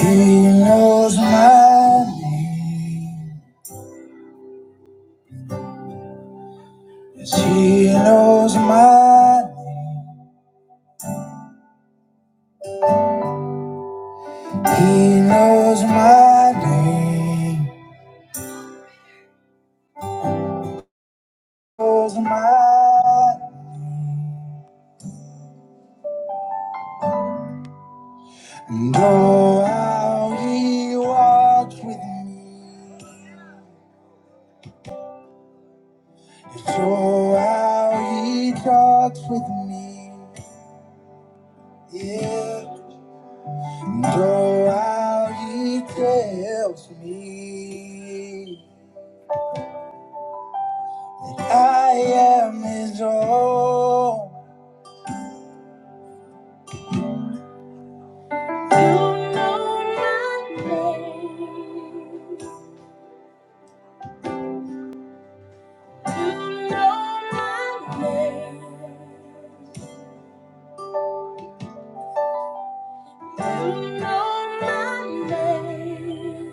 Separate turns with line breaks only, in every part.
He knows my name. Yes, he knows my name. He knows my name. He Knows my name. and oh how he walks with me. Yes, oh how he talks with me. Yeah. And oh how he tells me. I am his own. You know my name. You know my name. You know my name.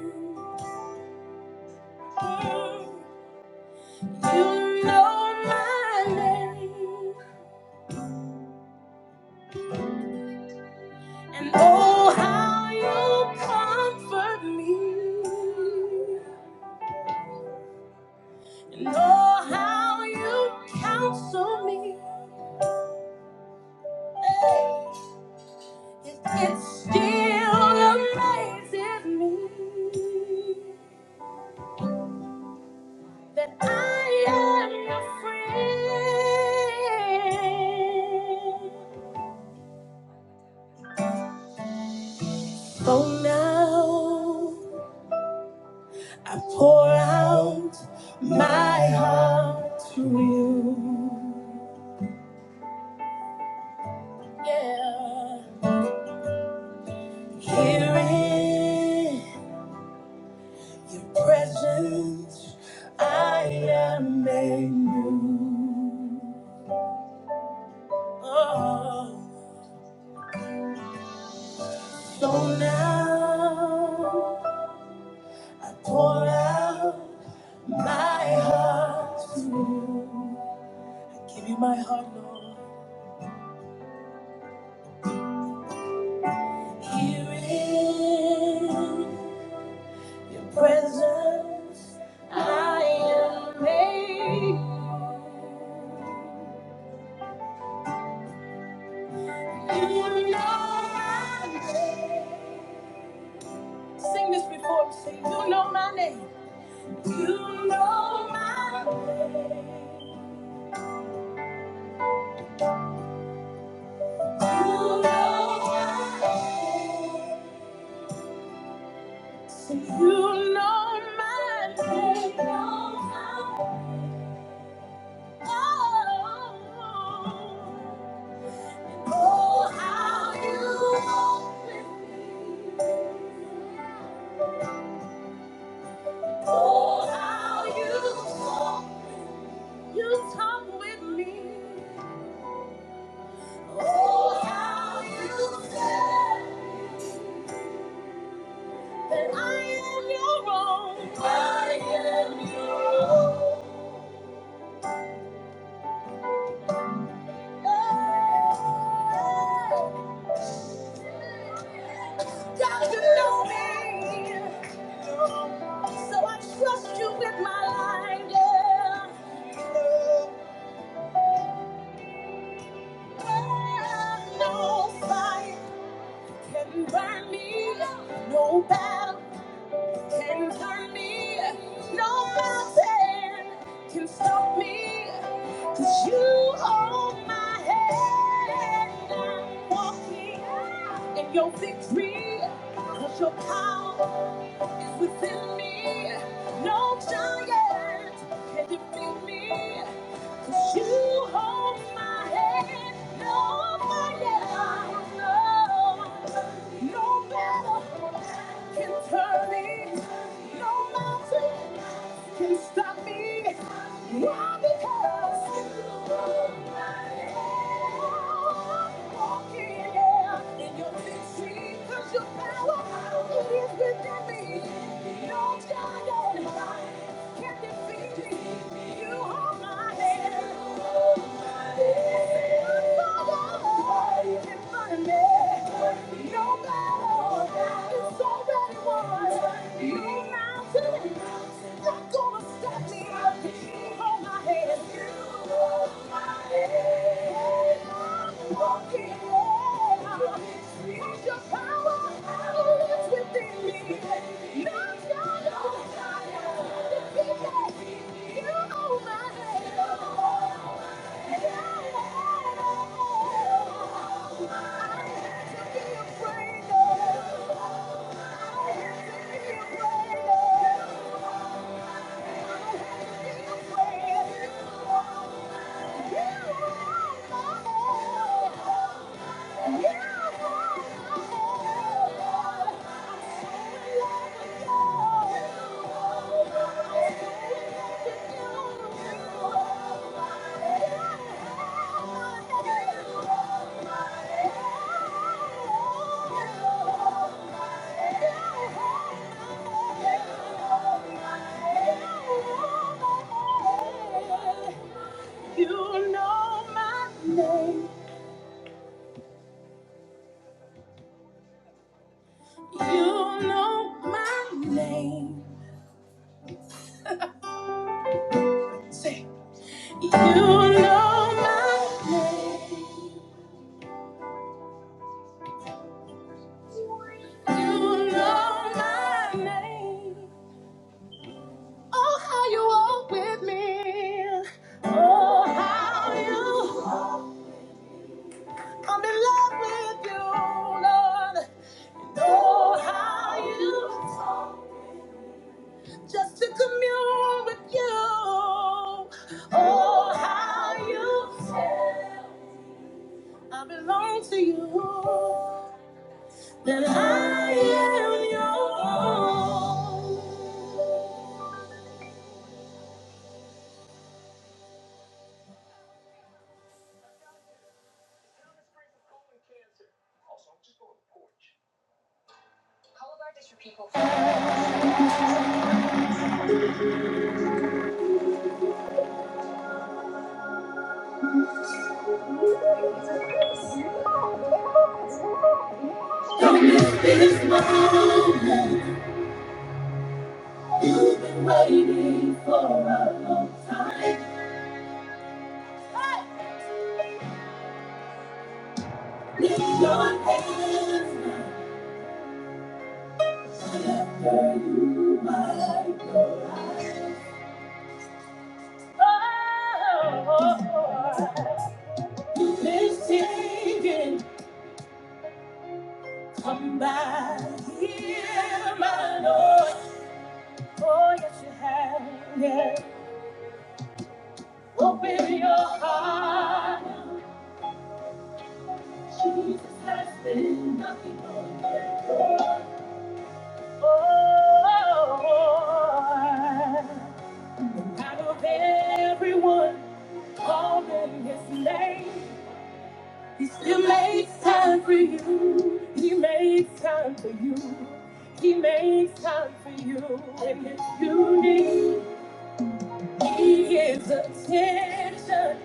You know my name. And oh, how you comfort me. And oh, how you counsel me. Hey. It still amazes me that I am your friend. So now I pour out my heart to you. Yeah. Here in your presence, I am made new. Oh. So now I pour out my heart. to you. Give you my heart, Lord. Here in your presence, I am made. You know my name. Sing this before me. Say, you know my name. You know my name. You know my name. You know my name. You know my Oh, how you you talk with me. Oh, how you said that I am your own. I am your own. God, you know me. So I trust you with my life. Yeah. No fire can burn me. No battle. can turn me. No mountain can stop me. Cause you hold my hand. I'm walking in your victory. Cause your power is within me. No giant can defeat me. Cause You hold my hand, nobody else, no. No battle can turn me, no mountain can stop me. Why? Because you hold my hand. I'm walking yeah, in your victory, 'cause your power is with me. Stop me! You hold my hand. You hold my hand. I have to be afraid of Thank you. Yeah. You know my name. You know my name. Say, you know my name. You know my name. Oh, how you walk with me. Oh, how you come in love with you, Lord. Oh, how you. talk. just to commune with you. Oh, how you feel. I belong to you. That I am yours. Lift your hands. Oh, this singing, dear my Lord. Oh, yes, you have. Yes. Open your heart. There's nothing more. Out of everyone calling his name, he still makes time for you. He makes time for you. He makes time for you. And if you need, his attention.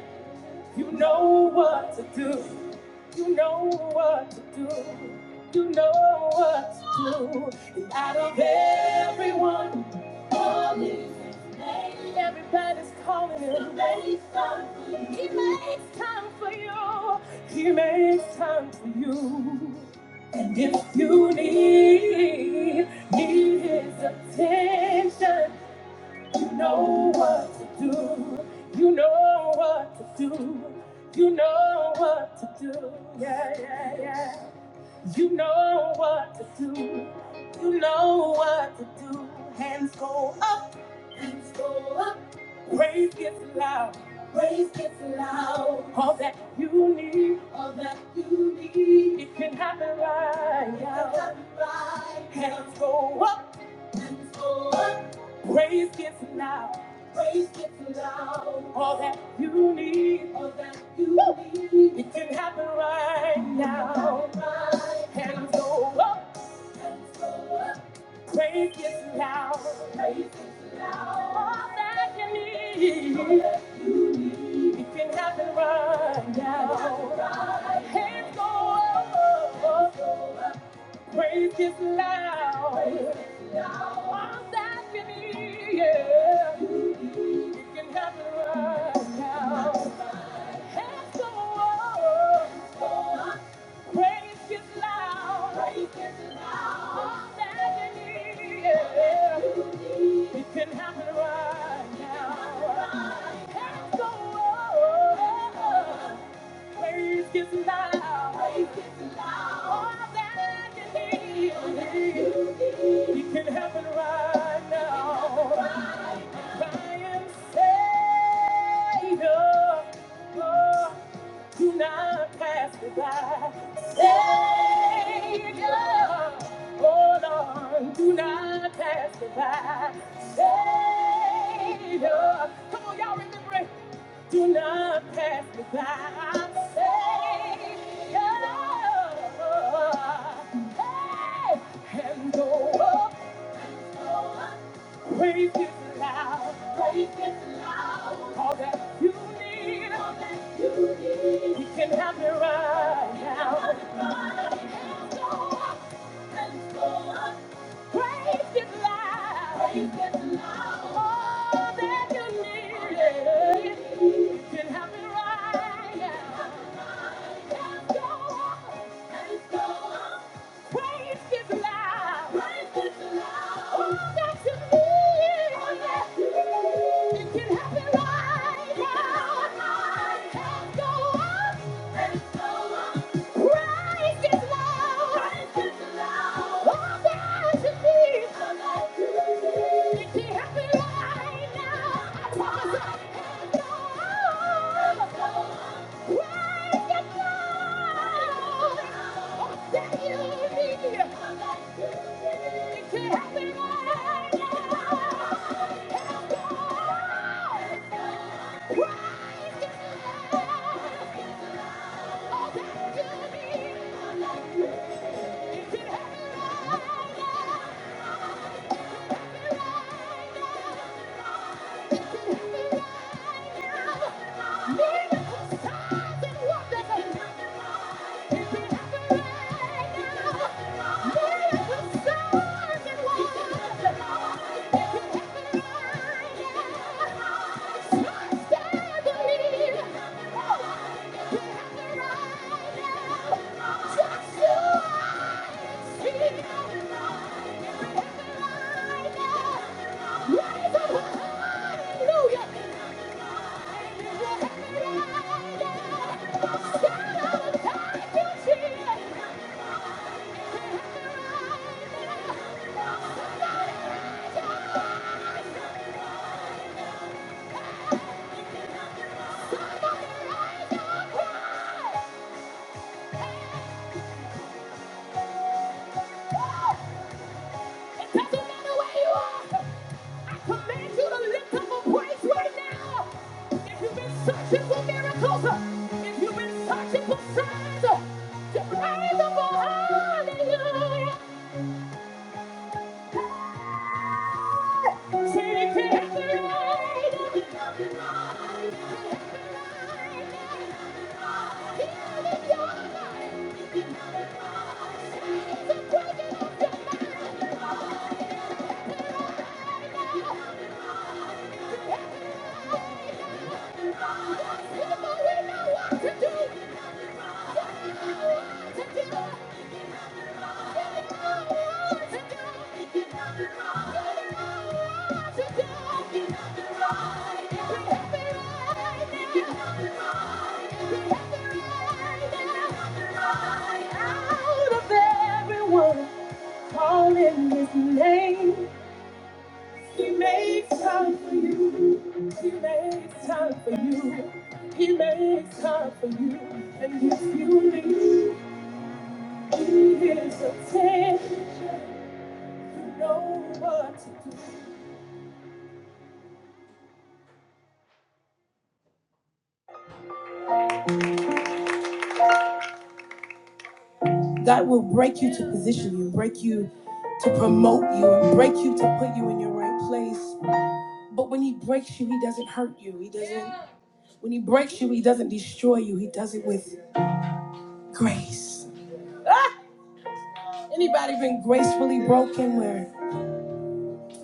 You know what to do. You know what to do. You know what to do. And out of everyone, only everybody's calling him. He makes time for you. He makes time for you. If you need, need his attention, you know what to do. You know what to do. You know what to do. Yeah, yeah, yeah. You know what to do. You know what to do. Hands go up. Hands go up. Praise gets loud. Praise gets loud. All that you need. All that you need. It can happen right now. It can happen right Hands go up. Praise gets loud. Praise gets loud. All that you need. All that you need. It can happen right now. Right. Hands go up. Hands go up. Praise gets loud. Praise all that you need. All that you need. It can happen right now. Right. Hands go up. Hands go up. Praise is loud. All that we need, yeah. It can happen right now. Let's go on. Praise is loud. All that we need, yeah. It can happen right now. Let's go on. Praise is loud. Praise is loud. All that you need. You can have it right now. I am Savior. Oh, oh, do not pass me by, Savior. Hold on, do not pass me by, Savior. Come on, y'all remember it. Do not pass me by, Savior. Hey, and go up. Praise Him loud. Praise Him loud. All that you need. All that you need. you can have it right now. Hands go up. Hands go up. Praise Him loud. Praise Him loud. All that you need. You can have it right now. It can happen right now. Let's go up. Let's go up. Christ is Lord. All that you need. If you have it right now, I promise I am Christ is All that you need. If you have it right now, I promise just Searching for miracles, if you've been searching for signs, to praise the Lord, hallelujah. I don't know what to do. Calling his name, he makes time for you. He makes time for you. He makes time for you. And if you leave, he is a ten. God will break you to position you, break you to promote you, and break you to put you in your right place. But when He breaks you, He doesn't hurt you. He doesn't. When He breaks you, He doesn't destroy you. He does it with grace. Ah! Anybody been gracefully broken? Where?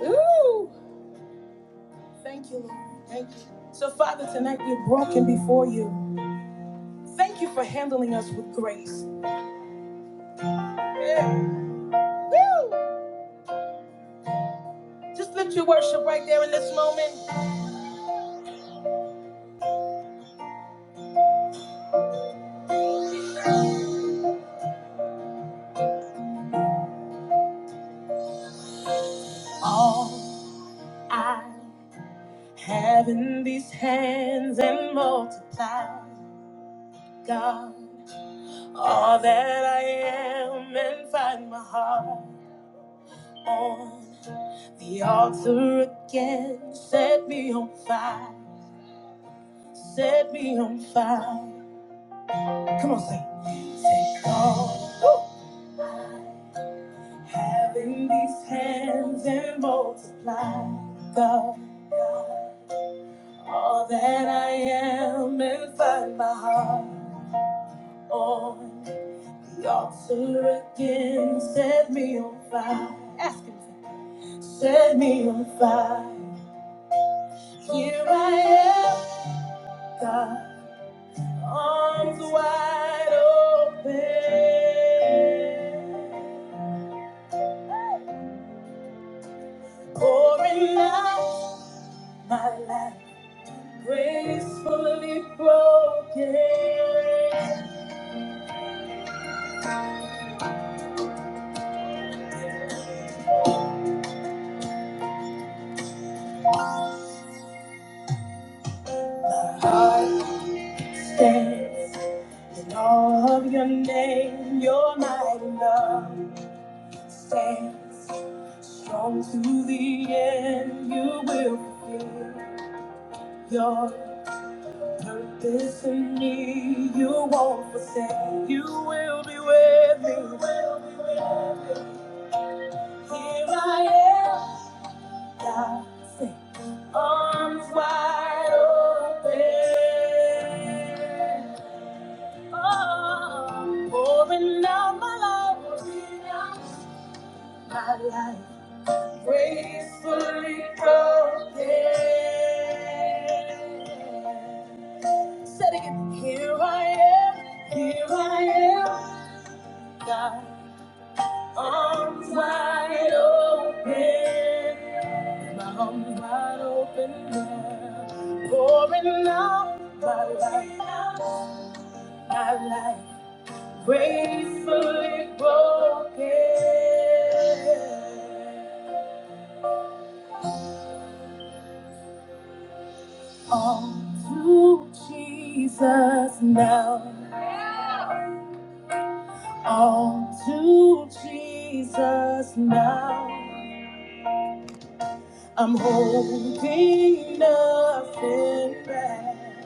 Ooh! Thank you, Lord. Thank you. So, Father, tonight we're broken before you. Thank you for handling us with grace. Yeah. Woo! Just lift your worship right there in this moment. All I Having these hands and multiply, God, all that I am and find my heart on the altar again. Set me on fire, set me on fire. Come on, sing. Take all having these hands and multiply, God, all that I am and find my heart on. The altar again set me on fire. Ask him. Set me on fire. Here I am, God, arms wide open, pouring out my life, gracefully broken. My heart stands in all of your name, your mighty love. Stand strong to the end. You will fulfill your purpose in me. You won't forsake. You will be with me. Here I am. God sent arms wide open. Oh, pouring out my life. My life. Gracefully broken. Said again, here I am, here I am, God, arms wide open, my arms wide open, now, pouring out my life, my life, gracefully broken. All to Jesus now. All to Jesus now. I'm holding nothing back.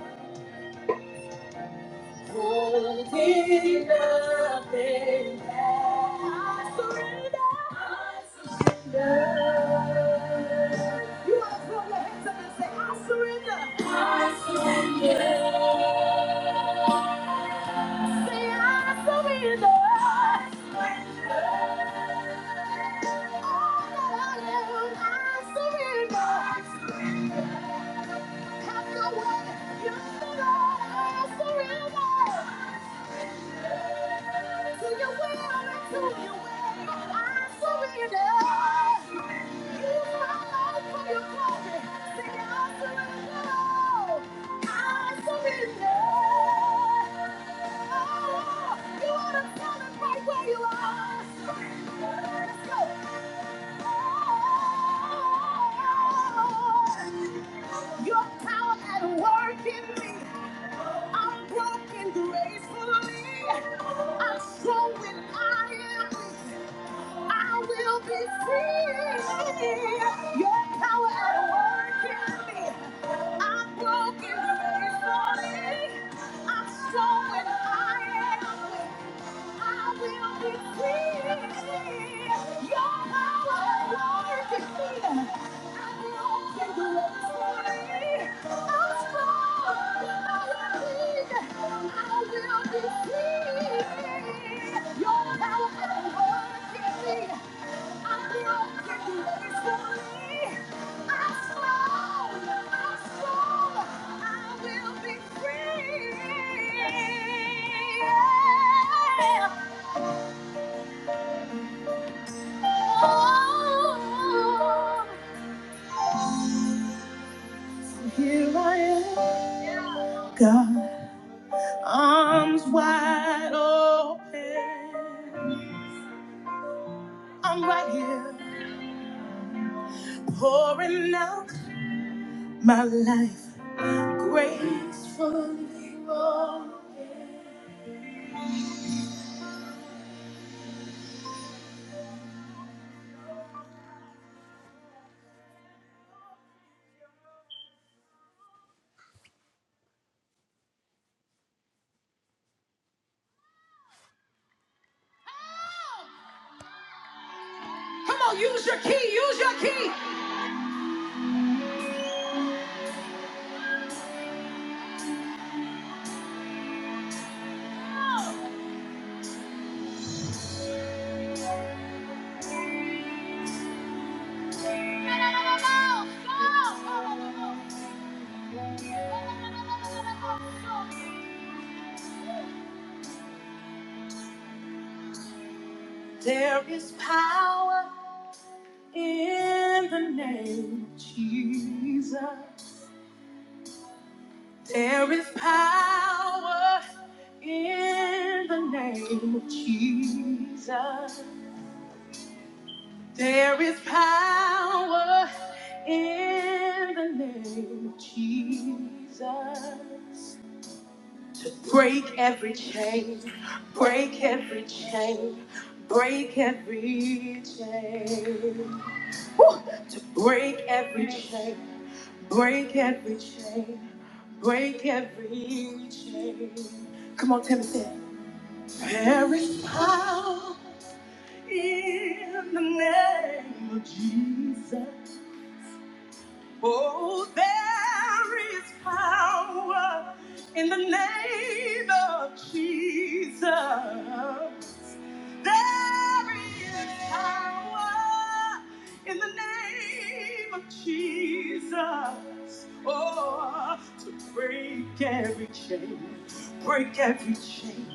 Holding nothing back. I surrender. I surrender. You are from the hands up and say, I surrender. Yeah. I surrender. All that I surrender. Have your way. Use I surrender. To your Let's go. Your power at work in me. I'm broken gracefully. I'm strong when I am weak. I will be free. Your power at work in me. I'm broken gracefully. I'm strong when I am weak. I will be free. Here I am, God, arms wide open. I'm right here pouring out my life. Gracefully broken. Use your key, use your. No, no, no, no, no. Go. There is power in the name of Jesus. There is power in the name of Jesus. There is power in the name of Jesus to break every chain, break every chain, break every chain, to break every chain, break every chain, break every chain. Come on, Timothy. There is power in the name of Jesus. Oh, there is power in the name of Jesus. There is power in the name of Jesus. Oh, to break every chain, break every chain,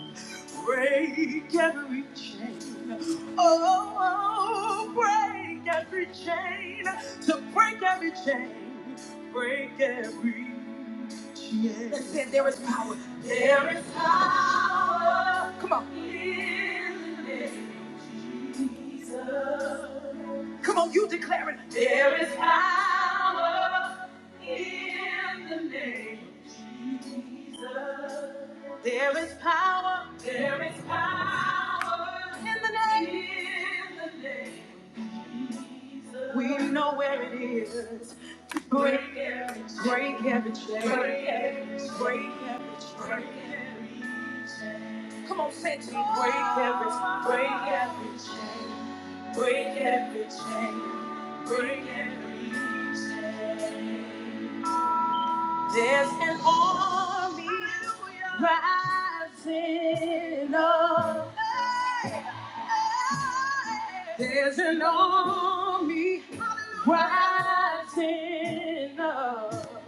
break every chain. Oh, break every chain, to break every chain, break every chain. That's it. There is power. Come on, come on, you declare it. There is power in the name. We know where it is. Break, it, break every chain. Break every, break every. Come on, say it. to me. Break every, break every. There's an army rising up. There's an army rising up.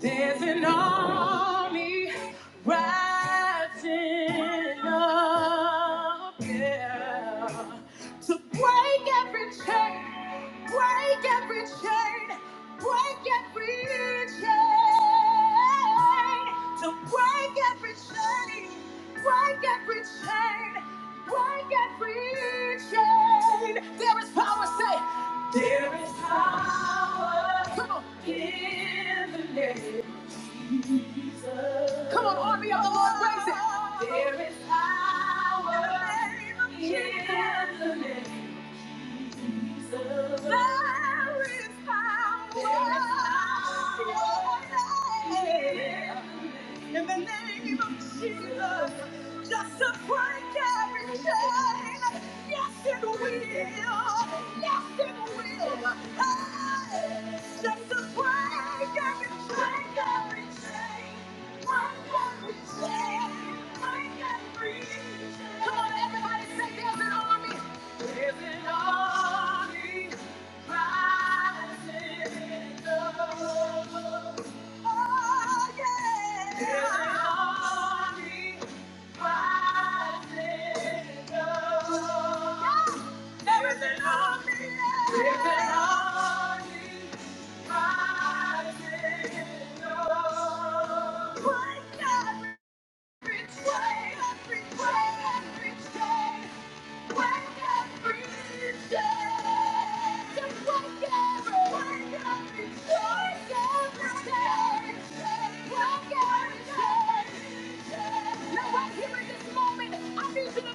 There's an army rising up yeah, to break every chain, break every chain, break every chain, to break every chain, break every chain, break every chain. There is power, say, come on, come on, army of the Lord, raise it. There Yeah in the name of Jesus. Just to break every chain. Yes, it will. Yes, it will. Hey, just to break every chain, every chain. Break every chain. Break every chain. Come on, everybody, say there's an army. There's an army rising up.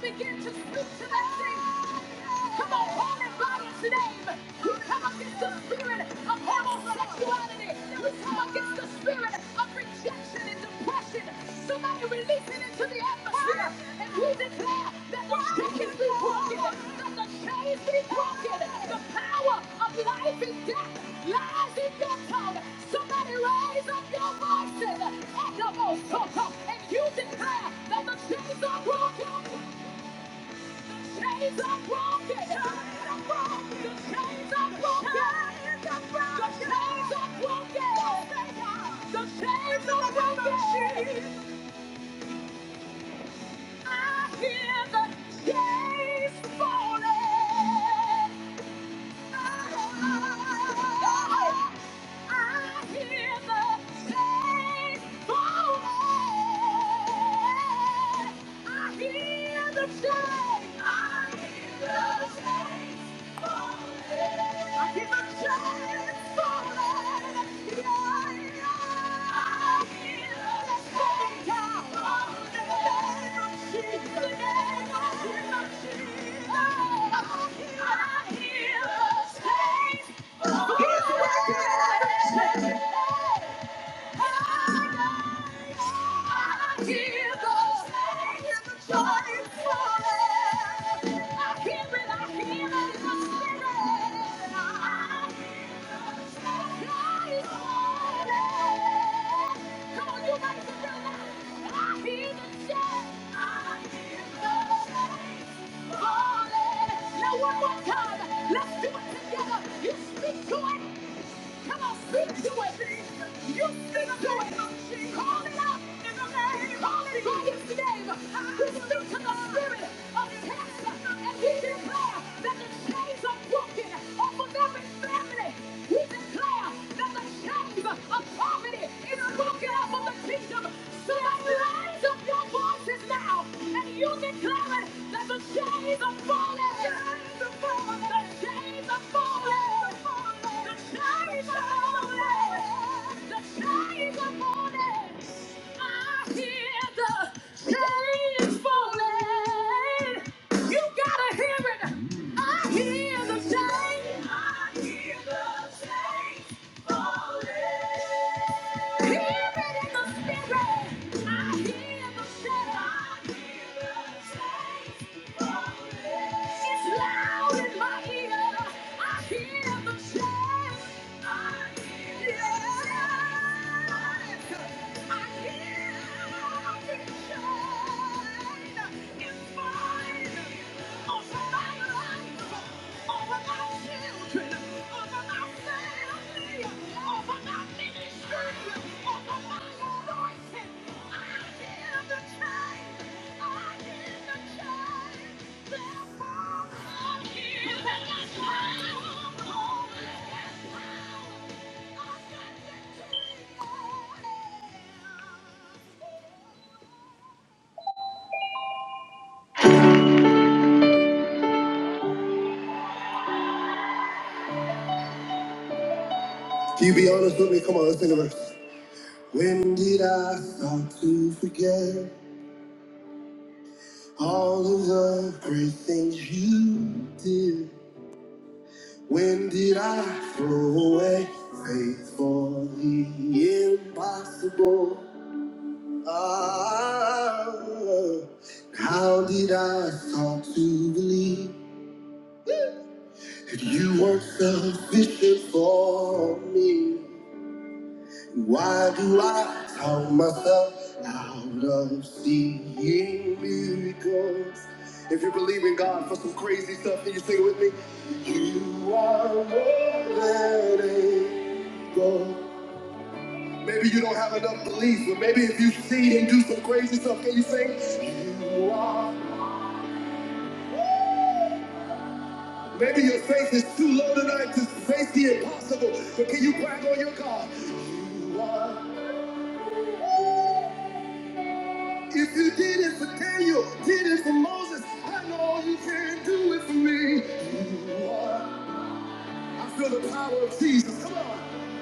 Begin to speak to that thing. Come on, call it by its name. You come against the spirit of homosexuality that we come against the spirit of rejection and depression. Somebody release it into the atmosphere. And we declare that the shackles be broken, that the chains be broken. The power of life and death lies in your tongue. Somebody raise up your voices at the most and you declare that the chains are broken. Chains are broken. Chains are broken. The chains are broken. The chains are broken. The chains are broken. I hear the chains falling. I hear the chains falling. I hear the chains. I hear the chains. I give a chance for it. Yeah, yeah. Let's go down in the name of Jesus. In the I hear, I hear He's working now one more time, let's do it together. You speak to it. Come on, speak to it. You speak to it. Call it out in the name. Call it by its name. We speak to the spirit of cancer and we declare that the chains are broken off of every family. We declare that the chains of poverty is broken off of the kingdom. So that rise up your voices now and you declare it that the chains are falling. The chains are falling. The chains are falling. The chains are falling. The chains are falling. I hear the chains falling. You gotta hear it. I hear the chains. I hear the chains. I hear the Yeah. Can you be honest with me? Come on, let's sing a verse. When did I start to forget all of the great things you did? When did I throw away faith for the impossible? Ah, how did I start to believe that you weren't sufficient for me? Why do I count myself out of seeing miracles? If you believe in God for some crazy stuff, can you sing it with me? You are more than able. Maybe you don't have enough belief, but maybe if you see Him do some crazy stuff, can you sing? You are. Maybe your faith is too low tonight to face the impossible, but can you brag on your God? You are. If you did it for Daniel, did it for Moses, I know you can do it for me. You are. I feel the power of Jesus. Come on.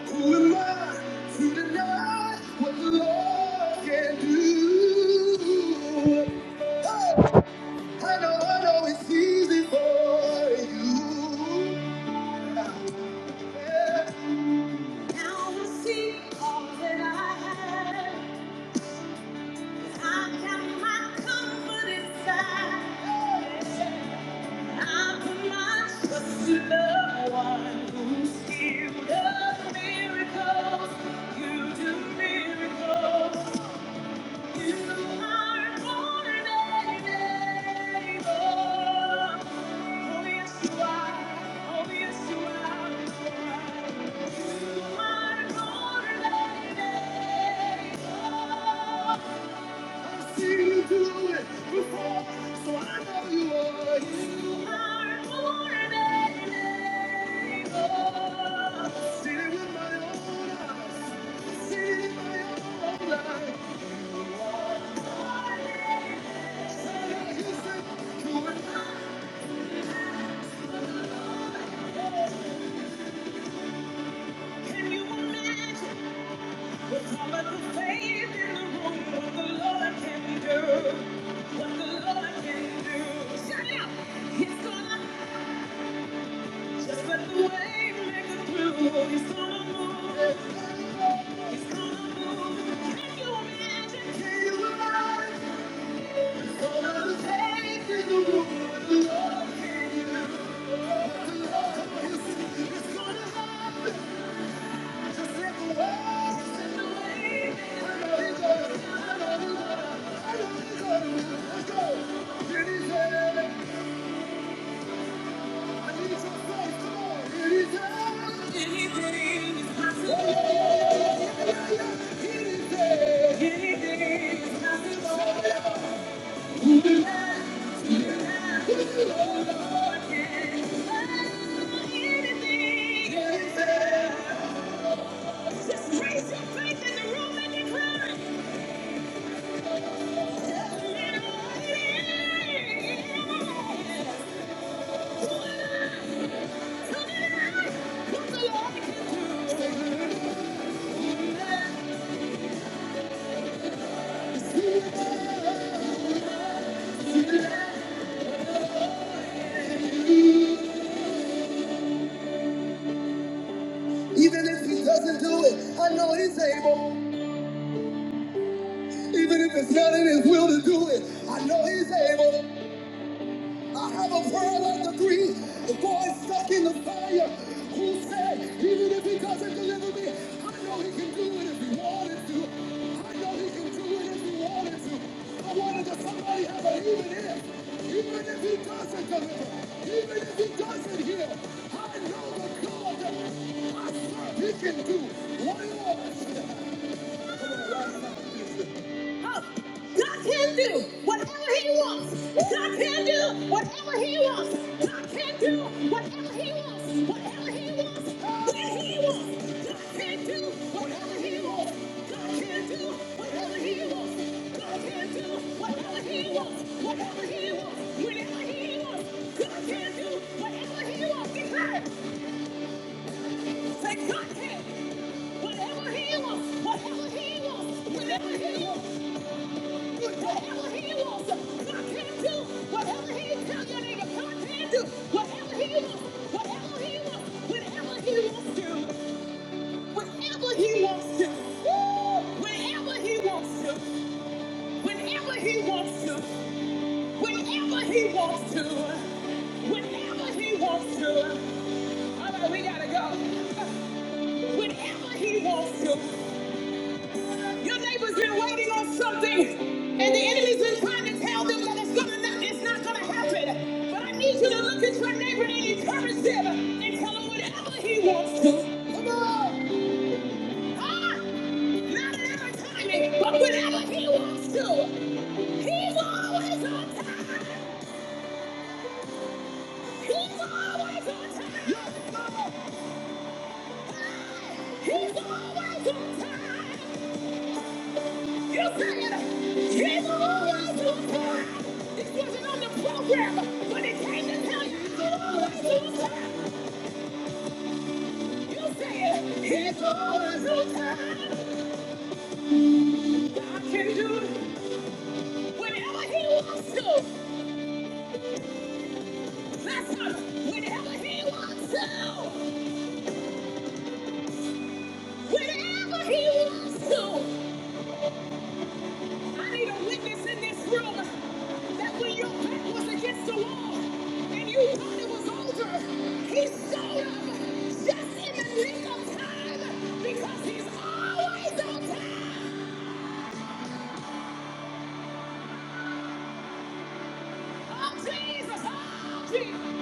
Who am I to deny what the Lord can do? Oh, I know, I know it's easy for you. Yeah. Now I see all that I have. I have my comfort inside. Can you imagine? With all of faith in the room, what the Lord can do, what the Lord can do. Shout it out. Just lift the faith in the room. Let's go. It is I need your faith. Come on. It is Just praise your faith in the room and declare it. Just lift Even if he doesn't do it, I know he's able. Even if it's not in his will to do it, I know he's able. I have a friend like the three boys stuck in the fire who said, even if he doesn't deliver me, I know he can do it if he wanted to. I know he can do it if he wanted to. I wanted to somebody have an even if. Even if he doesn't deliver, even if he doesn't heal, I know the God that I serve, he can do what he wants. Oh, God can do whatever He wants. God can do whatever He wants. God can do whatever He wants. Whatever He wants, when He wants. God can do whatever He wants. God can do whatever He wants. God can do whatever He wants. Whatever He wants, whenever He wants. God can do whatever He wants. Declare it. Say, God help. Whatever he wants, whatever he wants, whatever he wants, whatever he wants, God can do. Whatever he tell you, nigga. God can do. Whatever he wants, whatever he wants, whenever he wants to, whatever he wants to, Woo! whenever he wants to, whenever he wants to, whenever he wants to, whenever he wants to. All right, we gotta go. Whenever he wants to. Your neighbor's been waiting on something, and the enemy's been trying to tell them that it's gonna not, it's not gonna happen. But I need you to look at your neighbor and encourage them and tell him whatever he wants to. Come on, huh? Not at every timing, but whenever he wants to. He's always on time. He's always on time. He's always on time. You said here's the rules to the time. wasn't on the program, but it came to tell you It's the rules to You said here's the rules to God can do it whenever He wants to. That's us. Whenever He wants to. Whenever He wants to. I need a witness in this room that when your back was against the wall and you thought it was over, he showed up just in the nick of time because he's always on time. Oh, Jesus. Oh, Jesus.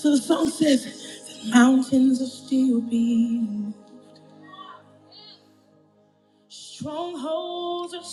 So the song says, Mountains are still being strongholds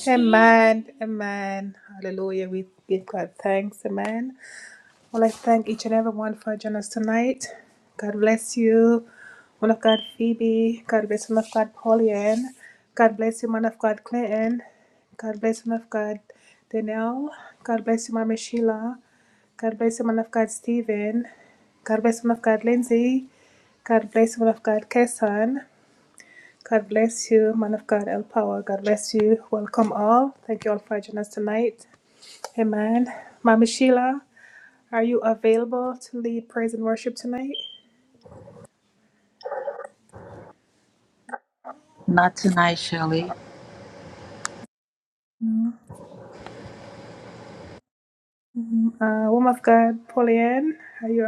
Not tonight, Shirley.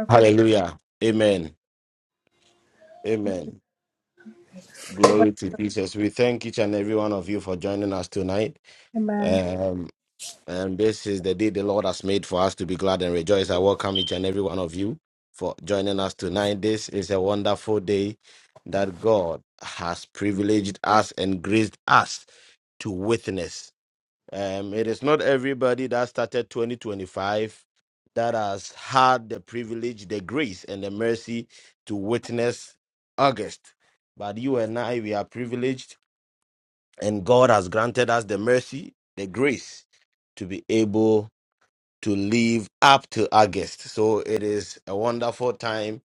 Hallelujah. Amen. Amen. Glory to Jesus. We thank each and every one of you for joining us tonight. Um, and this is the day the Lord has made for us to be glad and rejoice. I welcome each and every one of you for joining us tonight. This is a wonderful day that God has privileged us and graced us to witness. Um, it is not everybody that started 2025 that has had the privilege, the grace, and the mercy to witness August. But you and I, we are privileged, and God has granted us the mercy, the grace to be able to live up to August. So it is a wonderful time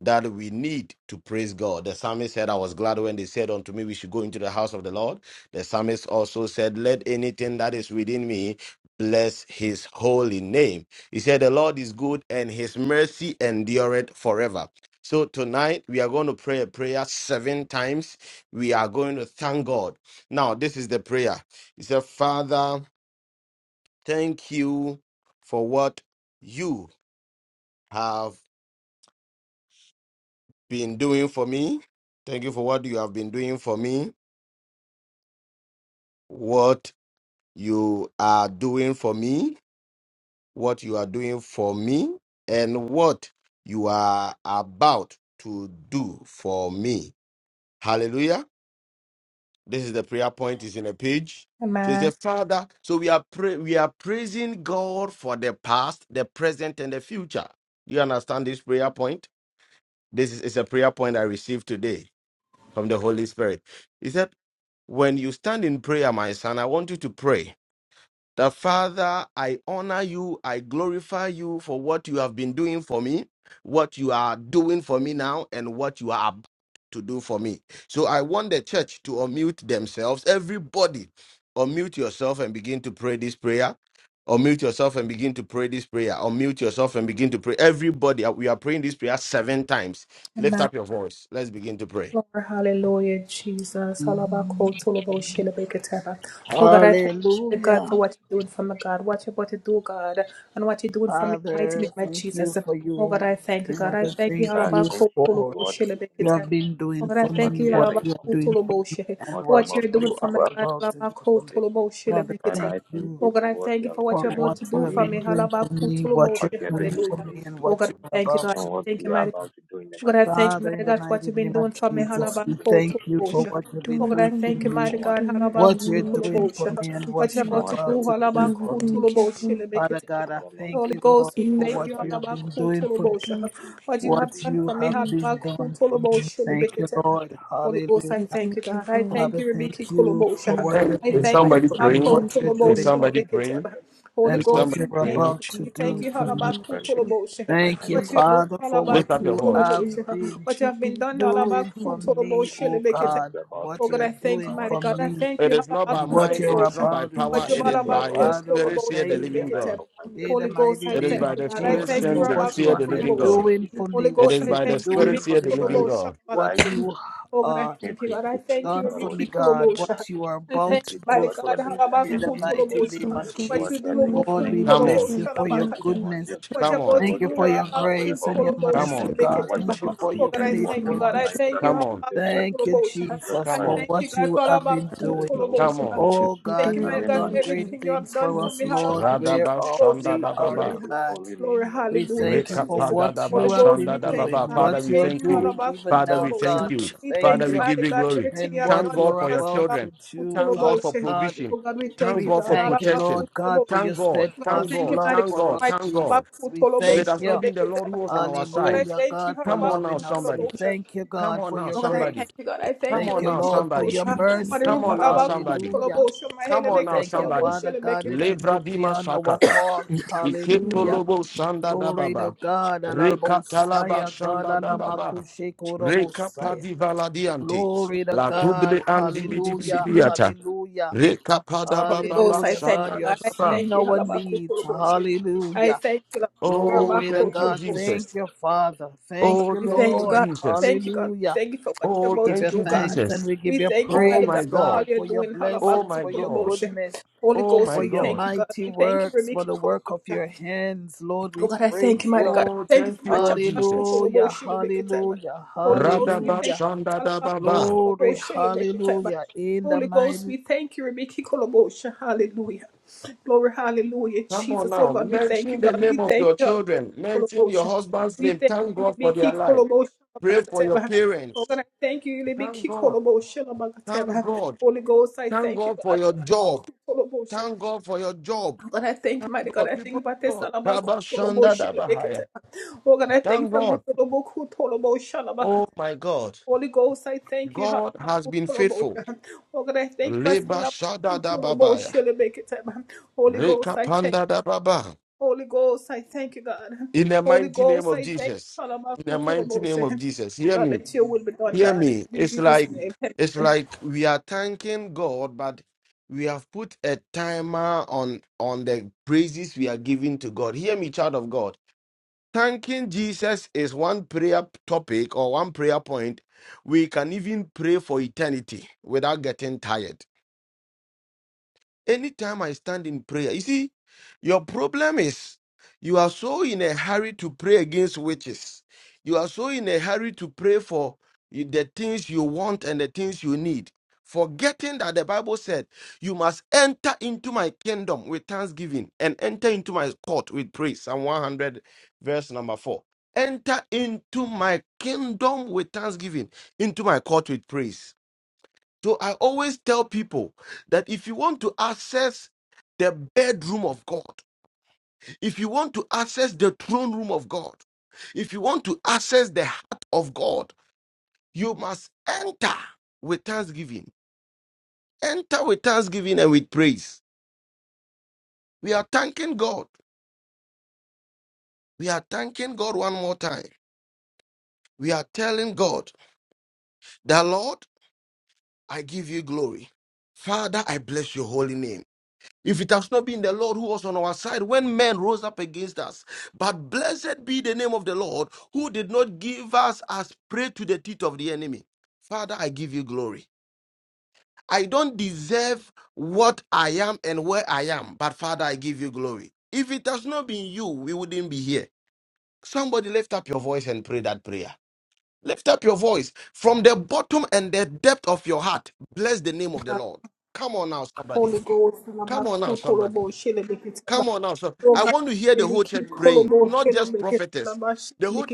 that we need to praise God. The psalmist said, I was glad when they said unto me, We should go into the house of the Lord. The psalmist also said, Let anything that is within me bless his holy name. He said, The Lord is good and his mercy endureth forever. So tonight we are going to pray a prayer seven times. We are going to thank God. Now, this is the prayer. He said, Father, Thank you for what you have been doing for me. Thank you for what you have been doing for me, what you are doing for me, what you are doing for me, and what you are about to do for me. Hallelujah. This is the prayer point, is in a page. So he said, Father, so we are pray we are praising God for the past, the present, and the future. Do you understand this prayer point? This is, is a prayer point I received today from the Holy Spirit. He said, When you stand in prayer, my son, I want you to pray that Father, I honor you, I glorify you for what you have been doing for me, what you are doing for me now, and what you are about to do for me. So I want the church to unmute themselves. Everybody, unmute yourself and begin to pray this prayer. Unmute yourself and begin to pray this prayer. Unmute yourself and begin to pray. Everybody, uh, we are praying this prayer seven times. Lift up your voice. Let's begin to pray.
Hallelujah. Father, thank you for you. Father,
And
thank
I
you
thank you for
for
what you can
you
do
have
me,
been doing for
what
me
you are
what
doing
you
for
are
me,
doing for me and
what you're
what
about to be
you
for me
are
in the mighty
about to do
name of
for me.
Jesus.
Father,
Father,
thank
I thank
you
you for what you have been
for
doing
what you
for
have
me,
been doing for me, what
what
you're
you are
doing
doing
Lord,
for
for
me,
me,
and what you are about
and
to do.
what you are
for me.
about to do in the mighty name of
Father,
Jesus.
in the
I thank
mighty
you,
name
Lord
of
Jesus, for
Jesus,
what
we
you've
thank
been
you for
doing
thank
for
you
me,
what
for
you're
what you've been
doing
doing
for
for
me, what
me,
for
you're
what you've
doing
been
for
for
what you're
me,
me,
what you're
doing for
about
me,
to
and
do for
what
me.
and
you're
what you're
about to
about to do
do
Father,
for
for
me in
me.
the
thank you
mighty name
for
of
Father
Jesus.
God, I
Father, Lord
thank you,
Jesus,
Lord,
Christ, I
you,
for
for
what
what
glorify
you
you
have
in
been
the mighty name
doing for
you're
me,
I
doing
thank
for
you. I
me,
what
Thank you, I
you
thank you,
have
Father.
doing for
been
me.
I
done
thank you
for me.
for
Thank
what
you,
you are
Lord.
I
Hallelujah.
thank you for
Father, thank you for
me.
what you have
doing. for
been
me.
doing for
Father,
me, what
thank you
you're
I've
for
doing,
me,
also been much better for me.
and what you're
what
about to
you're
do
doing for
for me.
me,
Jesus
what
Christ,
you're about to
I
do
Thank
for
come
you,
me.
from the mighty
Father, for
name of
what
Father,
Jesus
you
thank
have
Christ.
you for
been
what you've been doing
doing
for
for
Christ
me,
is done
what
me,
for
you-
me.
oh
And what
God,
you're about to
what you're
bring to
doing
and what
for
you're about to do
me,
for
It
me,
is
my
not
God,
by
and
Father,
what
mind.
you.
you're
by
about
for
power,
to
Thank
what
it
you
do.
you've
is
been
by
for all
your
that
doing
Father,
you're
we
about
spirit,
to
see the
thank
do in
you.
the
living
life
God.
of
for
my
me,
In the
children.
mighty
It
I
is
name
thank
by
of
you
the
for
do
all
spirit,
Jesus,
for
that
me.
send
for
you've
the,
done
what
in
you
see
my
have
the
been
life,
living
the
Father,
God.
Lord
doing
thank you
for
Jesus
for
me,
Christ.
It
what
what
is
you
you've
by
are
the
been
doing
spirit,
doing
From
for
for
see the
me,
living
January to
God.
what
July,
you are
We are grateful to you
done
for our
for
Lord
me,
Jesus
God,
Christ.
what you are
We
me.
about
thank
to
you for
do
what
for
you are
me.
doing behind the
In
Father,
the
scenes.
thank
mighty
you for
We
name
what
thank
of
you
you've
for what
Jesus,
you are
been doing
doing
for
Lord,
behind
we
the
me,
Come
scenes.
what
on,
bless you
you're
for
We
your
thank
doing
you
for
for
me,
what
goodness.
you are
what you're
doing
come
for
on,
the
Thank
Lord
you
God,
for
that you
your
are not aware
grace
of.
and your
Father, thank
come
mercy,
Thank
you
on,
you
for
for
God.
what
what
you're
Thank you
you've
about to
for
been
your
strength
doing
forth
for
in
me,
our
what
faithfulness.
life.
you're
For the Lord
come on,
Jesus Christ,
Thank you, Jesus,
come
glorify
for
your
on,
what
name.
you have been
Father,
the
doing.
thank
Result
you
come
for
is
on.
what you've
Oh
been
God,
doing
you
for
have
me,
magnify
done
what
your
you're
great
name.
doing
things
for
for
me,
us,
what you're
Lord,
about to do,
Radaba
whereof
Shanda
we are
Bless
Dababa.
your
glad.
holy name, Lord
We
Jesus
thank you
Christ.
for
Rekapada
what
Daba
you have
Thank
been
Shanda
you. Lord.
doing,
Dababa.
me,
Father,
what
we
you are
thank you.
doing even
Father,
now,
we thank
God.
what
you.
We
you're doing
thank
Father,
for
we
you
give you
me.
glory.
and what
Thank God
you're
for your
about
children.
to do,
Thank God
Father
for
God.
provision. Thank
We
God for
thank you, Lord
protection.
God, for your
Thank God. Thank
steadfast
God.
love
Thank
for
God.
us,
Thank
Jesus.
God.
We
If it
thank
has
you,
not been the Lord who was on our side,
hallelujah, God, for
come on now,
loving us. We
somebody.
thank you,
Come
God,
on
for
now,
your
somebody.
grace.
Thank
Come
Thank
you
on
you,
now,
Lord,
for
for
somebody.
your
what you've been
mercy.
Come
doing
on
for
now, somebody.
Hallelujah.
Come
We
on now,
thank you,
somebody.
Father God, that you look
Levradima
beyond our
Sakata.
me. Thank
faults.
you,
Hallelujah.
Lord.
Iketolobo Shanda
Glory to
Dababa.
God,
Rekatalaba
Alabosaya, God,
Shanda
in the name
Dababa.
Alamakushekorobosia.
Rekapadi Valadiante.
Glory to
La
God,
Tubre Andi
of
hallelujah,
Jesus.
Bidibidiata.
hallelujah,
Rekapada Baba
hallelujah. God,
Shanda
you have
Dababa.
seen our needs, hallelujah.
Oh,
Glory to
thank you,
God, thank
Jesus.
you, Father, thank
Oh,
you,
thank you,
Lord,
Jesus.
hallelujah.
Oh,
We give you
thank you,
thanks and
Jesus.
we give you
Oh,
praise,
my God.
God, for your
Oh,
blessings,
my
for your
God.
goodness,
Oh, my
for your
God.
mighty works, for the work of your hands, Lord. We praise you.
Oh, thank you, Lord Jesus.
Hallelujah, hallelujah,
Radaba
hallelujah.
shandadababa.
Glory, hallelujah. In the mighty
Come on now. Mention the name of your children. Mention your husband's name. Thank God for their life. Pray for your parents. Thank God. Thank God. Thank God for your job. Thank God for your job. God, people of God. Rabba shandadabahaya. Thank God. Oh, my God. God has been faithful. Leba shada da babaya. Reka panda da baba. In the mighty name of Jesus. In the mighty name of Jesus. Hear me. Hear me. It's like it's like we are thanking God, but we have put a timer on on the praises we are giving to God. Hear me, child of God. Thanking Jesus is one prayer topic or one prayer point. We can even pray for eternity without getting tired. Anytime I stand in prayer, you see, your problem is you are so in a hurry to pray against witches. You are so in a hurry to pray for you- the things you want and the things you need, forgetting that the Bible said, You must enter into my kingdom with thanksgiving and enter into my court with praise. Psalm 100, verse number 4. Enter into my kingdom with thanksgiving, into my court with praise. So I always tell people that if you want to access the bedroom of God, if you want to access the throne room of God, if you want to access the heart of God, you must enter with thanksgiving. Enter with thanksgiving and with praise. We are thanking God. We are thanking God one more time. We are telling God that, Lord, I give you glory. Father, I bless your holy name. If it has not been the Lord who was on our side when men rose up against us. But blessed be the name of the Lord who did not give us as prey to the teeth of the enemy. Father, I give you glory. I don't deserve what I am and where I am, but Father, I give you glory. If it has not been you, we wouldn't be here. Somebody lift up your voice and pray that prayer. Lift up your voice from the bottom and the depth of your heart. Bless the name of the Lord. Come on now, somebody. Come on now, somebody. Come on now, sir. I want to hear the whole church praying, not just prophetess. The whole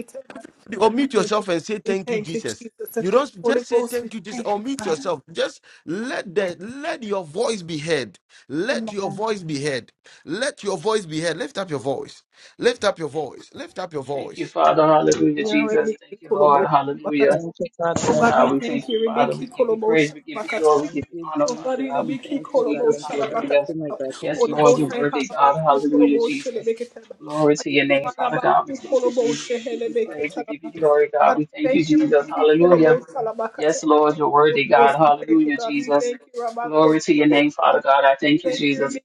or mute yourself and say thank you, Jesus. You don't s- just say thank you, Jesus, or mute yourself. Just let the let your voice be heard. Let your voice be heard. Let your voice be heard. Lift up your voice. Lift up your voice. Lift up your
Thank you,
voice.
Father. Hallelujah, Jesus. Thank you, Lord. Hallelujah.
Thank you, Father
Yes,
God. Thank
God, we thank you,
you,
Father.
Jesus.
We give
Thank
you
you,
praise. We
mighty
give you
God.
glory. We
Thank
give you
you,
honor, Father
Jesus.
God.
We
We thank
thank
you,
you, God.
Jesus.
Thank you for
Hallelujah.
everything, my God.
Yes,
Thank you,
Lord, you're
Jesus.
worthy, God. Hallelujah, Jesus. Glory to your name, Father God. We thank you, Jesus. We give you praise. We give you glory, God. We thank you, Jesus. Hallelujah. Yes, Lord, you're worthy, God. Hallelujah, Jesus. Glory to your name, Father God. I thank you, Jesus.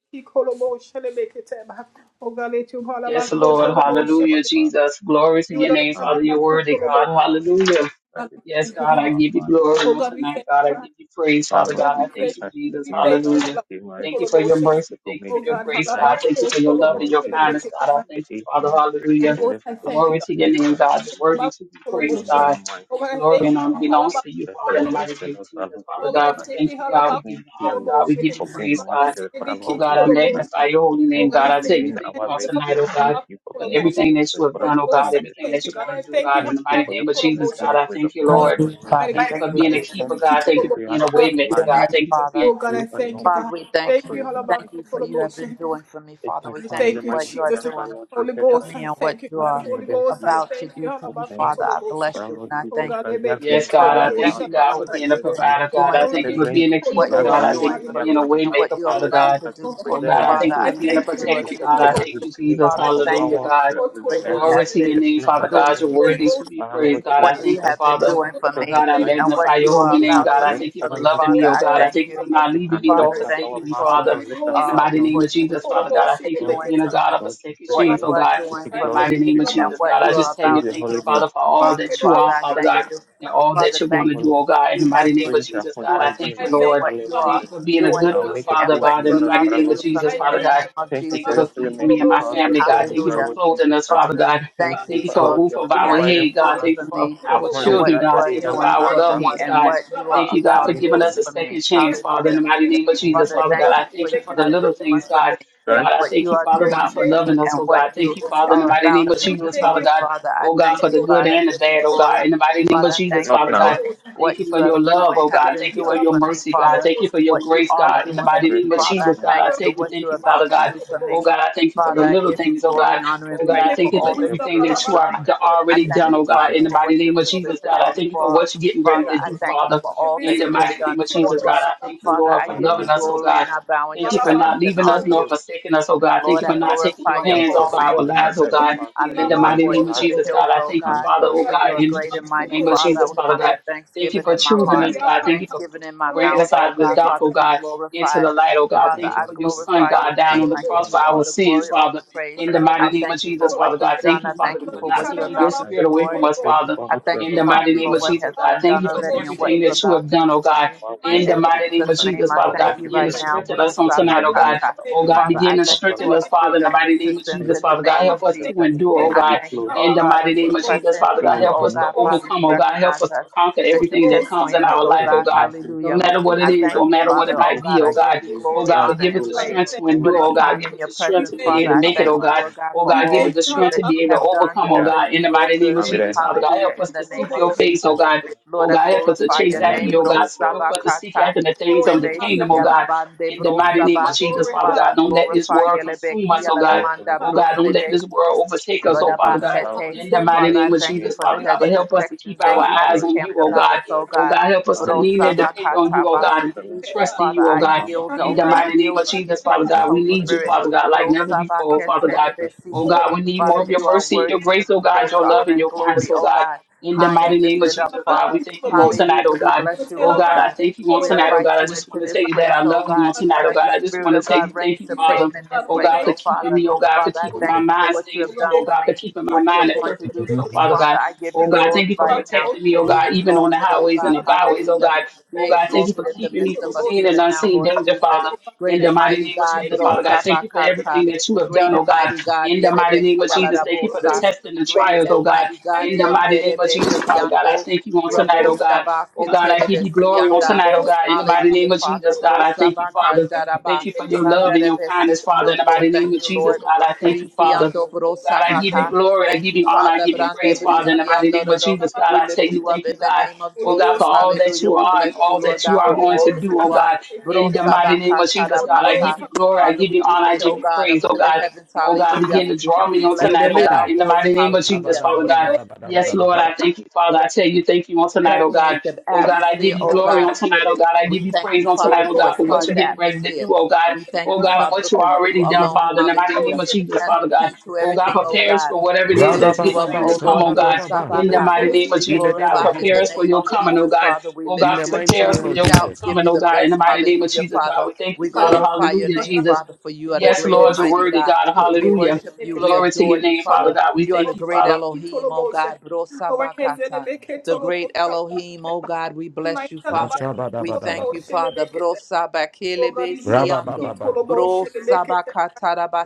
Yes,
Thank you,
Lord.
Lord Jesus,
Hallelujah,
our Father.
Jesus. Glory to your
This
name,
time is
Father. You're
grateful
worthy,
to you
God.
for the Lord Jesus
Hallelujah.
Christ. We
Yes,
Thank you
God,
for
I
our
give you
fire,
glory on
brother.
tonight, God. I give you praise,
Our
Father
Lord
God. I
Jesus
thank you,
Christ is
Jesus.
here with us
Hallelujah.
and came right
Thank you for your
March,
mercy.
April,
Thank you
May,
for your
June,
grace,
July.
God. Thank you for your
Our
love and
Lord
your
Jesus
kindness,
comes
God. I
in the
thank you,
eighth
Father.
month.
Hallelujah.
It is found by
Glory to your
grace,
name,
our Lord
God. You're worthy
Jesus.
to be
It's
praised,
not by
God.
our might, it's
Glory
not by our
and honor
power.
belongs to you,
Let's
Father, in the
worship
mighty
the
name of
Lord, our
Jesus,
Lord
Father
Jesus
God. We
Christ.
thank you, God. We give you
Thank
honor,
you
God. We give you
for being
praise,
our
God.
church, for our
Oh,
Lord
God, I
Jesus Christ.
magnify your
We
holy name,
thank
God.
you
I
for
tell you,
being
thank
our
you on
refuge.
tonight,
We
oh,
thank
God.
you for
But
being our
everything that you
fortress,
have
for our
done, oh
Lord
God,
Jesus
everything that
Christ.
you're going to do,
We
God, in
thank
the
you
mighty
for
name
your
of Jesus,
protection,
God,
your
I thank you, Lord.
preservation,
Hallelujah,
Lord
Father.
Thank you
Jesus
Thank
for
you,
being a
Christ.
keeper,
Jesus.
God. Thank
If
you for
we
being
are
a
still
Glory to
waymaker,
your
alive,
God.
name,
Thank you for being
Father.
you alone
Father,
deserve
we
all
thank you.
praise
We
in the mighty
thank you for
name of
you have
Jesus
been doing
Christ.
for me,
Take
Father.
my
We thank
family,
you
my
what you are
children, for our
doing
Lord Jesus
for
Christ,
me and what you are
redeem them to your
about to do for me,
them.
Father. I bless
Our
you
Lord
and I
Jesus
thank you,
Christ, they are going
Yes,
in, they are
God, I
Father.
coming
thank
Thank
out.
you,
you
for Our
God,
for
for
Lord
what
being a
you've
Jesus
been
Christ,
provider, God.
doing
I
my
for
thank you
me,
for
siblings,
being a
they
what
keeper,
are
you
God.
are
I
going
thank
doing
you
in,
for
they
for
are
me,
being a
coming
way
and
out.
what
maker,
you
for
are
Our
Father
Lord Jesus
about
God.
to
Christ, you
do for
Oh,
preserve
me,
God, I
our
Father.
thank you for
I
soul.
being a
thank you,
You
Lord
protector, God. I
protected
Jesus.
us,
thank
you
you,
deliver
Jesus.
us
Father,
from
thank
Hallelujah,
you
our
God.
the, the,
what
the
you
hands,
Glory
have
to your
the
been
name,
snare
Father
of the
doing
God. You're
for
enemy.
me.
worthy to be
For Our
praised,
Lord
God. I
what
Jesus
you
thank you,
Christ,
have been
Father.
doing
you
for
Oh,
still
me
have
God, I
life.
and what
magnify
you
If
your
you
holy
are
still
name,
have
about
God.
to
I
breath,
do
thank you
for
for
Father
me,
Lord
loving
Jesus
Father.
me, oh,
I
God.
Christ.
I
thank
thank you for
you.
not
We
leaving
can
me nor
lift
Father,
up
thank
our
forsaking
you
me,
mouth,
for
we
Father.
can lift up
In the
our
uh,
mighty
tongues.
name
what
of
you
Jesus, Father
have
God, I thank you
been
for
Oh,
doing
being a
for
God
me,
of a
Lord
second
Jesus
what you
chance,
Christ,
oh,
are
God.
we
doing
say
In
for
the
glory
me,
mighty
be to
name of
your
and
name.
Jesus,
what
God, I
you
We
just
are
tell
praise
you,
about
the
to
thank you,
holy
do for
name.
Father,
me,
for all
Father.
that you
Father,
are,
I
Father
thank
God
you.
and all that
Father,
you're
Thank you,
going
thank
to
holy
do,
you for
name.
oh God, in
you
the
The
mighty
have
name
been
of
praises shall
Jesus, God.
doing
I
continually
for
be
thank
in my
you,
me and
mouth,
Lord.
our
what
Lord
you
Thank
are
you
Jesus
for
Christ.
being a
doing
good,
I'll
for
good
make
me
a
and
father,
boast
what
in
God,
you
the
in
are
the
Lord,
mighty
about
our
to
name of
do
Lord
for
Jesus,
Jesus
me in
Father
the
Christ.
name
God.
We
of
thank you
Thank you
for
Jesus.
for
your holy
feeding me
mercy
and my
throughout the
family, God.
journey,
Thank you
for our
for
Hallelujah.
Lord
clothing
Jesus
us,
Christ.
Father
Father,
We
God.
Thank
thank
you,
you
Thank you
our
for a
for
Lord,
roof
you
what
are
over
you
our
have
providing
been
head,
for
God.
doing
us.
Thank you
for
for
me
It was
our
not
and
a
what
children,
you
God.
that
are
day
Thank
that
you for
would
doing
our
last,
for
loved
our
me
Lord
ones,
and
Jesus.
God.
what you are
Thank you, God,
We
for
about
need
to
giving
do
us a
provision.
for
of
me.
second
your
chance,
love.
Father, in
Hallelujah.
the mighty name of Jesus,
Father,
Father
thank
God.
you
I
for
thank you
you
for the
have
little
been doing
things,
for
God.
me,
Sorry,
God, I
what
thank
you
you,
are
Father
doing
God, for
for me,
loving us,
and
oh God.
what you
Thank you, Father, in the
are
mighty name
about
of
to do
Jesus,
for
Father
me,
God
Father. I
oh God, for
thank you,
the good
God. I
and the
give you
bad, oh God.
glory.
In the mighty name of
Father, I
Jesus,
thank
not
you
Father
now.
God,
for
thank
what
you for
you are
your love,
doing,
oh
have
God.
been
Thank you for
doing
your
for me,
mercy, God.
Father.
Thank you for your
What you
grace,
are
God. In the
doing
mighty
for
We're
me,
name of
Grateful
Father. I
Jesus,
to
God,
thank
I
you
thank
and
you,
what
thank
you're
you, Father
about to
God.
do
you.
for
Oh
me.
God, I thank you for the
Father, I
little
give you
things, oh God.
glory, honor, and
Oh God, I
praise for
thank
Thank
you for
you
all
for
that
your
you're
everything
glory
that
doing
you
for
for
are
me.
life.
that
I
already
We
thank
done,
you,
thank
oh
you
God.
for
Father,
In the
me.
for
mighty
what you're
name of Jesus, God,
positioning
I
me
thank you for
for.
what you're getting ready
Father,
to
I
do,
thank you
Father.
for all
In
that
the
you have
mighty name
done
of
for
Jesus, God,
me.
I thank you,
Thank
Father,
you
Lord,
I
for
for
your
give you
loving
life
us,
and
oh
we
glory
God.
and I bow in
Thank
your
you for
presence
not
thank you
and
leaving
for
us
honor
nor
you.
forsaking us, oh God. Thank
Lord,
you
I
for not taking
we
glorify
your
your
thank
hands
you
holy
off
for
our
name,
going
lives, oh
Jesus.
ahead of
God.
us
I
In
lift
the
through
my
all
mighty
the
voice
name of
to
last
the
Jesus,
hills,
God, I
O
thank you,
God,
months
Father,
that I
oh
for
was
God,
you are
with
in
you.
the
great and mighty,
name of
Father. I
Jesus,
will
Father
come with
God. Thank you
thanksgiving
for
in my
Thank
choosing
heart,
you
us, God. Thank you
Father,
for
thanksgiving in my
bringing
mouth,
us
O
out of the
God.
dark, oh
Father, be
God, into
glorified.
the
for
light, oh God.
protecting
Father,
all
Thank
our
you
I
for your
lives.
son,
glorify
God,
your
down on
Thank
name.
the
you
I
for
give
cross
our
for
hope
you all
our
the
sins,
glory, all the
Father.
praise.
In the
in Jesus
mighty
I
name
Christ,
of
thank you for
Jesus,
what
Father God.
you've
Thank
done.
you,
I
Father,
thank you
for
for
the
for
not
what
Lord
you're
taking
Jesus
your
about to
Christ.
spirit
do,
away
Lord.
from us,
Thank you
Father.
for
I
what you are
thank
In
you,
the
about to
Father,
mighty
do
name
for
of
in
what
our
Jesus,
has
lives.
God.
been
Thank
done
you for
already
Thank you
and
for the
what
everything
you're
many
that you
about
have
to
blessings
done,
that
do
oh
for
are in
God.
me.
our way,
In the
In
Lord
mighty
Jesus
name of
Jesus'
Christ.
name,
Jesus,
I
We
Father God,
thank
thank
you
you for
begin to
right
the
now.
doors
strengthen
that you
us on
open
tonight, oh God
behind
Brosabakata.
us,
Oh
in
God,
Father,
front
I
begin
of
to
us,
thank you
Lord.
strengthen
for a
us, Father,
spirit
in the
of
mighty name of
persistence
Thank
Jesus,
in
you
the
Father
for our
God.
name
Lord
of
Help us
Jesus
to
Christ
Jesus.
for the
endure, oh
door
I
that you
God,
thank
closed.
you, oh
in the
God,
mighty
as
name
we
of
press
Jesus, Father
that
into
God.
was
you,
Help
oh
us
made
to
God,
for us,
Father, you
overcome, oh God. Help
recognize
us to
us,
conquer
that you
everything that comes
pinpoint
in
us,
our
oh
life,
that
oh
in
God,
God.
all things
No
by
hallelujah.
Lord
matter what it
I
Jesus
is,
thank
no
Christ,
you,
matter what
Father,
it
to
oh
might
give
be,
God,
oh
I
thanks
give
God.
you
to you
Oh
for
glory,
God,
that is
but
the
honor,
give us
and
the
will of the
praise
strength
Lord,
to
by
for
endure,
this
oh
Jesus
God.
time
Give
in
Christ.
us
your
the strength
So
presence,
to be
thank
Father.
able
you
to
I
for
make
all
it,
the
oh
thank you,
help.
God.
Lord God,
Oh
for
God, give us
all
the strength
that
to be
you
able to
have done,
overcome, oh
all
Yeah,
that
God,
you
in the
will
mighty name
do,
of
I'll be
Jesus,
there.
Father God.
hallelujah,
Help us
in the
to seek
name of
your face, oh
Thank
Jesus.
you.
God. Oh
Lord, I
God, help us to
glorify
chase
Your
your
after
name,
name
you,
is
oh God.
praised, by
Help us to seek
Brosabakata,
after the things of the
and Jesus.
kingdom,
Rebesi
oh
Amen.
God.
Alabande
In the
Thank
mighty
you.
name of
Brosaba.
Thank you. Thank you.
Jesus, Father
Father, I
God, don't let this
Thank
glorify
world
your
consume
Lebeki
us, oh God.
Yes, Lord
Aladamanda
Oh
Jesus
God, don't let
Brosebe,
Christ.
this world
And
overtake us,
this is
oh
the day
Father
that
God.
our Lord
Lodabasete.
In the
Jesus
mighty
Father,
Christ
name
I
is
of
thank you
Jesus,
made,
for
by
the
Father
Lord
God,
hedge
but
of
Jesus
help us
Christ.
to keep
protections that
I
our
you have
eyes
rejoice,
on you,
encamped
oh
rejoice
about
God.
us, oh
Oh
together.
God.
God, help us
Our
to
Lord
lean
Jesus,
and depend on you,
Brosabakata
Christ,
oh
thank you
God, and
for the
Basiki.
love that
trust in
you
Father,
you, oh
put
I
in
God.
our mouth,
yield,
In
oh
the
God,
mighty
Jesus
name
yield
of
Christ.
to you,
Jesus, Father
precious
Thank
God, we
you
Holy
for
need
the
you,
Spirit.
joy,
Father God,
Lord
like never
Jesus.
before,
Brosabakete
Father God.
Thank you
Oh
Rebesiki.
God, we need more
Father,
of your
you are
mercy, your
worthy to
grace,
be
oh God,
praised,
your love
honor,
and
and
your kindness,
glory,
oh
oh
God.
God
In the
high
mighty
and
name of
lifted up,
Jesus, God, we
Father.
thank you on
Mm-hmm.
tonight, oh
Hallelujah. We
God.
bless you,
Oh
oh
God, I
God.
thank you on
We
tonight. Oh
invite
God, I
you
just
into
want to
this
tell you that
place,
I
oh
love you on
God.
tonight. Oh
Let
God,
the
I just
Spirit
want to
of
tell you,
God reign
thank you,
supreme
Father.
in this
Oh
place,
God, for
oh
keeping
Father.
me. Oh God, for
Father, I
keeping
thank
my
you for
mind
what you
stayed with
have
you.
done
Oh
for
God, for
me,
keeping my
what
mind
you're
at
going to
perfect
do
peace.
for
Oh
me,
Father
Father.
God.
I give
Oh
you
God,
glory
thank you for
right now.
protecting me. Oh
Be
God, even on the
exalted, oh
highways and
God.
the byways. Oh
Hallelujah.
God. Oh
Be
God, thank you
exalted
for
in the
keeping me
midst
from
of us
seen and
even now,
unseen
Lord
danger,
Jesus.
Father. In
Great
the
and
mighty
mighty
name of
God,
Jesus, Father
What?
God, thank you for everything
Brosabakata.
that you have done,
Great
What
oh
and
God.
mighty God,
In the mighty
Yelebek
name of Jesus, thank you for the
Yalarabosa.
tests and the
Great
trials,
and
oh God.
mighty God,
In the mighty name of Jesus, Father God, I
Yenderebesiando,
thank you on tonight,
Rabo
oh God. Oh God, I give you glory on
Shabaketerebesianda.
tonight, oh God, in the mighty
Hallelujah,
name of
Father.
Jesus, God. I thank you, Father.
Brosabakandaraba,
Thank you for your love and your kindness, Father, in the
Kandarebesikiando.
mighty name
Thank
of
you,
Jesus,
Lord.
God. I thank you, Father.
Brisiando
Oh God, I give you
Brosabaka.
glory, I
Thank
give
you,
you honor, I
Father.
give you
Brande
praise, Father, in the mighty
Brisiando.
name of
Dodo.
Jesus, God.
We
I tell
lift
you,
you up
thank you,
in the
God.
name of
Oh God,
Jesus.
for all that
Hallelujah.
you
We
are
bless
and
you,
all
Lord
that you
God,
are
for
going
all
to
that
do, oh
you are.
God, in the mighty name of Jesus, God. I give
Brosabakatarabasa.
you glory, I
Father,
give
we
you
reach,
honor, I
oh
give you
God,
praise,
up
oh
to the
God.
heavens,
Oh God,
hallelujah,
begin to draw
and we
me on
bless
In the
tonight,
you.
oh
Let
God,
our
name.
in the
voice,
mighty name of Jesus,
hallelujah,
Father God. Yes, Lord,
Abadabadabadabadabadabadaba.
I thank you, Father. I tell you, thank you on tonight, oh God.
permeate the
Oh God, I give
atmosphere,
you
oh
glory on
God.
tonight. Oh God, I give
We
you
thank
praise
you,
on
Father,
tonight. Oh
for
God,
a
for what you're
charged
getting ready to do.
atmosphere.
Oh God,
We thank
oh
you,
God, and
Father,
what you
because you
already done,
alone,
Father. In the mighty name
hallelujah,
of Jesus,
has the
Father God.
key to
Oh
for your
God,
everything,
goodness,
oh
prepare us
God.
for whatever it
We
is that's
lift you
getting
up,
ready to
oh
come.
Lord,
Oh God,
Radabababashandabababa.
in the
is it?
Brosabaka.
mighty name of
Be
In
Jesus,
the name
God,
of
glorified in
prepare
the
us
Jesus.
for
name
your
of
coming. Oh
Jesus,
God,
Father. We
oh
In
God,
lift
the
you.
mighty
prepare us
name
for
We
of
your
shout,
Jesus.
give
coming.
you
Oh
the
God, in the
best.
mighty name of
Hallelujah,
Jesus, God,
Father.
we thank you,
We
Father.
glorify your
Hallelujah,
name,
Jesus.
Father, for you are the
Yes,
great and
Lord, you're
mighty
worthy,
God.
God.
We
Hallelujah.
worship you. We
Glory to
adore
your
you,
name, Father
Father.
God. We
You are
thank
the
you,
great
Father.
Elohim, O God. Brosabakata. The great Elohim, O God. We bless you, Father. We thank you, Father. Brosabakelebe
Rabba
siando.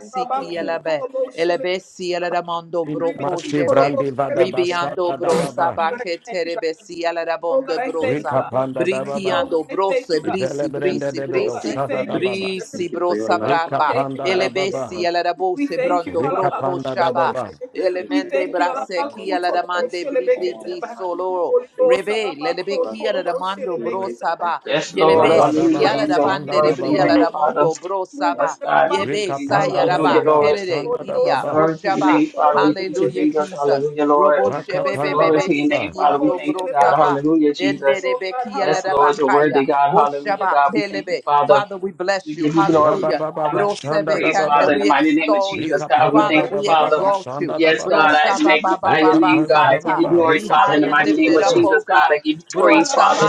Thank you for your faithfulness.
elebe. Elebe si eledamondo
In
brokoshebe.
Masivrandi Vadaba
Ribiando
Santa Dababa.
brosabaketerebe si eladabondo brosa.
Rika Panda Dababa.
Brikiando brose brisi
Ivelebrende
brisi
de Bedo
brisi.
Sada Dababa.
Thank
Brisi
you
bro
for your love, our
Rika
sabraba,
Lord
Panda
Jesus
Dababa.
elebesi
Christ.
alarabose
Thank you,
brondo
Rika
our Lord
broco
Panda
shaba,
Dababa.
Jesus. Be
elemende
faithful to us,
brase
our Lord
kia la
Jesus Christ,
damande bri bri
all
bri
our life,
solo,
all our faith.
rebe lelebe
To us,
kia la
and
damando bro
January to this
saba,
very
Yes,
day,
Lord.
Lord
Rabba
yelebesi
Hallelujah. To
Dababa
riala
you,
dabande
Glory to your
rebria la
Dababa.
name,
Jesus.
Father.
damondo bro saba,
Yes, God. Thank you,
yebe
Rika
Jesus.
saya
Panda
Hallelujah,
raba,
Dababa
Lord.
kerere
Santa
kiria
Dababa.
Glory to your
oshaba,
name, Father. We thank you,
hallelujah
Jesus.
Jesus,
Hallelujah, Lord.
robo
Maka
shebe
Panda
Glory
bebe
to your name,
Dababa.
siki
Father. We
ando
thank you,
bro
God.
saba,
Hallelujah, Jesus. Yes, Lord. You're worthy,
Enderebekiyalabakaya.
God. Hallelujah, God. We thank you,
Oshabakelebe.
Father.
Father, we
We
bless you.
give you glory, we give
Rabba
you
Hallelujah.
honor,
Baba
we give you
Santa
praise,
Brosebekande,
Father, in
Dababa.
the
We
mighty name of
extol you.
Jesus,
Rika
God. We
Pada
Father,
thank you,
we
Father.
Badabadaba
exalt you.
Santa
Yes, God,
Dababa.
I magnify your
Rika
name, God.
Panda
I
Mhm.
give
Brosababababasata.
you
Dababa.
glory,
Be
Rika
Father, in
high
the
Panda
and
mighty name
lifted
of
up,
Badabadaba.
O
Jesus, God. I
God.
give you praise, Father.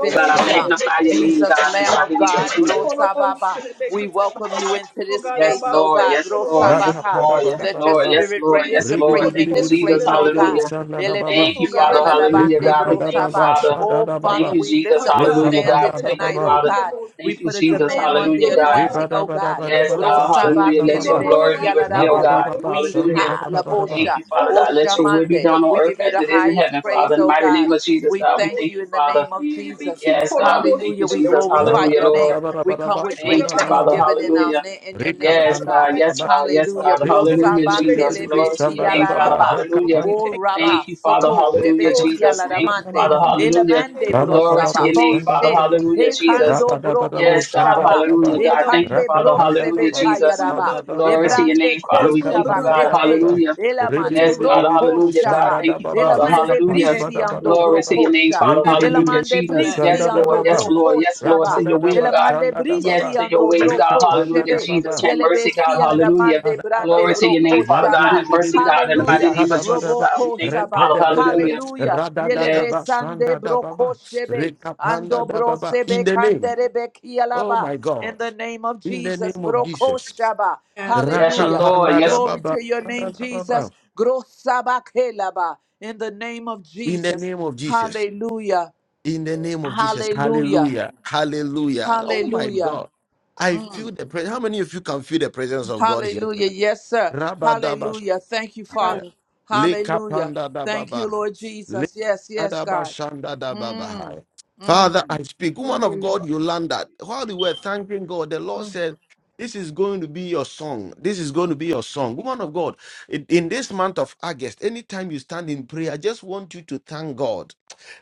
Oh, God, I magnify your name,
Jesus,
God, in the
Lamb
mighty
of
name of
God.
Jesus.
Brosababa. We welcome you into this
Yes,
space, O
Lord,
God.
yes, Lord, yes,
Raka
Brosabaka.
Pada
Lord, yes,
Let your
Lord,
Badabadaba.
yes,
spirit
Lord,
reign
yes, Lord.
Rebidi
supreme
Thank
in
bidi
you,
this
bidi bidi
Jesus.
place,
bidi
oh
bidi
God.
Hallelujah.
baba baba baba
Thank you,
Elebesi
Father. Hallelujah,
alaladabande
God. We
baba
thank
baba
you,
brosaba.
baba
Father.
shada
Oh
da
Thank
Father,
baba
you,
we
Jesus.
lift up a
Hallelujah, God.
Rekapanda
standard
We
da
thank you,
tonight, oh
baba
Father.
God.
God.
We
Thank you,
put a
Jesus.
demand on the
Hallelujah, God.
shada
anointing,
bada
oh God.
bada
Yes,
bada ba
God.
shanda
Brosaba
Hallelujah.
da
Let your
baba.
glory
kelebesi
be
La
revealed,
aladabo.
baba
God.
baba
We
shanda
Hallelujah.
da
ha
bada bada
Thank
ba.
labosha.
you, Father
Oh
God. Let your will be
Shamande.
done on
We
earth
give you
as
the
it is in heaven,
highest praise,
Father. In the
oh
mighty name
God.
of Jesus,
We
God, we
thank
thank
you
you,
in the
Father.
name of Jesus.
Yes, God, we thank you,
Hallelujah. We
Jesus.
La
glorify
Hallelujah,
your
bada
Lord.
name.
bada bada
We
bada
come
ba
with
Thank
great
shanda
you,
da
Father.
baba.
thanksgiving in our
Hallelujah.
na- in your name,
Yes,
oh
Rekapanda
God.
God.
da
Yes,
baba.
God. Yes,
Hallelujah.
God.
Rebidi
Hallelujah,
brosaba saba
Jesus.
bidi
kelebe
Glory to your
si
name, Father.
shandadababa.
alaraba.
Hallelujah.
O
Ripandadababa,
Thank
raba
you, Father.
soko
Hallelujah,
shebe
shadadababa. Rikapandadababa.
ki
Jesus. Thank you,
Ribadabadabadabadaba, baba Rababababa, shandadabadabadaba. Rabadabadabadabadaba, shandadababa. Rikapandadababa. Ribidibidibidibidibidibi, shandadababa. baba baba
alaramande.
Father. Hallelujah.
Elemande bro
Glory
Rabadabadaba.
to
saba.
your
Bo
name, Father.
she.
Rababababo, baba.
Hallelujah, Jesus.
Hekando bro ko
Rabadabadabo
Yes, God.
shaba.
Hallelujah,
shandadababa.
God. Thank you,
Hekande
Father.
bro
Hallelujah,
Rakapandababa.
Jesus.
kayaraba.
Glory
Pandadababa.
to your name,
Ebrande
Father. We thank you,
koshaba
God.
kete.
Rikapandadababa.
Hallelujah.
Elamande
Yes,
bro
God.
Ribidibidibidibo
Hallelujah, God.
shaba.
Thank you,
shandadababa.
Father.
Elamande
Hallelujah.
brisi ando
Glory to
Rikapanabadabadabadaba.
your name,
brokosha.
Father. Hallelujah,
Elamande
Ribidibidibidibo
Jesus. Yes,
brisi
Lord.
ando
Yes,
shandadababa.
Lord.
broko
Yes, Lord. To
shaba.
your will,
Rapadadaba
God
Elamande
yes
brisi
shandadababa.
to your
ando
ways, God.
broko
Hallelujah.
shebe.
Jesus,
Rikapandadababa.
have
Yele
mercy, God.
besi
Hallelujah.
elamande brande
Glory
Rikapadadaba.
to your
broko
name, Father God.
shaba.
Have mercy,
Yandididididi.
God. In the mighty
Hallelujah.
name of Jesus,
Rikadabadaba.
God. We
Roboko
thank you,
shaba.
Father.
Repedebedebe.
Hallelujah.
Hallelujah. Yele
Yes,
Radadadaba
besande broko
shandadababa.
shebe. Ando bro
Rikapandadababa. In
sebe
the name
kandere beki
Oh my
In
God.
the name of
In the
Jesus,
name of
broko
Jesus.
shaba.
yes,
Hallelujah.
Lord. Yes,
Glory
Rakapandadababa,
to your name, Jesus.
dadababa.
Grosabakelaba. In the name of
In the
Jesus.
name of Jesus.
Hallelujah.
In the name of Jesus.
Hallelujah.
Hallelujah. Hallelujah. Oh my
Hallelujah.
God. I
Mm.
feel the presence. How many of you can feel the presence of God here?
Hallelujah. Yes, sir. Hallelujah. Thank you,
Bahaya.
Father. Hallelujah.
Likapanda da
Thank you,
Baba.
Lord Jesus. Yes, yes, God.
Likadabashanda da
Mm.
Babahaya. Father,
Mm.
I speak. Woman of God, Yolanda, while you were thanking God, the Lord said, This is going to be your song. This is going to be your song. Woman of God, in in this month of August, anytime you stand in prayer, I just want you to thank God.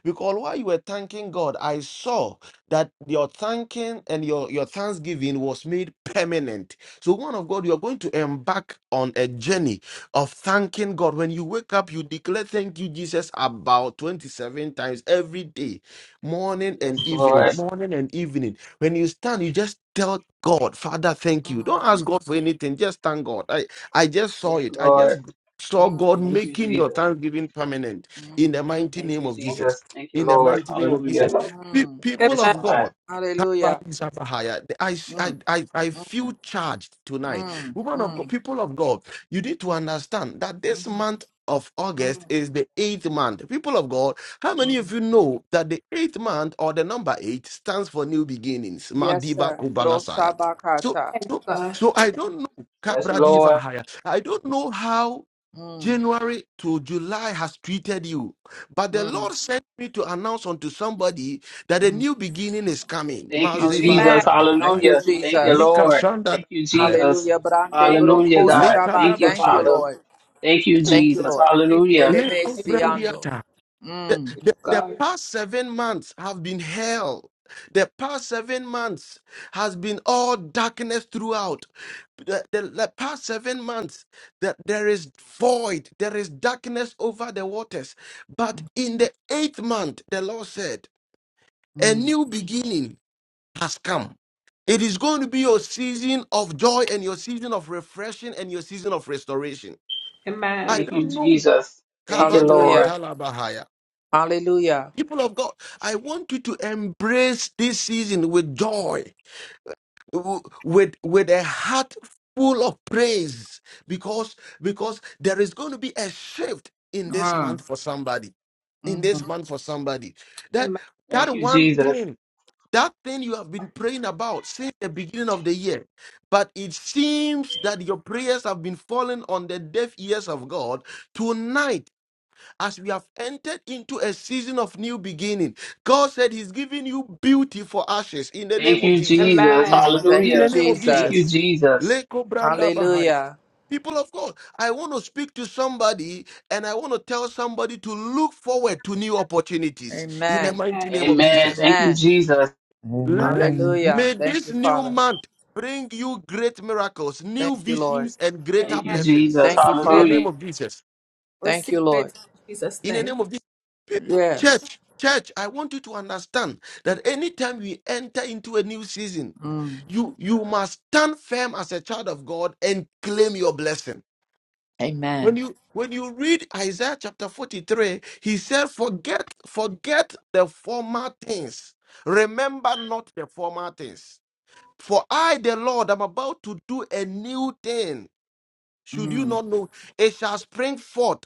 Because while you were thanking God, I saw that your thanking and your, your thanksgiving was made permanent. So, one of God, you're going to embark on a journey of thanking God. When you wake up, you declare thank you, Jesus, about 27 times every day, morning
yes,
and
Lord.
evening, morning and evening. When you stand, you just tell God, Father, thank you. Don't ask God for anything, just thank God. I, I just saw
Yes,
it. I
Lord.
just saw
Mm.
God
Thank you,
making your
Jesus.
thanksgiving permanent in
Mm.
the mighty
Thank
name
you,
of Jesus
Jesus. Thank you,
in the
Lord.
mighty name of Jesus.
Hallelujah.
Pe-
Mm.
people
Yes,
of
God.
God.
Hallelujah.
I, I,
Mm.
I, I feel charged tonight.
Mm.
Woman of God,
Mm.
people of God, you need to understand that this month of
Mm.
August is the eighth month. People of God, how many of
Mm.
you know that the eighth month or the number eight stands for new beginnings?
Yes,
Madiba
sir.
Kubalasaya. So,
Prosabakata.
so, so I don't know.
Yes,
Kabra Diva
Lord.
Haya. I don't know how
Mm.
January to July has treated you. But the
Mm.
Lord sent me to announce unto somebody that a new beginning is coming.
Thank you,
Mazivala
Hallelujah.
Jesus.
Thank
gadabahaya.
you,
Hallelujah. Thank you,
Jesus.
Lika
Lord.
shanda
Thank you,
dabahaya.
Jesus.
Hallelujah. Brande
Hallelujah,
broko
God.
Lika
shaba.
Thank you,
Thank you,
dabashaya.
Father.
Lord.
Thank you,
Thank you,
Jesus.
Lord.
Hallelujah.
Elebe
Leko
siando.
brandiata. The,
Mm,
the, the past seven months have been hell. The past seven months has been all darkness throughout. the, the, the past seven months that there is void, there is darkness over the waters. But in the eighth month, the Lord said, a
mm.
new beginning has come. It is going to be your season of joy and your season of refreshing and your season of restoration. I
Thank you,
don't know.
Jesus. Thank you,
Kabadian
Lord.
Hallelujah.
Talabahaya.
Hallelujah.
People of God, I want you to embrace this season with joy. w- with with a heart full of praise because because there is going to be a shift in this month
Mm,
for somebody in this
mhm,
month for somebody that
Thank
that
you,
one
Jesus.
thing that thing you have been praying about since the beginning of the year but it seems that your prayers have been falling on the deaf ears of god tonight as we have entered into a season of new beginning god said he's giving you beauty for ashes in the
Thank
name of
you,
jesus
Jesus.
mm. Thank
in
you,
the
Hallelujah.
name of
Thank
jesus
you,
Jesus.
Jesus.
Leko branda bahaya.
Hallelujah.
People of God, I want to speak to somebody and I want to tell somebody to look forward to new opportunities in the
Amen.
mighty name of
Amen.
Jesus.
Thank you,
Amen.
Jesus.
Let,
Amen.
Hallelujah.
may
Thank
this
you,
new
Father.
month bring you great miracles, new
Thank you, Lord.
visions, and greater
Thank you,
blessings
Jesus.
Thank you,
in the
Father.
Hallelujah.
name of Jesus.
Thank you, Lord.
In the name of Jesus.
Yes.
Church, church, I want you to understand that anytime we enter into a new season,
Mm.
you, you must stand firm as a child of God and claim your blessing. When
Amen.
you when you read Isaiah chapter 43, he said, Forget, forget the former things. Remember not the former things. For I, the Lord, am about to do a new thing. Should you
Mm,
not know? It shall spring forth.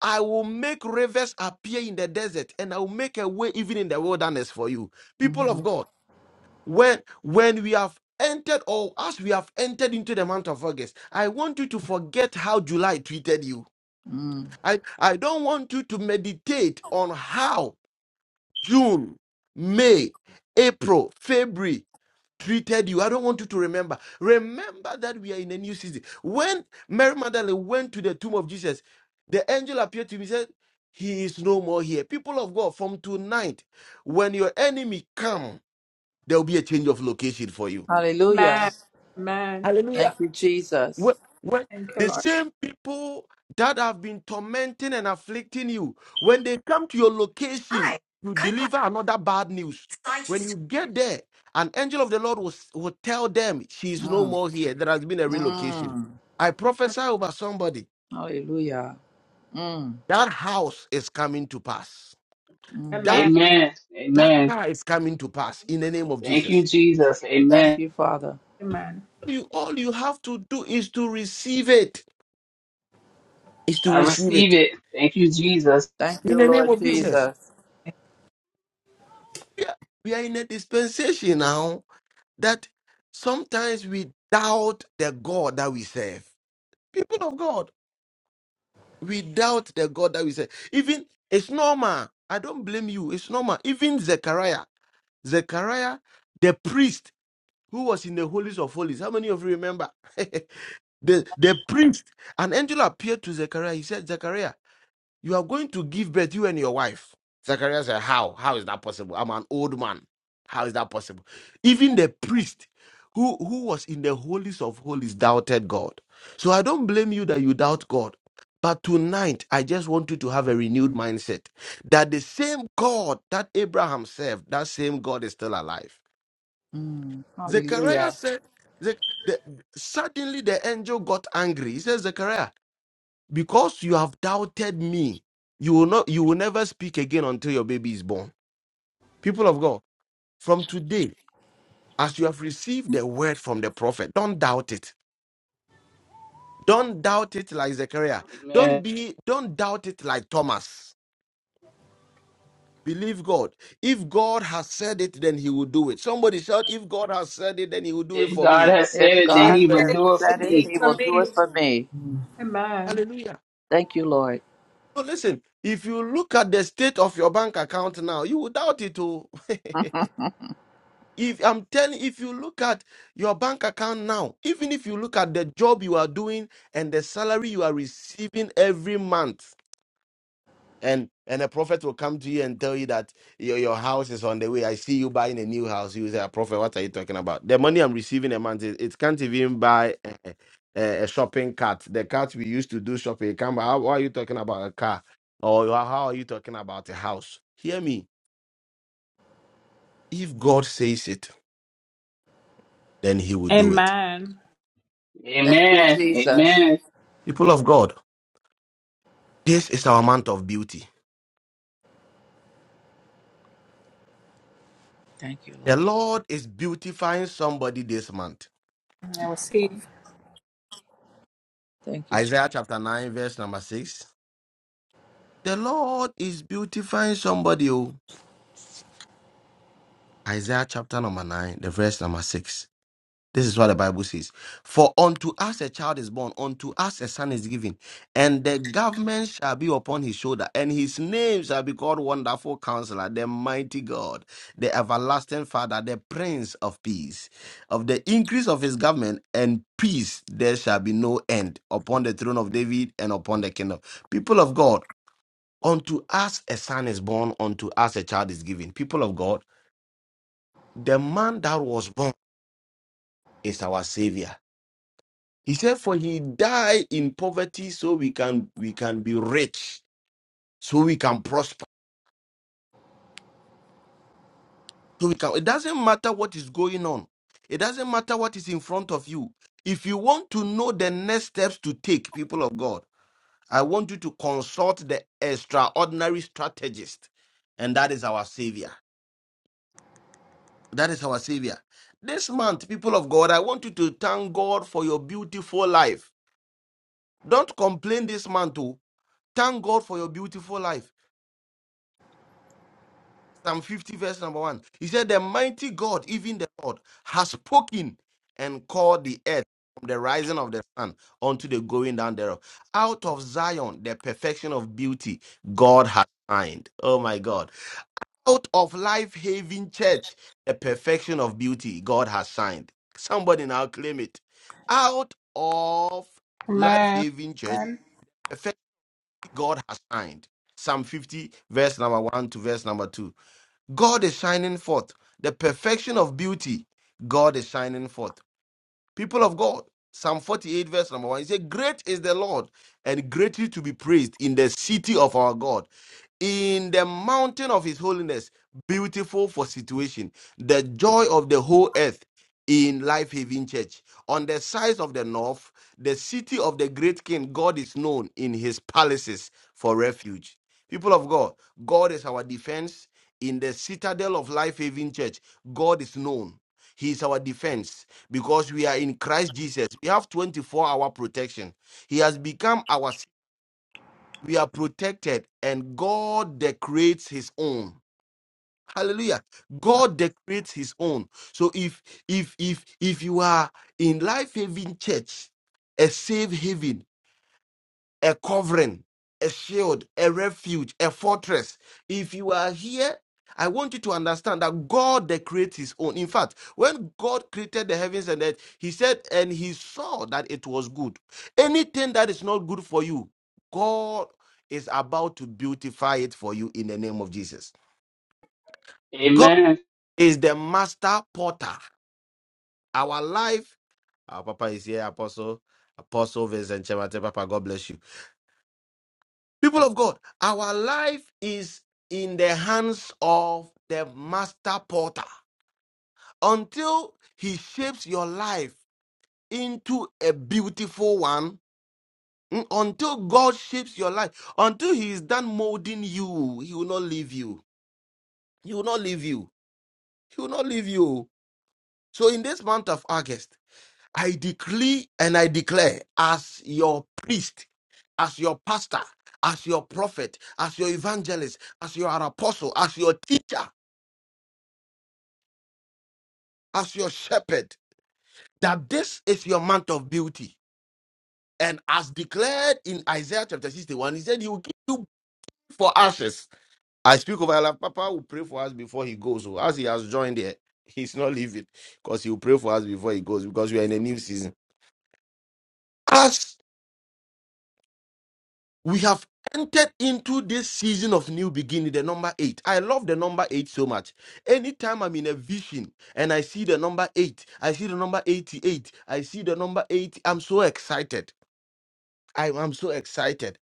I will make rivers appear in the desert, and I will make a way even in the wilderness for you. People
mhm,
of God, when when we have entered or as we have entered into the month of August, I want you to forget how July treated you.
mm.
I, I don't want you to meditate on how June, May, April, February treated you. I don't want you to remember. Remember that we are in a new season. When Mary Magdalene went to the tomb of Jesus, the angel appeared to me and said, He is no more here. People of God, from tonight, when your enemy come, there will be a change of location for you.
Hallelujah.
Hallelujah.
Thank you, Jesus.
What, what, the same people that have been tormenting and afflicting you, when they come to your location, you deliver another bad news. When you get there, an angel of the Lord will, s- will tell them, She is no
Mm,
more here. There has been a relocation.
mm.
I prophesy over somebody.
Hallelujah. Mm.
That house is coming to pass.
Mm.
That
Amen.
that
Amen.
car is coming to pass in the name of
Thank you,
Jesus.
Jesus.
Thank
Amen.
you, Father.
You all you have to do is to receive it. Is to
I
receive
receive
it
it. Thank you, Jesus.
Thank
in
you,
the name
Lord
of Jesus.
Jesus.
we are we are in a dispensation now that sometimes we doubt the God that we serve. People of God, we doubt the God that we serve. Even it's normal. I don't blame you. It's normal. Even Zechariah, Zechariah, the priest who was in the holies of holies. How many of you remember? the the priest, an angel appeared to Zechariah. He said, Zechariah. You are going to give birth, you and your wife. Zechariah said, How? How is that possible? I'm an old man. How is that possible? Even the priest who, who was in the holies of holies doubted God. So I don't blame you that you doubt God. But tonight, I just want you to have a renewed mindset that the same God that Abraham served, that same God is still alive.
Mm.
Zechariah
Hallelujah.
said, Ze- the- suddenly the angel got angry. He says, Zechariah, because you have doubted me you will not you will never speak again until your baby is born people of god from today as you have received the word from the prophet don't doubt it don't doubt it like zechariah
Amen.
don't be don't doubt it like thomas believe god if god has said it then he will do it somebody shout if god has said it then he will do it
If
for
God
me
has said
If
it, then he
God
will
has
do it for
said it,
me.
He will do it for me.
Mm.
hallelujah
Thank you, Lord.
so listen if you look at the state of your bank account now you will doubt it too If I'm telling, if you look at your bank account now, even if you look at the job you are doing and the salary you are receiving every month, and and a prophet will come to you and tell you that your, your house is on the way. I see you buying a new house. You say, "Ah, prophet, what are you talking about? The money I'm receiving a month, it, it can't even buy a, a, a shopping cart. The cart we used to do shopping, it can't buy. How, how are you talking about a car? Or how how are you talking about a house? Hear me. If God says it, then He will do it.
Thank you,
Amen.
Jesus.
Amen.
People of God. This is our month of beauty.
Thank you,
The
Lord.
Lord is beautifying somebody this month.
Thank you, Father. Thank you. Je-
Isaiah chapter 9, verse number 6. The Lord is beautifying somebody. oh. Isaiah chapter number 9, the verse number 6. This is what the Bible says. For unto us a child is born, unto us a son is given, and the government shall be upon his shoulder, and his name shall be called Wonderful Counselor, the Mighty God, the Everlasting Father, the Prince of Peace. Of the increase of his government and peace there shall be no end upon the throne of David and upon the kingdom. People of God, unto us a son is born, unto us a child is given. People of God, the man that was born is our Savior He said, "For he died in poverty, so we can we can be rich, so we can prosper, so we can." It doesn't matter what is going on. It doesn't matter what is in front of you. If you want to know the next steps to take, people of God, I want you to consult the extraordinary strategist, and that is our Savior. That is our Savior. This month, people of God, I want you to thank God for your beautiful life. Don't complain this month, too. Thank God for your beautiful life. Psalm 50, verse number one. He said, The mighty God, even the Lord, has spoken and called the earth from the rising of the sun unto the going down thereof. Out of Zion, the perfection of beauty, God has signed. Oh my God. Out of life haven church, the perfection of beauty, God has signed. Somebody now claim it. Out of life haven church, perfection God has signed. Psalm 50, verse number one to verse number two. God is shining forth. The perfection of beauty, God is shining forth. People of God, Psalm 48, verse number one. He said, Great is the Lord and greatly to be praised in the city of our God, in the mountain of his holiness, beautiful for situation, the joy of the whole earth in Life Haven Church. On the sides of the north, the city of the great king, God is known in his palaces for refuge. People of God, God is our defense. In the citadel of Life Haven Church, God is known. He is our defense because we are in Christ Jesus. We have 24 hour protection. He has become our s- we are protected and God decorates his own. Hallelujah. God decorates his own. So if if if if you are in life Haven church, a safe haven a covering, a shield, a refuge, a fortress. If you are here, I want you to understand that God that creates his own. In fact, when God created the heavens and earth, he said, and he saw that it was good. Anything that is not good for you, God is about to beautify it for you in the name of Jesus. God
Amen.
is the master potter. Our life, our papa is here, apostle, apostle Vincent Chemate, papa, God bless you People of God, our life is in the hands of the master Potter. until he shapes your life into a beautiful one. mm, Until God shapes your life, until He is done molding you, He will not leave you. He will not leave you. He will not leave you. So, in this month of August, I decree and I declare as your priest, as your pastor, as your prophet, as your evangelist, as your apostle, as your teacher, as your shepherd, that this is your month of beauty. And as declared in Isaiah chapter 61, he said, He will give you for ashes. I speak over Allah. Papa will pray for us before he goes. So as he has joined here, he's not leaving because he will pray for us before he goes because we are in a new season. As we have entered into this season of new beginning, the number eight. I love the number eight so much. Anytime I'm in a vision and I see the number eight, I see the number 88, I see the number 80, I'm so excited. I, I'm so excited.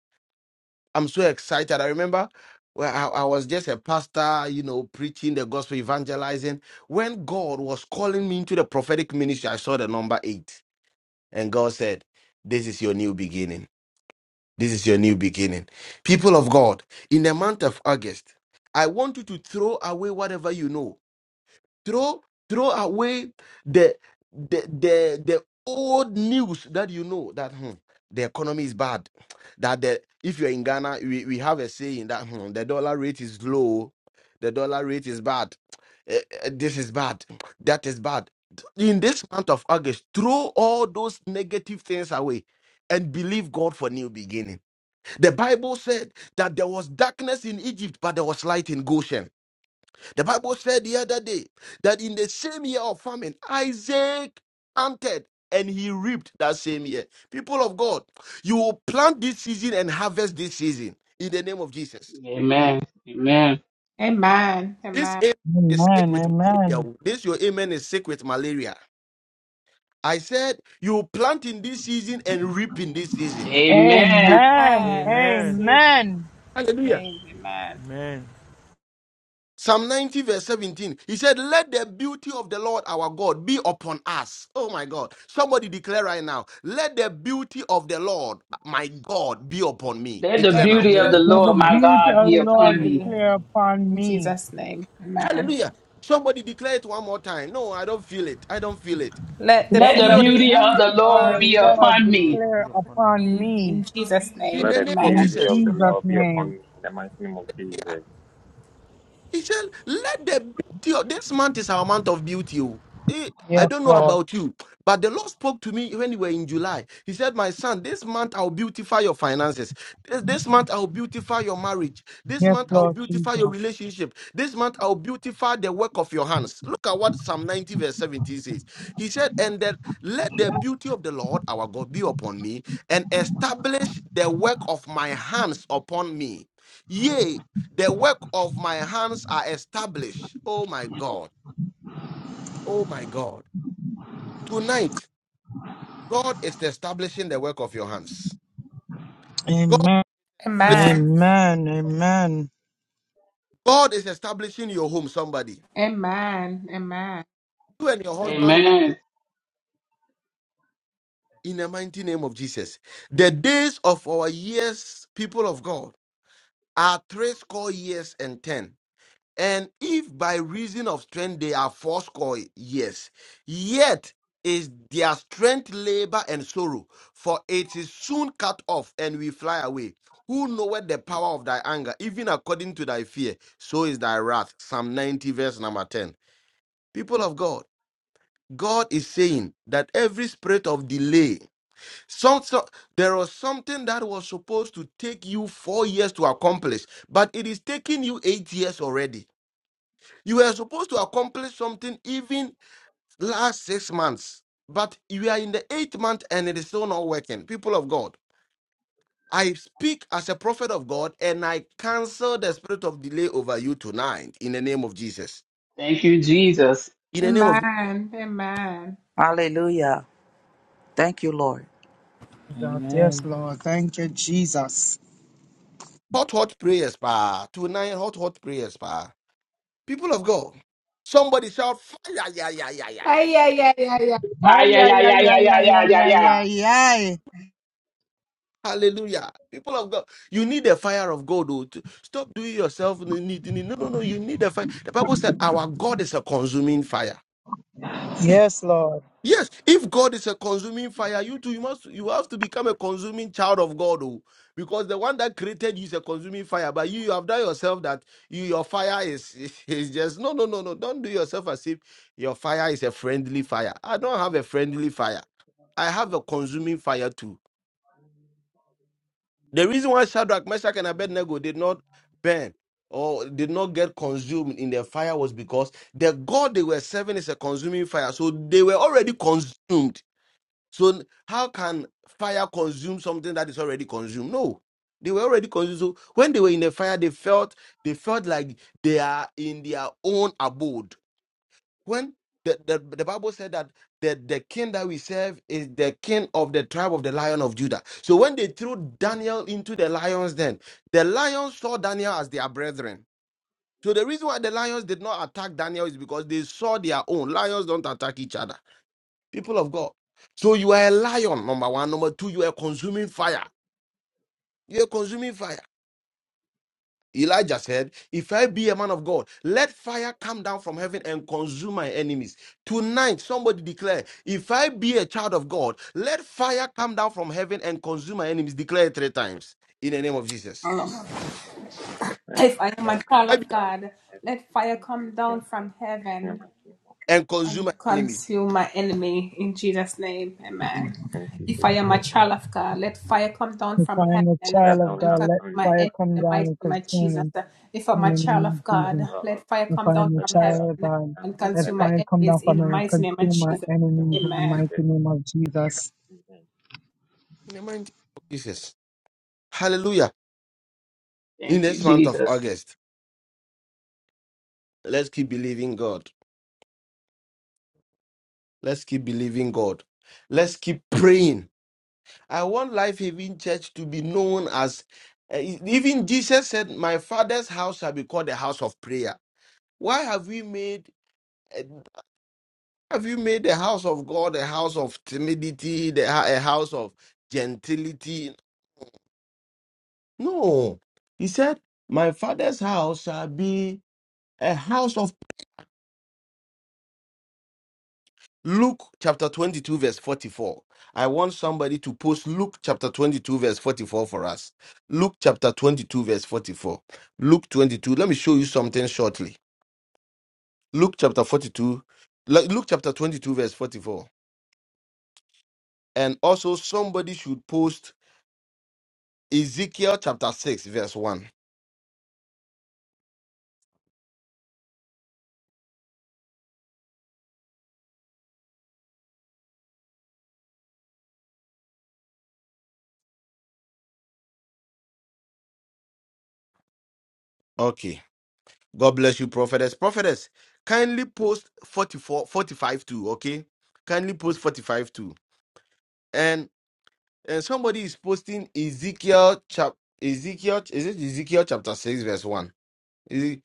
I'm so excited. I remember well, I, I was just a pastor, you know, preaching the gospel, evangelizing. When God was calling me into the prophetic ministry, I saw the number eight. And God said, This is your new beginning this is your new beginning. People of God, in the month of August, I want you to throw away whatever you know. Throw throw away the the the, the old news that you know that hmm, the economy is bad. That the if you're in Ghana, we, we have a saying that hmm, the dollar rate is low, the dollar rate is bad. Eh, eh, this is bad. That is bad. In this month of August, throw all those negative things away and believe God for new beginning the Bible said that there was darkness in Egypt, but there was light in Goshen. The Bible said the other day that in the same year of famine, Isaac planted and he reaped that same year. People of God, you will plant this season and harvest this season in the name of Jesus.
Amen. Amen.
This amen is sick
Amen.
with malaria.
Amen.
This your amen is sick with malaria. I said you will plant in this season and reap in this season.
Amen.
Amen.
Amen.
Amen.
Hallelujah.
Amen.
Psalm 90, verse 17, he said, Let the beauty of the Lord our God be upon us. Oh my God. Somebody declare right now, Let the beauty of the Lord my God be upon me.
Let the
Declare now.
beauty of
Let
the
the
Let the
Lord
beauty of
my
the
beauty
God
of the
be
Lord be
upon
Lord
me
upon
declare
me.
upon me.
Hallelujah. Somebody declare it one more time. No, I don't feel it. I don't feel it.
Let
Let
the
the
beauty of the
beauty of
Lord
the
Let the
be
beauty of
Lord
upon
the Lord
me.
declare
be upon
upon
us.
me
In
Let
the
the
name of
in
beauty
Jesus.
of the
Jesus'
Lord be
Jesus.
upon
name.
me in the mighty name of Jesus.
He said, Let the beauty of this month is our month of beauty. oh. Eh, I
Yes,
don't know
Lord.
about you, but the Lord spoke to me when we were in July. He said, My son, this month I'll beautify your finances. This, this month I'll beautify your marriage. This
Yes,
month I'll
Lord
beautify your
Jesus.
relationship. This month I'll beautify the work of your hands. Look at what Psalm 90, verse 17 says. He said, And that let the beauty of the Lord our God be upon me and establish the work of my hands upon me. Yea, the work of my hands are established. Oh my God. Oh my God. Tonight, God is establishing the work of your hands. God,
Amen. Amen. Amen.
God is establishing your home, somebody. You and your
Amen.
husband will-
Amen.
in the mighty name of Jesus. The days of our years, people of God, are three score years and ten. And if by reason of strength they are fourscore years, yet is their strength labor and sorrow, for it is soon cut off, and we fly away. Who knoweth the power of thy anger, even according to thy fear, so is thy wrath. Psalm 90, verse number 10. People of God, God is saying that every spirit of delay, some, so, there was something that was supposed to take you four years to accomplish, but it is taking you eight years already. You were supposed to accomplish something even last six months, but you are in the eighth month and it is still not working. People of God, I speak as a prophet of God and I cancel the spirit of delay over you tonight in the name of Jesus.
Thank you, Jesus.
In the name of
Hallelujah. Thank you, Lord.
Jesus. Yes,
Amen.
Lord. Thank you, Jesus.
hot, hot prayers, pa. Tonight, hot, hot prayers, pa. People of God, somebody shout, fire, yeah, yeah, yeah, yeah, yeah, yeah, yeah.
Fire,
Ay,
yeah,
ay,
yeah, yeah,
ay, ay,
yeah,
ay,
yeah,
ay,
yeah, yeah.
ay,
yeah.
ay, ay.
Hallelujah. People of God, you need the fire of God. Oh, to stop doing yourself. No, need- need- no, no. no, You need the fire. The Bible said our God is a consuming fire. Hey,
Yes, Lord.
Yes, if God is a consuming fire, you too, you must you have to become a consuming child of God. Oh, because the one that created you is a consuming fire. But you, you have done yourself that you your fire is, is just no no no no. Don't do yourself as if your fire is a friendly fire. I don't have a friendly fire. I have a consuming fire too. The reason why Shadrach, Meshach, and Abednego did not burn or did not get consumed in the fire was because the God they were serving is a consuming fire. So they were already consumed. So how can fire consume something that is already consumed? No. They were already consumed. So when they were in the fire, they felt they felt like they are in their own abode when the, the, the Bible said that the, the king that we serve is the king of the tribe of the lion of Judah. So when they threw Daniel into the lions, then the lions saw Daniel as their brethren. So the reason why the lions did not attack Daniel is because they saw their own. Lions don't attack each other. People of God. So you are a lion, number one. Number two, you are consuming fire. You are consuming fire. Elijah said, If I be a man of God, let fire come down from heaven and consume my enemies. Tonight, somebody declare, If I be a child of God, let fire come down from heaven and consume my enemies. Declare it three times in the name of Jesus.
As there comes
I be-
down from heaven to thanksgiving and in the mighty name of
And
Jesus.
consume my enemies. In
In Jesus' name, amen.
If I am a
As there
child of
comes
God,
down to
let
thanksgiving
fire come
and
down and consume me. in the name of
as
Jesus.
well.
If I am a
Let there
child of
come
God,
down from
let
heaven
fire
to
come down from
thanksgiving
heaven and
in
consume
the
my
mighty name
enemies
of
in the mighty
Jesus.
name of Jesus.
Amen.
the mighty name of Jesus. Hallelujah. In
Thank you,
this month of
Jesus.
August, let's keep believing God. Let's keep believing God. Let's keep praying I want Life Haven Church to be known as, uh, even Jesus said, My father's house shall be called a house of prayer. Why have we made uh, have you made the house of God a house of timidity, the, a house of gentility? No. He said, My father's house shall be a house of Luke chapter 22, verse 44. I want somebody to post Luke chapter 22, verse 44 for us. Luke chapter 22, verse 44. Luke 22. Let me show you something shortly. Luke chapter 42. Lu- Luke chapter 22, verse 44. And also, somebody should post Ezekiel chapter 6, verse 1. Okay. God bless you, prophetess. Prophetess, kindly post 44 45 too, okay? Kindly post 45 too. Uh, somebody's posting Ezekiel chap Ezekiel is it Ezekiel chapter six verse one? Is it-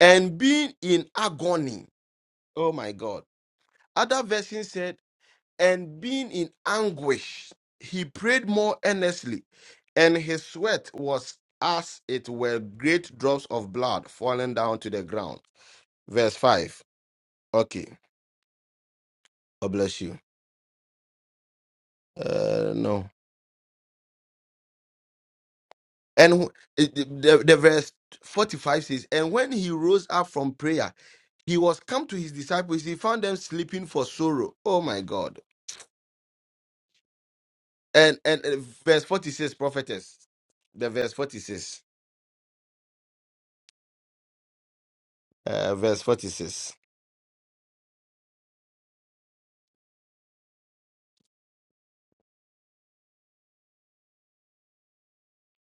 and being in agony. Oh my God! Other version said, and being in anguish, he prayed more earnestly, and his sweat was as it were great drops of blood falling down to the ground. Verse five. Okay, God bless you. Uh, no. And wh- it- the the verse 45 says, And when he rose up from prayer, he was come to his disciples he found them sleeping for sorrow oh my god and and uh, verse 46 prophetess the verse 46 uh, verse 46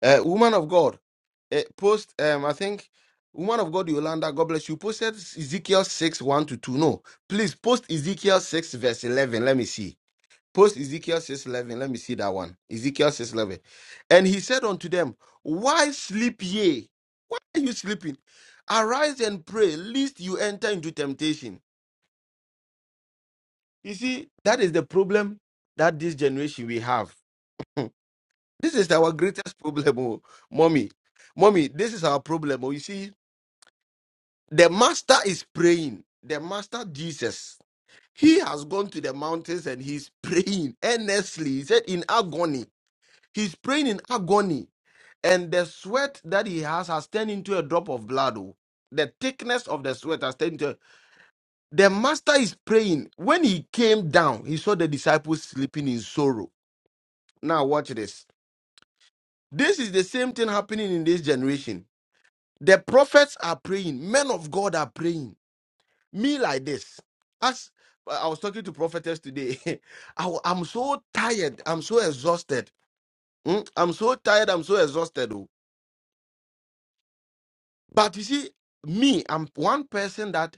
uh, woman of god uh, post um i think woman of god yolanda god bless you posted ezekiel 6 1 to 2 no please post ezekiel 6 verse 11 let me see Post Ezekiel 6:11. Let me see that one. Ezekiel 6:11. And he said unto them, Why sleep ye? Why are you sleeping? Arise and pray, lest you enter into temptation. You see, that is the problem that this generation we have. Hmm. This is our greatest problem, oh, mommy. Mommy, this is our problem. Oh, you see, the master is praying. The master Jesus, he has gone to the mountains and he's praying earnestly. He said in agony. He's praying in agony and the sweat that he has has turned into a drop of blood. oh. The thickness of the sweat has turned into. The master is praying. When he came down, he saw the disciples sleeping in sorrow. Now, watch this. This is the same thing happening in this generation. The prophets are praying, men of God are praying. Me, like this. As uh, I was talking to prophetess today, I, am so tired. I'm so exhausted. Mm, I'm so tired. I'm so exhausted. oh. But you see, me, I'm one person that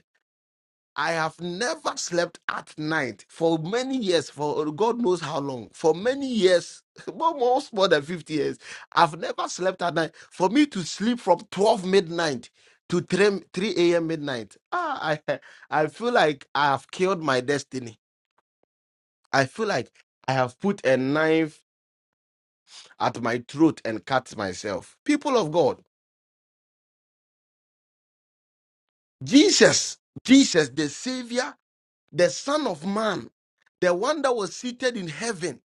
I have never slept at night for many years, for God knows how long, for many years, almost more than 50 years. I've never slept at night. For me to sleep from 12 midnight to 3, m- 3 a.m. midnight, ah, I, I feel like I have killed my destiny. I feel like I have put a knife at my throat and cut myself. People of God, Jesus, Jesus, the Savior, the Son of Man, the one that was seated in heaven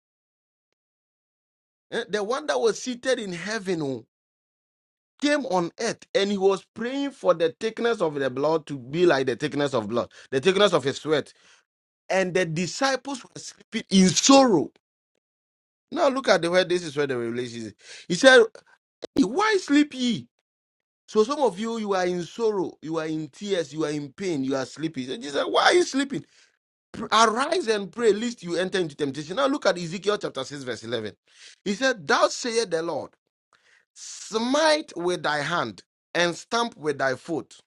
Eh, The one that was seated in heaven oh, came on earth and he was praying for the thickness of the blood to be like the thickness of blood, the thickness of his sweat. And the disciples were sleeping in sorrow. Now look at the where this is where the revelation is. He said, "Hey, Why sleep ye? So some of you, you are in sorrow, you are in tears, you are in pain, you are sleeping. So Jesus said, Why are you sleeping? Pr- Arise and pray, lest you enter into temptation. Now look at Ezekiel chapter 6, verse 11. He said, Thou sayest the Lord. Smite with thy hand and stamp with thy foot.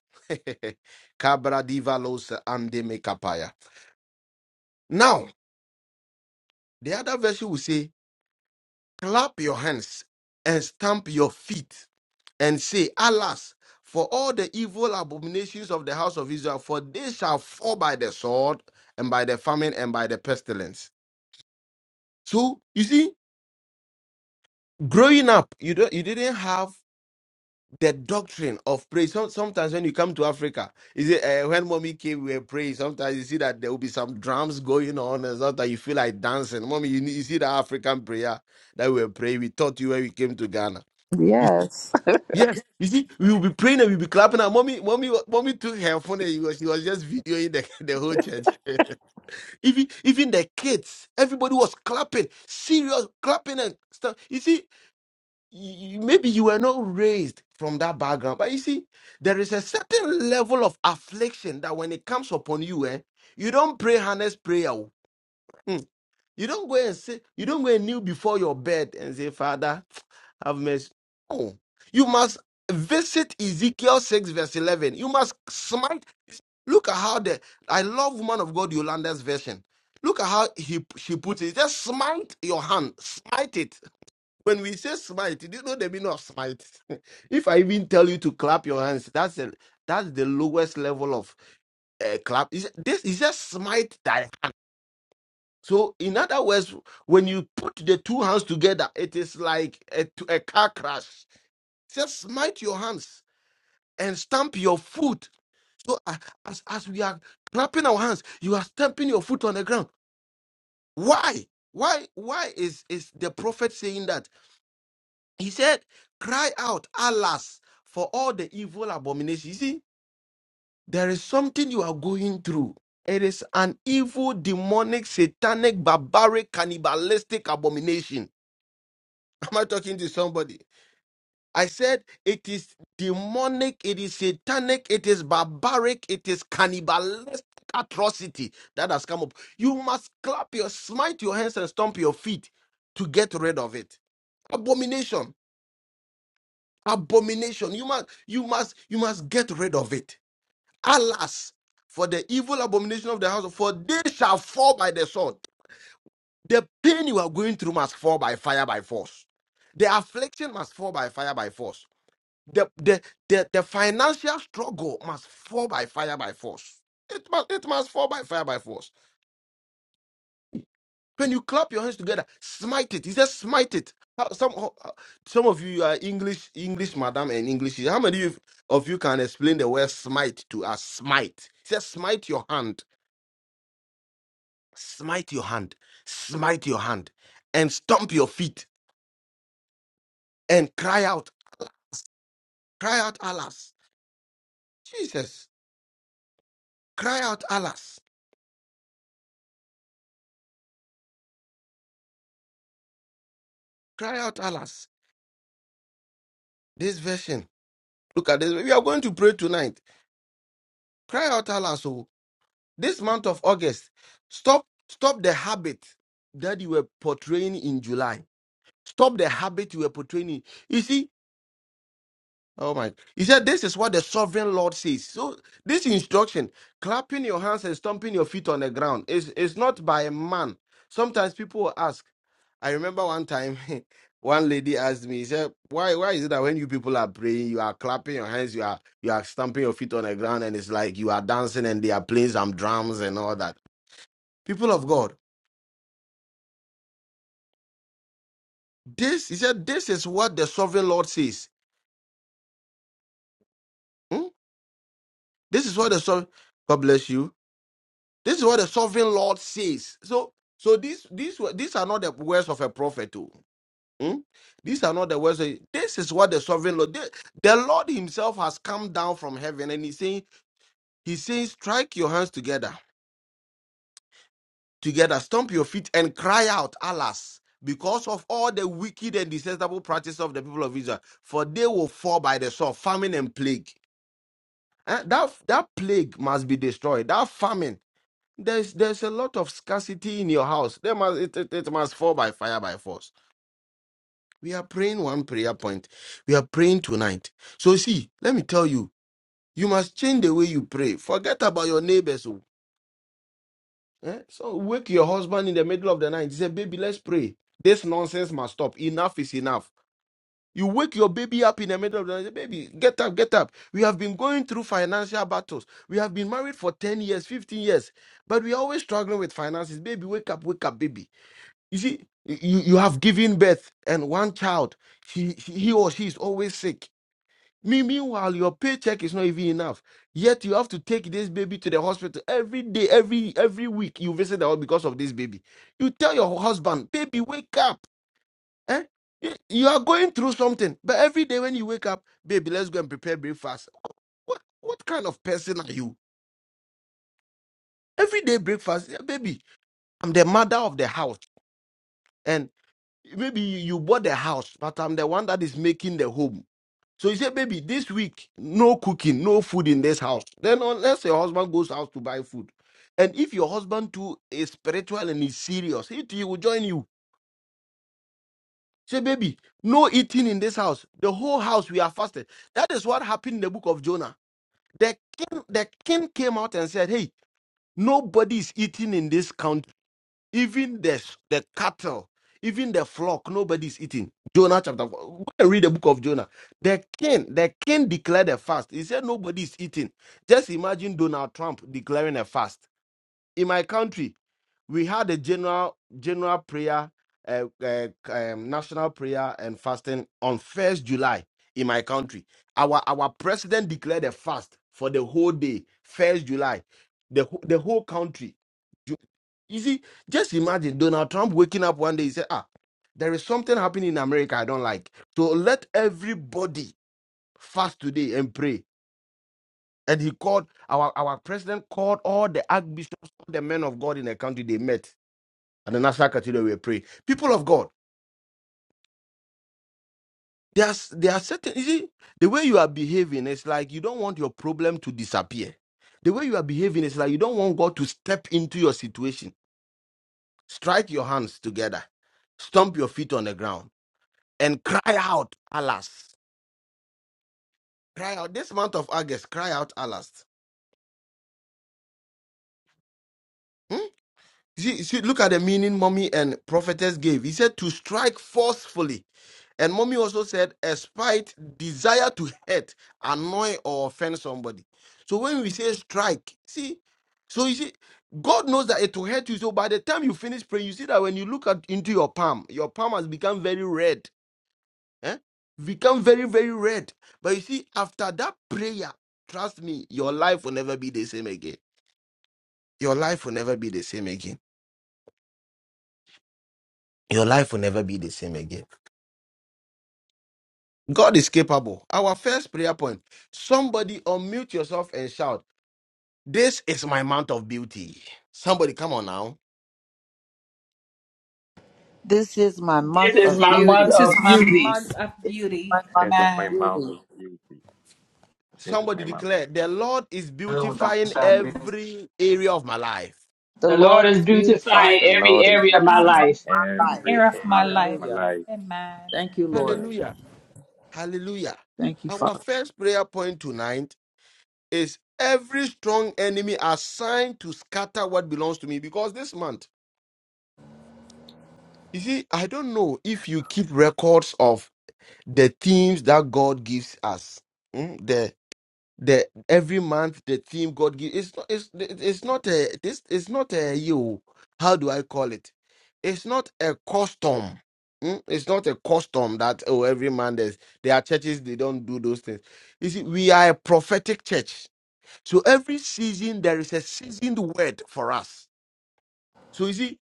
Cabra divalos ande mekapaya. Now, the other version will say, clap your hands and stamp your feet and say, Alas, for all the evil abominations of the house of Israel, for they shall fall by the sword and by the famine and by the pestilence. So, you see, growing up, you, don't, you didn't have the doctrine of praise. Some sometimes when you come to Africa, is it uh, when mommy came we were praying. Sometimes you see that there will be some drums going on, and sometimes you feel like dancing. Mommy, you, need- you see the African prayer that we were praying. We taught you when we came to Ghana. You s-
Yes.
yes, you see, we will be praying and we'll be clapping. And mommy, mommy, wa- mommy took her phone and she was, she was just videoing the, the whole church. even even the kids, everybody was clapping, serious clapping and stuff. You see, you- maybe you were not raised from that background, but you see, there is a certain level of affliction that when it comes upon you, eh, you don't pray harness prayer. oh. Hmm. You don't go and say, you don't go and kneel before your bed and say, Father, have mercy. No. You must visit Ezekiel 6, verse 11. You must smite. Look at how the, I love woman of God Yolanda's version. Look at how he, she puts it. Just smite your hand, smite it when we say smite, do you know the meaning of smite? if I even tell you to clap your hands, that's a, that's the lowest level of uh, clap. Is this is just smite that. So in other words, when you put the two hands together, it is like a, t- a car crash. Just smite your hands and stamp your foot. So a- as as we are clapping our hands, you are stamping your foot on the ground. Why? Why? Why is is the prophet saying that? He said, Cry out, alas, for all the evil abominations! You see, there is something you are going through. It is an evil, demonic, satanic, barbaric, cannibalistic abomination. Am I talking to somebody? I said, It is demonic, it is satanic, it is barbaric, it is cannibalistic atrocity that has come up. You must clap your, smite your hands and stomp your feet to get rid of it. Abomination. abomination you must you must you must get rid of it alas for the evil abomination of the house for they shall fall by the sword the pain you are going through must fall by fire by force the affliction must fall by fire by force the the the, the financial struggle must fall by fire by force it must it must fall by fire by force When you clap your hands together, smite it. He says, smite it. How- Some how- how- some of you are English, English, madam, and English. How many of of you can explain the word smite to us? Smite. He says, smite your hand, smite your hand, smite your hand, and stomp your feet and cry out, cry out, alas, Jesus, cry out, alas, cry out, alas. This version. Look at this. We are going to pray tonight. Cry out, alas. This month of August, stop stop the habit that you were portraying in July. Stop the habit you were portraying. in- You see, oh my, he said this is what the sovereign Lord says. So this instruction, clapping your hands and stomping your feet on the ground, is is not by a man. Sometimes people will ask. I remember one time one lady asked me, she said, Why why is it that when you people are praying, you are clapping your hands, you are you are stamping your feet on the ground and it's like you are dancing and they are playing some drums and all that people of God. This he said, this is what the sovereign Lord says. Hmm? This is what the sovereign God bless you. This is what the sovereign Lord says. So, so these these were- these are not the words of a prophet. Too. Hmm? These are not the words. Of, this is what the sovereign Lord. The, the Lord Himself has come down from heaven, and He's saying, He says, strike your hands together, together, stomp your feet, and cry out, alas, because of all the wicked and detestable practice of the people of Israel, for they will fall by the sword, famine and plague. Eh, that that plague must be destroyed. That famine. There's there's a lot of scarcity in your house. There must it, it, it must fall by fire by force. We are praying one prayer point. We are praying tonight. So see, let me tell you, you must change the way you pray. Forget about your neighbors. oh. Eh, So wake your husband in the middle of the night. Say, baby, let's pray. This nonsense must stop. Enough is enough. You wake your baby up in the middle of the night. Baby, get up, get up. We have been going through financial battles. We have been married for 10 years, 15 years, but we're always struggling with finances. Baby, wake up, wake up, baby. You see, you, you have given birth and one child, he, he or she is always sick. Me- Meanwhile, your paycheck is not even enough. Yet you have to take this baby to the hospital every day, every every week. You visit the hospital because of this baby. You tell your husband, baby, wake up. Eh? You you are going through something, but every day when you wake up, baby, let's go and prepare breakfast. What what kind of person are you? Every day breakfast, "Yeah, baby. I'm the mother of the house, and maybe you, you bought the house, but I'm the one that is making the home. So you say, baby, this week no cooking, no food in this house. Then unless your husband goes out to buy food, and if your husband too is spiritual and is serious, he too will join you Say, baby, no eating in this house. The whole house we are fasted. That is what happened in the book of Jonah. The king, the king came out and said, Hey, nobody is eating in this country. Even the, the cattle, even the flock, nobody is eating. Jonah chapter 4. Go and read the book of Jonah. The king, the king declared a fast. He said nobody is eating. Just imagine Donald Trump declaring a fast. In my country, we had a general general prayer, uh, uh, um, national prayer and fasting on first July in my country. Our our president declared a fast for the whole day, first July, the wh- the whole country. Ju- You see, just imagine Donald Trump waking up one day. He said, "Ah, there is something happening in America I don't like. So let everybody fast today and pray." And he called our our president called all the archbishops, all the men of God in the country. They met and then after Katido will pray. People of God, there are, there are certain, you see, the way you are behaving is like you don't want your problem to disappear. The way you are behaving is like you don't want God to step into your situation. Strike your hands together, stomp your feet on the ground, and cry out, Alas. Cry out. This month of August, cry out, Alas. Hmm? See, see, look at the meaning mommy and prophetess gave. He said to strike forcefully. And mommy also said a spite, desire to hurt, annoy, or offend somebody. So when we say strike, see, so you see, God knows that it will hurt you. So by the time you finish praying, you see that when you look at into your palm, your palm has become very red. Eh? Become very, very red. But you see, after that prayer, trust me, your life will never be the same again. Your life will never be the same again. your life will never be the same again. God is capable. Our first prayer point somebody unmute yourself and shout, This is my month of beauty. Somebody, come on now.
This is my
This
month
is
of
my month
beauty.
of beauty.
This is my month
This is
of
my mouth
beauty.
of beauty. This is
Somebody
my mouth of
declare,
beauty.
The Lord is
Amen.
beautifying every area of my life.
The
The Lord
Lord
is
is beautifying
beautifying
The
every
Lord is
every
area of my
area of
beautifying
life.
my life.
every area of my
Hallelujah.
life.
Thank you, Lord.
Amen.
Hallelujah. Hallelujah.
Thank you,
Our
Father.
first prayer point tonight is every strong enemy assigned to scatter what belongs to me because this month, you see, I don't know if you keep records of the themes that God gives us. Mm, The the every month the theme God gives it's not it's it's not a this it's not a you how do I call it? It's not a custom. Mm, It's not a custom that oh every man there's there are churches they don't do those things. You see, we are a prophetic church. So every season there is a seasoned word for us. So you see,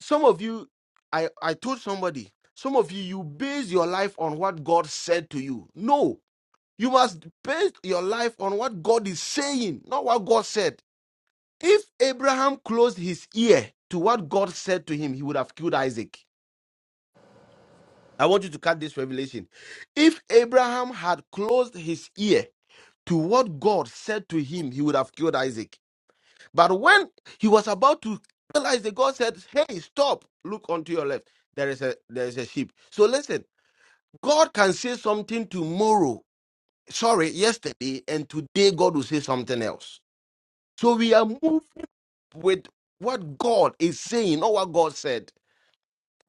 some of you I I told somebody some of you, you base your life on what God said to you. No, you must base your life on what God is saying, not what God said. If Abraham closed his ear to what God said to him, he would have killed Isaac. I want you to cut this revelation. If Abraham had closed his ear to what God said to him, he would have killed Isaac. But when he was about to kill Isaac, God said, Hey, stop, look onto your left. There is a there is a sheep. So listen, God can say something tomorrow. Sorry, yesterday, and today God will say something else. So we are moved with what God is saying, not what God said.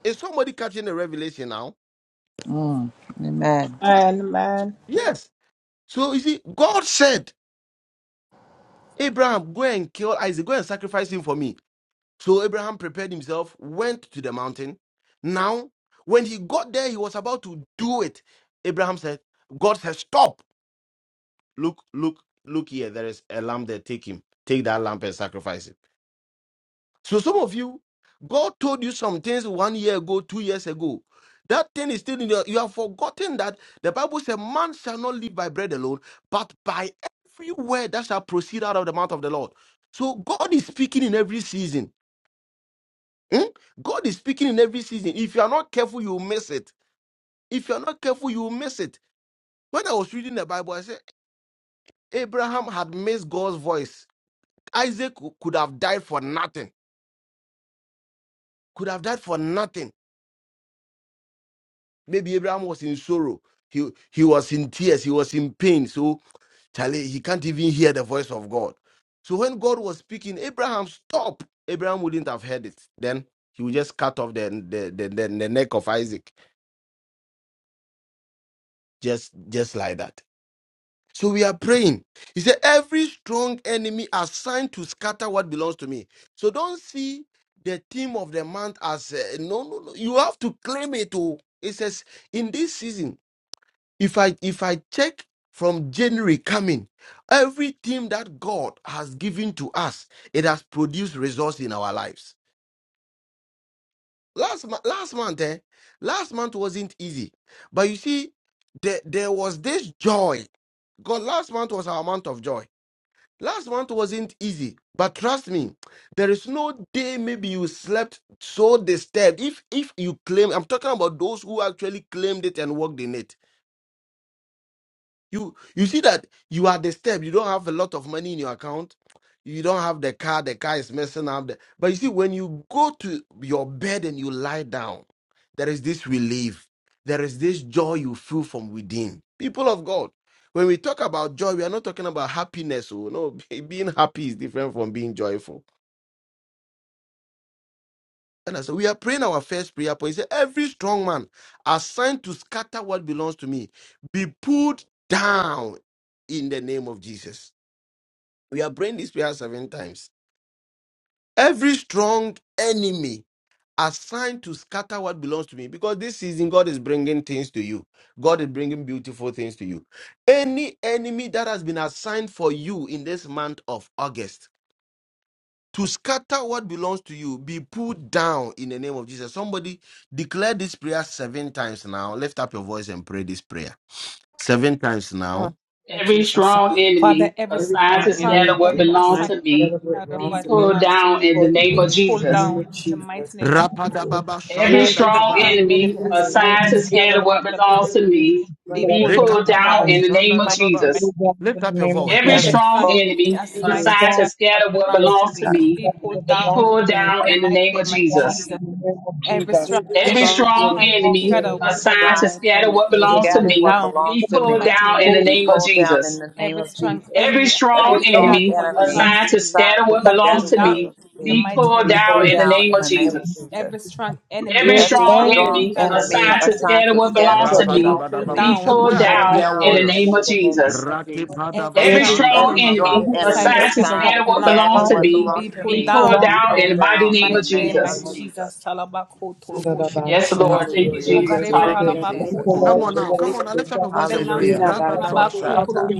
Is somebody catching the revelation now?
Mm. Amen.
So, yes. So you see, God said, Abraham, go and kill Isaac, go and sacrifice him for me. So Abraham prepared himself, went to the mountain. Now, when he got there, he was about to do it. Abraham said, God said, Stop. Look, look, look here. There is a lamb there. Take him. Take that lamb and sacrifice it. So some of you, God told you some things one year ago, two years ago. That thing is still in your, you have forgotten that the Bible says man shall not live by bread alone, but by every word that shall proceed out of the mouth of the Lord. So God is speaking in every season. Hmm? God is speaking in every season. If you are not careful, you will miss it. If you are not careful, you will miss it. When I was reading the Bible, I said Abraham had missed God's voice. Isaac could have died for nothing. Could have died for nothing Maybe Abraham was in sorrow. He, he was in tears. He was in pain. So, Charlie, he can't even hear the voice of God. So, when God was speaking, Abraham, stop. Abraham wouldn't have heard it. Then he would just cut off the, the, the, the, the neck of Isaac, just, just like that. So, we are praying. He said, Every strong enemy assigned to scatter what belongs to me. So, don't see the theme of the month as uh, no, no, no. You have to claim it. Oh. It says, In this season, if i if i check from january coming everything that god has given to us it has produced results in our lives last month last month eh, last month wasn't easy but you see there, there was this joy god last month was our month of joy last month wasn't easy but trust me there is no day maybe you slept so disturbed if if you claim i'm talking about those who actually claimed it and worked in it You you see that you are disturbed. You don't have a lot of money in your account. You don't have the car. The car is messing up. The- But you see, when you go to your bed and you lie down, there is this relief. There is this joy you feel from within. People of God, when we talk about joy, we are not talking about happiness. Oh no, being happy is different from being joyful. And I said, we are praying our first prayer point. He said, every strong man assigned to scatter what belongs to me be pulled down in the name of Jesus. We are praying this prayer seven times. Every strong enemy assigned to scatter what belongs to me, because this season God is bringing things to you. God is bringing beautiful things to you. Any enemy that has been assigned for you in this month of August to scatter what belongs to you, be put down in the name of Jesus. Somebody declare this prayer seven times now. Lift up your voice and pray this prayer seven times now.
Every strong enemy
Every
assigned to
strong
scatter
enemy
what
is
belongs
designed
to me
together with
be
wrong to me.
pulled down in the
For
name of
him in the
Jesus.
name of Jesus.
Rapadababa,
Every
Every
strong
shandadababa.
strong
enemy
enemy is
assigned to
This
scatter
assigned
what belongs to
together
me
God
with
of
be
the
pulled
Most
down
Rekapadaba
in
High,
the name
shanda
of
dababa,
it
Jesus.
is all
Lift
in the
up your
name of
Every
voice.
Every
Jesus.
strong
storm,
enemy
This
enemy.
assigned to
song
scatter
is
what
for the
belongs to me
song that
be
belongs to
pulled
me.
down in the name
It
of
belongs
Jesus.
in the name of Jesus.
Every
every
Every
storm
And
strong
this
strong
enemy,
song
enemy
enemy,
assigned to
assigned
scatter
to
what
is
belongs to
scatter
enemy,
me
what belongs
be
to
pulled
me,
down in the
for
be
name of
pulled down in
Jesus.
the name of Jesus.
Every
Every
strong
every
strong
anything
enemy
enemy
enemy,
assigned to
assigned
scatter
to
what belongs
scatter
standing
to
what
me
belongs to me,
enemy,
be pulled
be
we
down
pulled
is
put
in the
down
name
in
of
the name
out
of
Jesus.
Jesus.
Every
every
Every
strong
any
strong
strong
enemy
enemy
enemy,
assigned to
assigned
scatter
to
what
song
that
scatter
belongs
that
to
what
me
belongs
belongs to
to
me,
me,
be
Rapadabadababosha.
be
Where
belongs
pulled
we
to me.
are the
pulled
down
strong
prayer
in
down
So,
the name
in
warriors?
the
of Jesus
name of Jesus.
Rakipadaba
Every
Every
strong
Every strong
enemy
shandadababa.
every
enemy
enemy
assigned
of
to
assigned
scatter
to
what belongs
scatter
sin
to
time
what
that
me
it
belongs
belongs
to
to
be
me,
me,
pulled down
belongs
be
we
to me.
in
pulled
the
pour
mighty
down in
name
into
the
of
name of
Jesus.
Jesus.
the
Yes, Lord. Thank you,
Hallelujah.
Jesus. Hallelujah.
Thank you,
Thank you,
Jesus.
Come
Lord
on now,
Jesus.
come on
Thank
now.
you,
Lift up your
John.
voice and
Thank
pray.
you.
Hallelujah.
Thank you.
Rabadabashaya.
Thank
Robosata.
you.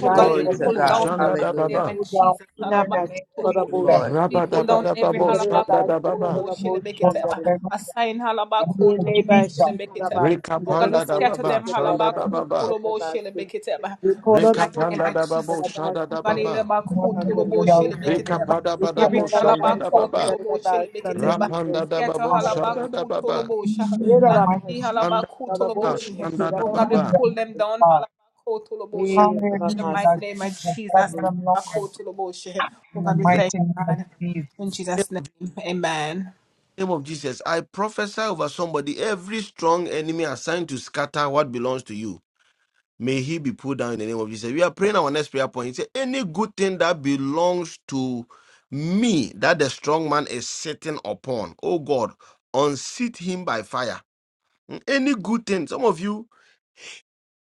Exactly
Glory
what
to God.
I'm doing.
Hallelujah.
shandadababa.
Pull down in the name of
Thank you,
Jesus.
Lord.
Rabadabadababo shandadababa.
Lord,
name of
hallelujah. Thank you, Jesus.
Enebashi Karabas and the Rebels to
Rekapandadababa
the Rabas
shandadababa.
and the Rabas. We call the Rebels the
Rekapandadababo
Rabas
shandadababa.
and the Rabas and the
Hallelujah.
Rebels.
Glory.
We
Thank
can
Rekapadabadabo
you,
never Rabas
Jesus.
and the
shandadababa.
Rabas and the Rebels.
Hallelujah.
Rapandadababo
The Rabas.
shandadababa.
Hallelujah. My
Rabashi,
Ah,
Rabashi,
shanda da ba
Hallelujah.
ba.
God.
Rabashi,
Hallelujah. Jesus. Bless
Rabashi.
them, Lord. In the mighty name of Jesus.
In the name of Jesus, I prophesy over somebody every strong enemy assigned to scatter what belongs to you. May he be pulled down in the name of Jesus. We are praying our next prayer point. He said, Any good thing that belongs to me that the strong man is sitting upon, oh God, unseat him by fire. Hmm, Any good thing, some of you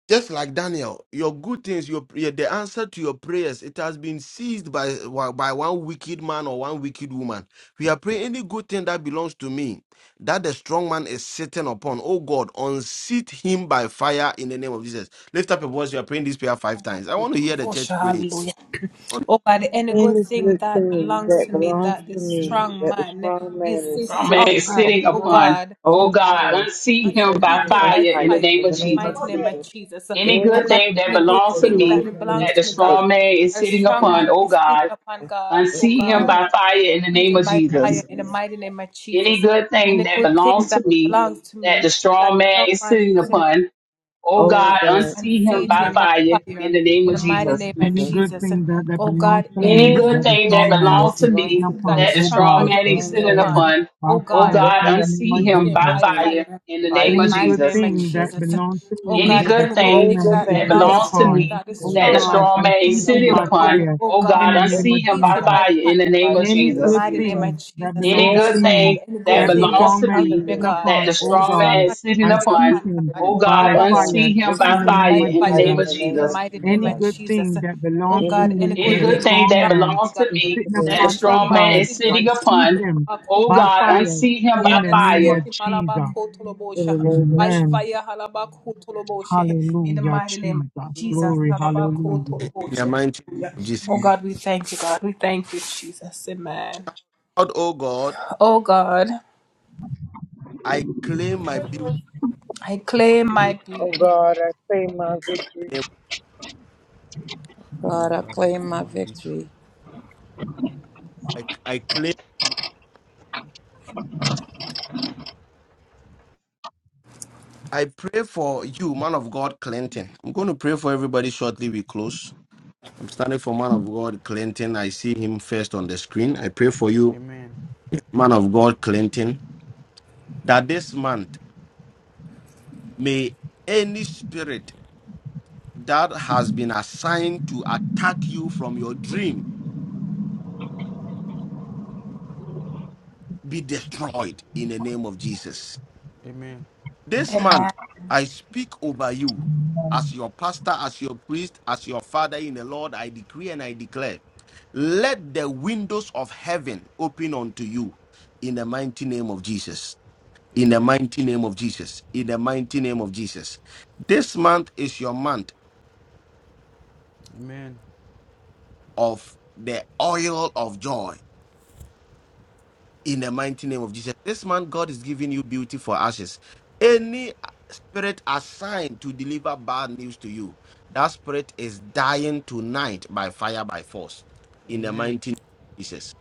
Just like Daniel, your good things, your, your the answer to your prayers, it has been seized by by one wicked man or one wicked woman. We are praying any good thing that belongs to me, that the strong man is sitting upon. Oh God, unseat him by fire in the name of Jesus. Lift up your voice. You are praying this prayer five times. I want to hear the church pray in
Any good thing that belongs to me, that the strong man is
Strong man is
sitting
sitting
upon,
upon. Oh
O
God,
God,
unseat
and
him
save me
by
with thy
fire in the
fire.
name
In
of
the name
Jesus.
of Jesus,
Any
any
good
good
thing that
thing
belongs
that
to
belongs
me
to me,
that the
that's
strong man is sitting upon,
sitting
oh God, unseat him
upon,
by fire in the name of Jesus. Any good thing that belongs to me that the strong man is sitting upon, Oh
O
God,
God,
unsee
save
him by
me with
fire in the name of
the name of
Jesus.
Any
Jesus.
good thing that, that belongs to
Any
Any
me,
good
that the
thing
good
that
strong
thing
man
belongs
that
to
is sitting
belongs
me
to
upon,
me,
that the
O
strong
God,
that
man
and
is
strong
feed
sitting
man is,
him
upon,
by
oh
fire
God,
O
in the
God,
name
unsee
of
and
him by
Jesus.
save me with thy
fire in the
fire.
name
In the
of
Any
name
good
Jesus.
of
thing
Jesus.
that belongs to me,
Any
that the
good thing
strong
Every good
man is
that
thing
sitting
belongs
that
to
upon,
belongs
me
to
O
me
that the
that's
God,
strong
and
man is
feed
true
him
and
sitting
is
by
upon,
hidden
fire
oh
in
God,
the
is
name
unsee
of
him by
Jesus.
fire in the name
right
of
in
Any
the name of
Jesus.
good
Jesus.
thing that
Any
belongs to
good
Every good
me,
thing that
that
thing
the
that
belongs
strong
to
belongs
man is
to
me
me
sitting
that the
upon,
that
O
strong man
God,
belongs
is sitting
and feed
upon,
him
to
oh
me,
God,
by
oh God,
fire
unsee
unto
him by
me
in the
fire
name of
is
in the
right
name
Jesus.
in
of
the name
Jesus
of
Any good
Jesus.
thing that belongs to
Every
me
good
any
that the
thing
good thing
strong
that
man
belongs to
is
me
belongs
sitting
to me
that the
upon, O
strong man
that
God,
is
is hidden
sitting
unseat
upon.
him
O
by
God,
fire
unseat him by
in the name
fire.
of Jesus.
in the name of Jesus.
Amen. Hallelujah, Jesus. Glory, hallelujah.
the mighty name of Jesus. Lord, oh God, I claim my beauty.
Oh God, I claim my
in
victory.
the name of-
Oh
God, I
God, I
claim
claim
my
my victory.
victory.
I, I claim. I pray for you, man of God, Clinton. I'm going to pray for everybody shortly. We close. I'm standing for man of God Clinton. I see him first on the screen. I pray for you,
Amen.
man of God Clinton, that this month may any spirit that has been assigned to attack you from your dream be destroyed in the name of Jesus.
Amen.
This month, I speak over you as your pastor, as your priest, as your father in the Lord. I decree and I declare let the windows of heaven open unto you in the mighty name of Jesus in the
Amen.
mighty name of Jesus. In the mighty name of Jesus. This month is your month
Amen.
of the oil of joy in the mighty name of Jesus. This man, God is giving you beauty for ashes. Any spirit assigned to deliver bad news to you, that spirit is dying tonight by fire, by force. In the
Amen.
mighty name of Jesus.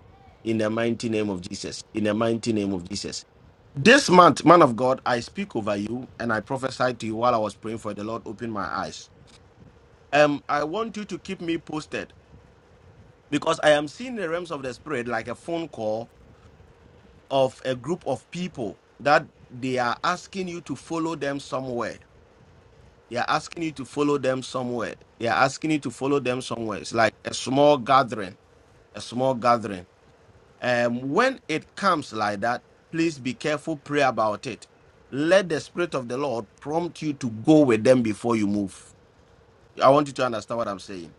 In the mighty name of Jesus. In the mighty name of Jesus. This month, man of God, I speak over you and I prophesied to you while I was praying for the Lord, open my eyes. Um, I want you to keep me posted because I am seeing the realms of the spirit like a phone call of a group of people that they are asking you to follow them somewhere. They are asking you to follow them somewhere. They are asking you to follow them somewhere. It's like a small gathering, a small gathering. Um, when it comes like that, please be careful, pray about it. Let the Spirit of the Lord prompt you to go with them before you move. I want you to understand what I'm saying.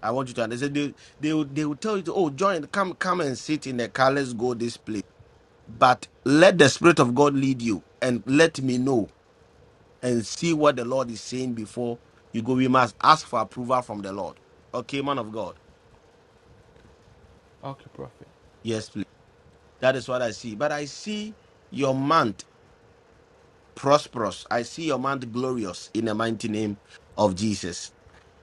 I want you to understand. They, they, will- they will tell you, to, oh, join, come, come and sit in the car. Let's go this place but let the spirit of god lead you and let me know and see what the lord is saying before you go we must ask for approval from the lord okay man of god
Okay, prophet.
yes please that is what i see but i see your month prosperous. I see your month glorious in the mighty name of Jesus.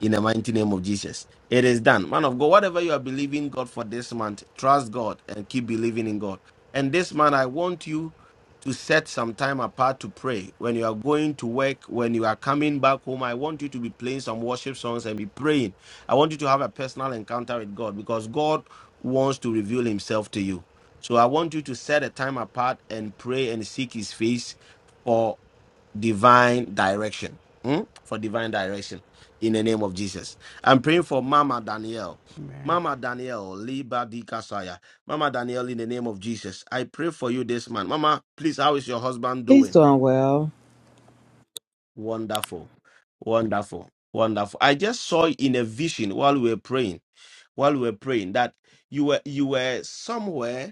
In the mighty name of Jesus. It is done. Man of God, whatever you are believing God for this month, trust God and keep believing in God. And this month, I want you to set some time apart to pray. When you are going to work, when you are coming back home, I want you to be playing some worship songs and be praying. I want you to have a personal encounter with God because God wants to reveal himself to you. So I want you to set a time apart and pray and seek his face divine direction. mm, For divine direction in the name of Jesus. I'm praying for Mama Danielle.
Amen.
Mama Danielle, Liba di Kasaya. Mama Danielle, in the name of Jesus, I pray for you this man. Mama, please, how is your husband
He's
doing?
doing well.
Wonderful. Wonderful. Wonderful. I just saw in a vision while we were praying, while we were praying that you were you were somewhere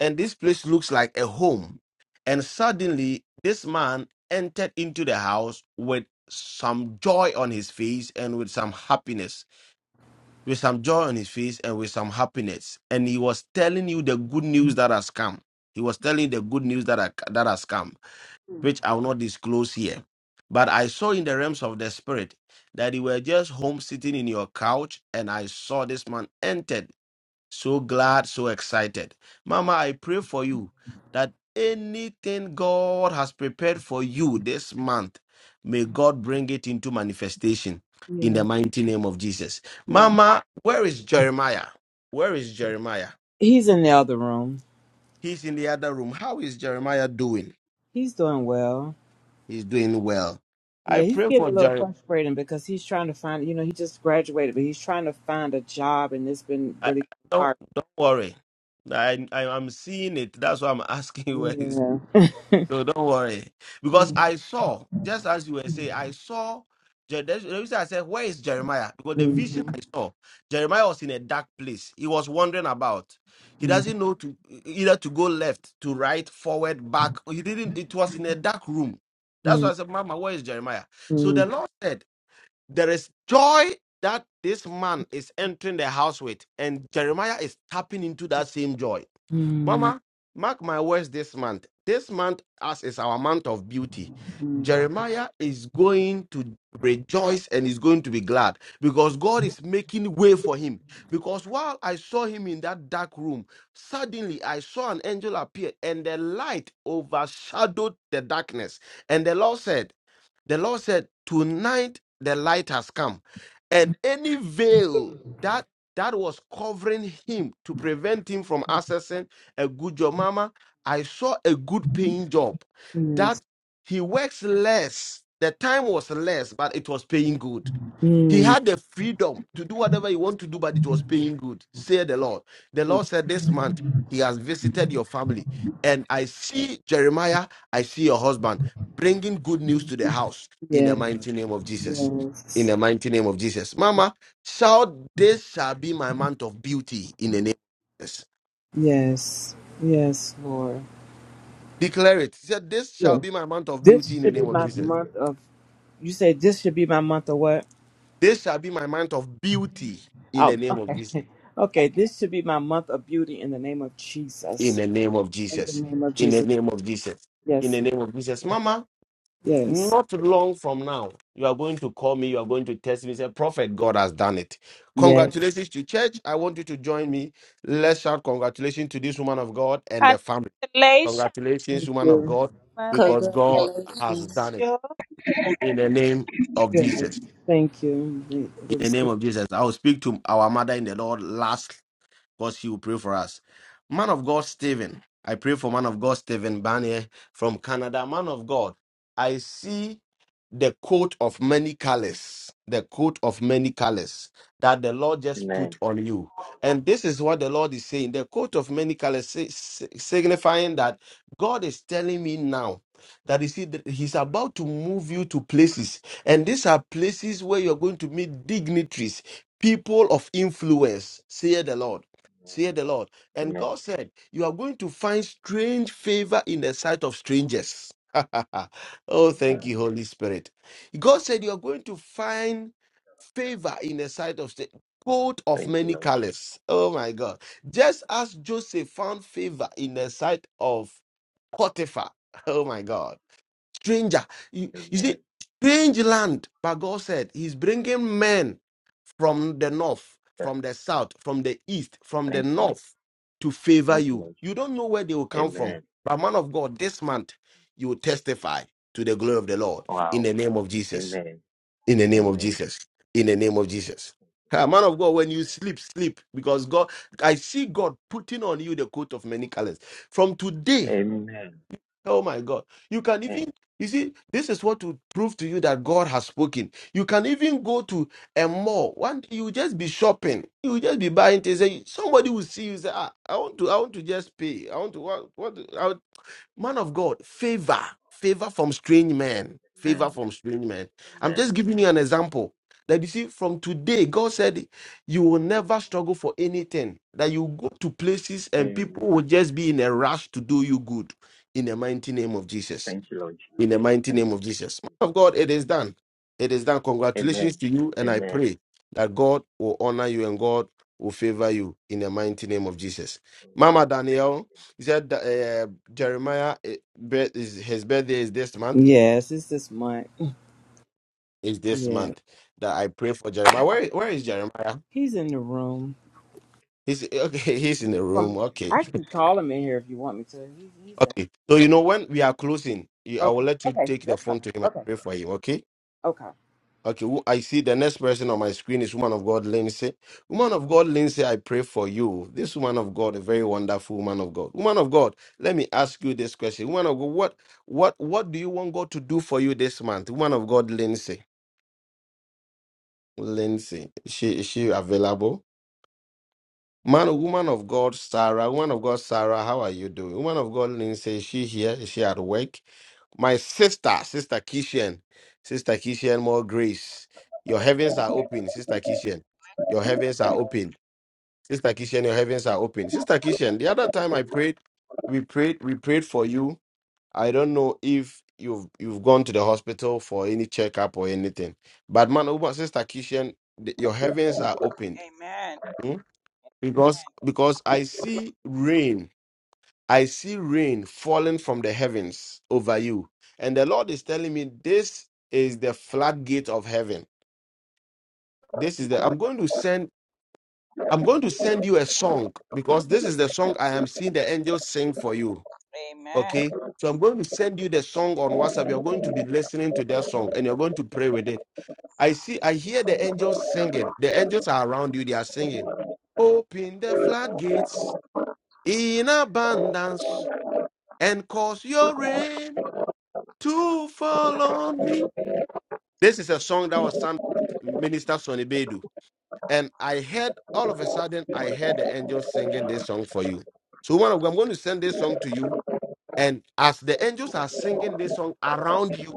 and this place looks like a home. And suddenly, this man entered into the house with some joy on his face and with some happiness, with some joy on his face and with some happiness. And he was telling you the good news that has come. He was telling the good news that, are, that has come, which I will not disclose here. But I saw in the realms of the spirit that you were just home sitting in your couch, and I saw this man entered so glad, so excited. Mama, I pray for you that anything God has prepared for you this month, may God bring it into manifestation in
Yeah.
the mighty name of Jesus.
yes.
Mama, where is Jeremiah? Where is Jeremiah?
He's in the other room.
He's in the other room. How is Jeremiah doing?
He's doing well.
He's doing well. I
Yeah, he's
pray
getting
for
a little
Jeremiah.
frustrating because he's trying to find, you know, he just graduated, but he's trying to find a job and it's been really
Don't
hard.
don't worry. I, I am seeing it. That's why I'm asking where is.
Yeah.
No, don't worry. Because I saw, just as you were saying, I saw. Je- The the reason I said, Where is Jeremiah? Because the vision
Mm-hmm.
I saw, Jeremiah was in a dark place. He was wandering about. He doesn't know to e, e, either to go left, to right, forward, back. He didn't, it was in a dark room. That's why I said, Mama, where is Jeremiah? So
Mm-hmm.
the Lord said, there is joy that this man is entering the house with, and Jeremiah is tapping into that same joy. Mama, mark my words this month. This month, as is our month of beauty,
Mm-hmm.
Jeremiah is going to rejoice and is going to be glad because God is making way for him. Because while I saw him in that dark room, suddenly I saw an angel appear and the light overshadowed the darkness. And the Lord said, the Lord said, Tonight the light has come. And any veil that that was covering him to prevent him from accessing a good job. Mama, I saw a good paying job that
Yes.
he works less. The time was less, but it was paying good he
mm
had the freedom to do whatever he wanted to do, but it was paying good. Say the Lord. The Lord said, This month he has visited your family. And I see Jeremiah, I see your husband bringing good news to the house in the
Yes.
mighty name of Jesus. In
Yes.
the mighty name of Jesus. Mama, shout, This shall be my month of beauty in the name of Jesus.
Yes. Yes, Lord.
Declare it. He said, This shall
Yeah.
be my month of beauty
This
in the
should be
name of
my
Jesus.
month of, you say this should be my month of what?
This shall be my month of beauty in the
Oh,
name of
okay.
Jesus.
Okay, this should be my month of beauty in the name of
in
Jesus.
the name of
In the
Jesus.
name of
In the
Jesus.
name of Jesus. In
Yes.
the name of Jesus. Mama,
Yes.
not long from now, you are going to call me, you are going to text me, say, Prophet, God has done it.
Yes.
Congratulations to church. I want you to join me. Let's shout congratulations to this woman of God and the family. Congratulations,
Thank
woman of
you.
God, because God has done
Congratulations.
it. In the name of
Yes.
Jesus.
Thank you. Re-
In the name
receive.
of Jesus. I will speak to our mother in the Lord last because he will pray for us. Man of God, Stephen. I pray for man of God, Stephen Barnier from Canada. Man of God, I see the coat of many colors, the coat of many colors that the Lord just put
Amen.
on you. And this is what the Lord is saying the coat of many colors, si- si- signifying that God is telling me now that you see, that He's about to move you to places. And these are places where you're going to meet dignitaries, people of influence, say the Lord. Say the Lord. And
Amen.
God said, You are going to find strange favor in the sight of strangers. oh, thank
Amen.
you, Holy Spirit. God said, You are going to find favor in the sight of strangers. Coat of
Thank you,
many
Lord.
colors. Oh my God. Just as Joseph found favor in the sight of Potiphar. Oh my God. Stranger. You, you see,
Amen.
strange land. But God said, He's bringing men from the north,
Yes,
from the south, from the east, from the
thank you.
north to favor
Thank you,
you.
Lord.
You don't know where they will come from.
Amen.
But man of God, this month you will testify to the glory of the Lord in
Wow.
the name of Jesus.
Amen.
In the name of
Amen.
Jesus. In the name of
Amen.
Jesus.
Thank you,
Ah,
Lord
man of God, when
Jesus.
you sleep, sleep because God, I see God putting on you the coat of many colors. From today,
Amen. Amen.
Oh my God. You can
Amen.
even, you see, this is what to prove to you that God has spoken. You can even go to a mall. One day you will just be shopping. You will just be buying things. and Somebody will see you say, ah, I want to, I want to just pay. I want to what what Man of God, favor, favor from strange men, favor
Amen.
from strange men. I'm
Amen.
just giving you an example that you see from today, God said you will never struggle for anything, that you go to places and
Amen.
people will just be in a rush to do you good in the mighty name of Jesus
Thank you, Lord Jesus.
in the mighty
Thank
name of
you. Thank
Jesus. Man of God, it is done. It is done.
you.
Congratulations
Amen.
to you, and I
Amen.
pray that God will honor you and God will favor you in the mighty name of Jesus.
Amen.
Mama Daniel, he said that, uh, Jeremiah eh, birth is his birthday is this month.
Yes, it's this Mike?
Is this
Yeah.
month that I pray for Jeremiah? Where where is Jeremiah?
He's in the room.
He's okay. He's in the room.
Um,
Okay,
I can call him in here if you want me to. He, he's in.
okay. So you know when we are closing, you- I will
Okay.
let you
Okay.
take the
That's fine.
phone to him and
Okay.
pray for him. Okay.
Okay.
Okay, who- I see the next person on my screen is woman of God Lindsay. Woman of God Lindsay, I pray for you. This woman of God, a very wonderful woman of God. Woman of God, let me ask you this question. Woman of God, what what what do you want God to do for you this month? Woman of God Lindsay. Lindsay, is she is she available? Man, woman of God, Sarah, woman of God, Sarah, how are you doing? Woman of God, Lindsay, is she here? Is she at work? My sister, Sister Kishan, Sister Kishan, more grace. Your heavens are open, Sister Kishan. Your heavens are open, Sister Kishan. Your heavens are open, Sister Kishan. The other time I prayed, we prayed, we prayed for you. I don't know if you've you've gone to the hospital for any checkup or anything, but man, woman, Sister Kishan, the- your heavens are opened
Amen.
because because i see rain i see rain falling from the heavens over you and the lord is telling me this is the floodgate of heaven this is the i'm going to send i'm going to send you a song because this is the song i am seeing the angels sing for you
Amen.
okay so i'm going to send you the song on whatsapp you're going to be listening to that song and you're going to pray with it i see i hear the angels singing the angels are around you they are singing open the floodgates in abundance and cause your rain to fall on me. This is a song that was sung by Minister Sonny Bedu. And I heard all of a sudden, I heard the angels singing this song for you. So, one of I'm going to send this song to you. And as the angels are singing this song around you,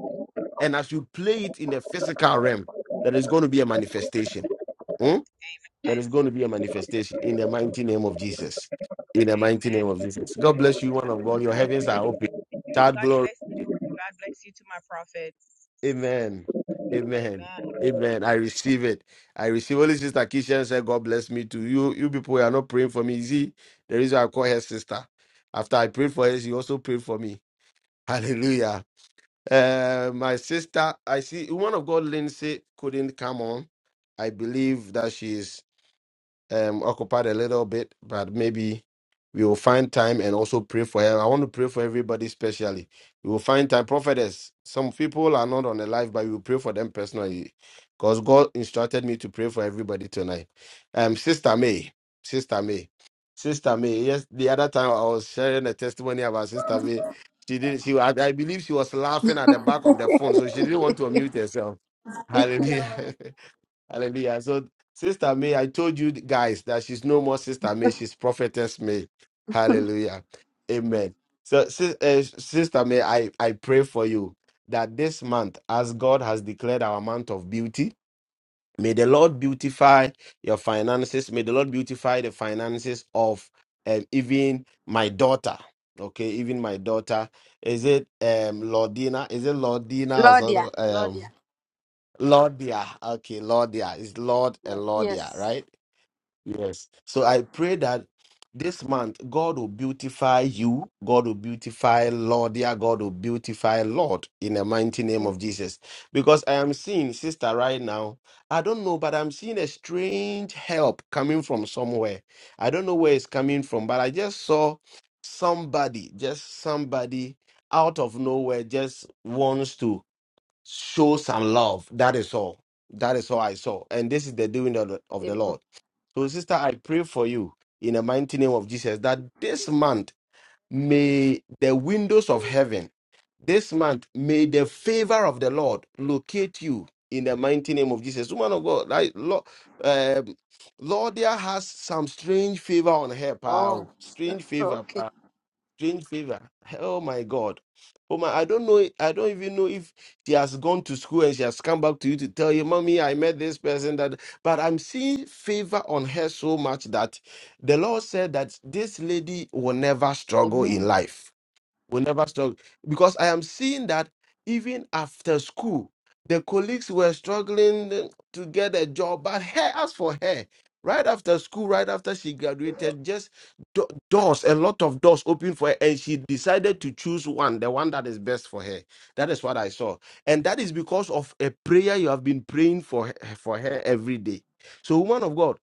and as you play it in the physical realm, there is going to be a manifestation. Hmm? There
Amen.
is going to be a manifestation in the mighty name of Jesus. In the mighty
Amen.
name of Jesus. God bless you, one of God. Your heavens are open. Shout
God
glory.
bless you. God bless you to my prophet.
Amen. Amen.
Amen.
Amen. I receive it. I receive. Only Sister Kishan said, God bless me too. You you people are not praying for me. You See, the reason I call her sister. After I prayed for her, she also prayed for me. Hallelujah. Uh, my sister, I see, one of God, Lindsay, couldn't come on. I believe that she is. um occupied a little bit, but maybe we will find time and also pray for her. I want to pray for everybody, especially. We will find time. Prophetess, some people are not on the live, but we will pray for them personally. Because God instructed me to pray for everybody tonight. Um, Sister May. Sister May. Sister May. Yes, the other time I was sharing a testimony about Sister May. She did she I, I believe she was laughing at the back of the phone, so she didn't want to unmute herself. Hallelujah. Hallelujah. So, Sister May, I told you guys that she's no more Sister May, she's Prophetess May. Hallelujah. Amen. So, sis, uh, Sister May, I, I pray for you that this month, as God has declared our month of beauty, may the Lord beautify your finances. May the Lord beautify the finances of um, even my daughter. Okay, even my daughter. Is it um Lordina? Is it Lordina or
Lordia.
something? Um,
Lordia.
Lordia. Okay, Lordia. It's Lord and
Yes.
Lordia,
yes.
right? Yes. So I pray that this month God will beautify you. God will beautify Lordia. God will beautify Lord in the mighty name
Amen.
of Jesus. Because I am seeing, sister, right now, I don't know, but I'm seeing a strange help coming from somewhere. I don't know where it's coming from, but I just saw somebody, just somebody out of nowhere just wants to show some love. That is all. That is all I saw. And this is the doing of the, of the
Amen.
Lord. So, sister, I pray for you in the mighty name of Jesus that this month may the windows of heaven, this month may the favor of the Lord locate you in the mighty name of Jesus. Woman of God, like, Lord, um, Lordia has some strange favor on her,
Oh.
pal. Strange favor,
Okay.
strange favor. Oh my God. Oh my, I don't know. I don't even know if she has gone to school and she has come back to you to tell you, Mommy, I met this person that, but I'm seeing favor on her so much that the Lord said that this lady will never struggle in
Amen.
life will never struggle because I am seeing that even after school, the colleagues were struggling to get a job. But her, as for her, right after school, right after she graduated, just do- doors, a lot of doors open for her, and she decided to choose one, the one that is best for her. That is what I saw, and that is because of a prayer you have been praying for her, for her every day. So, woman of God.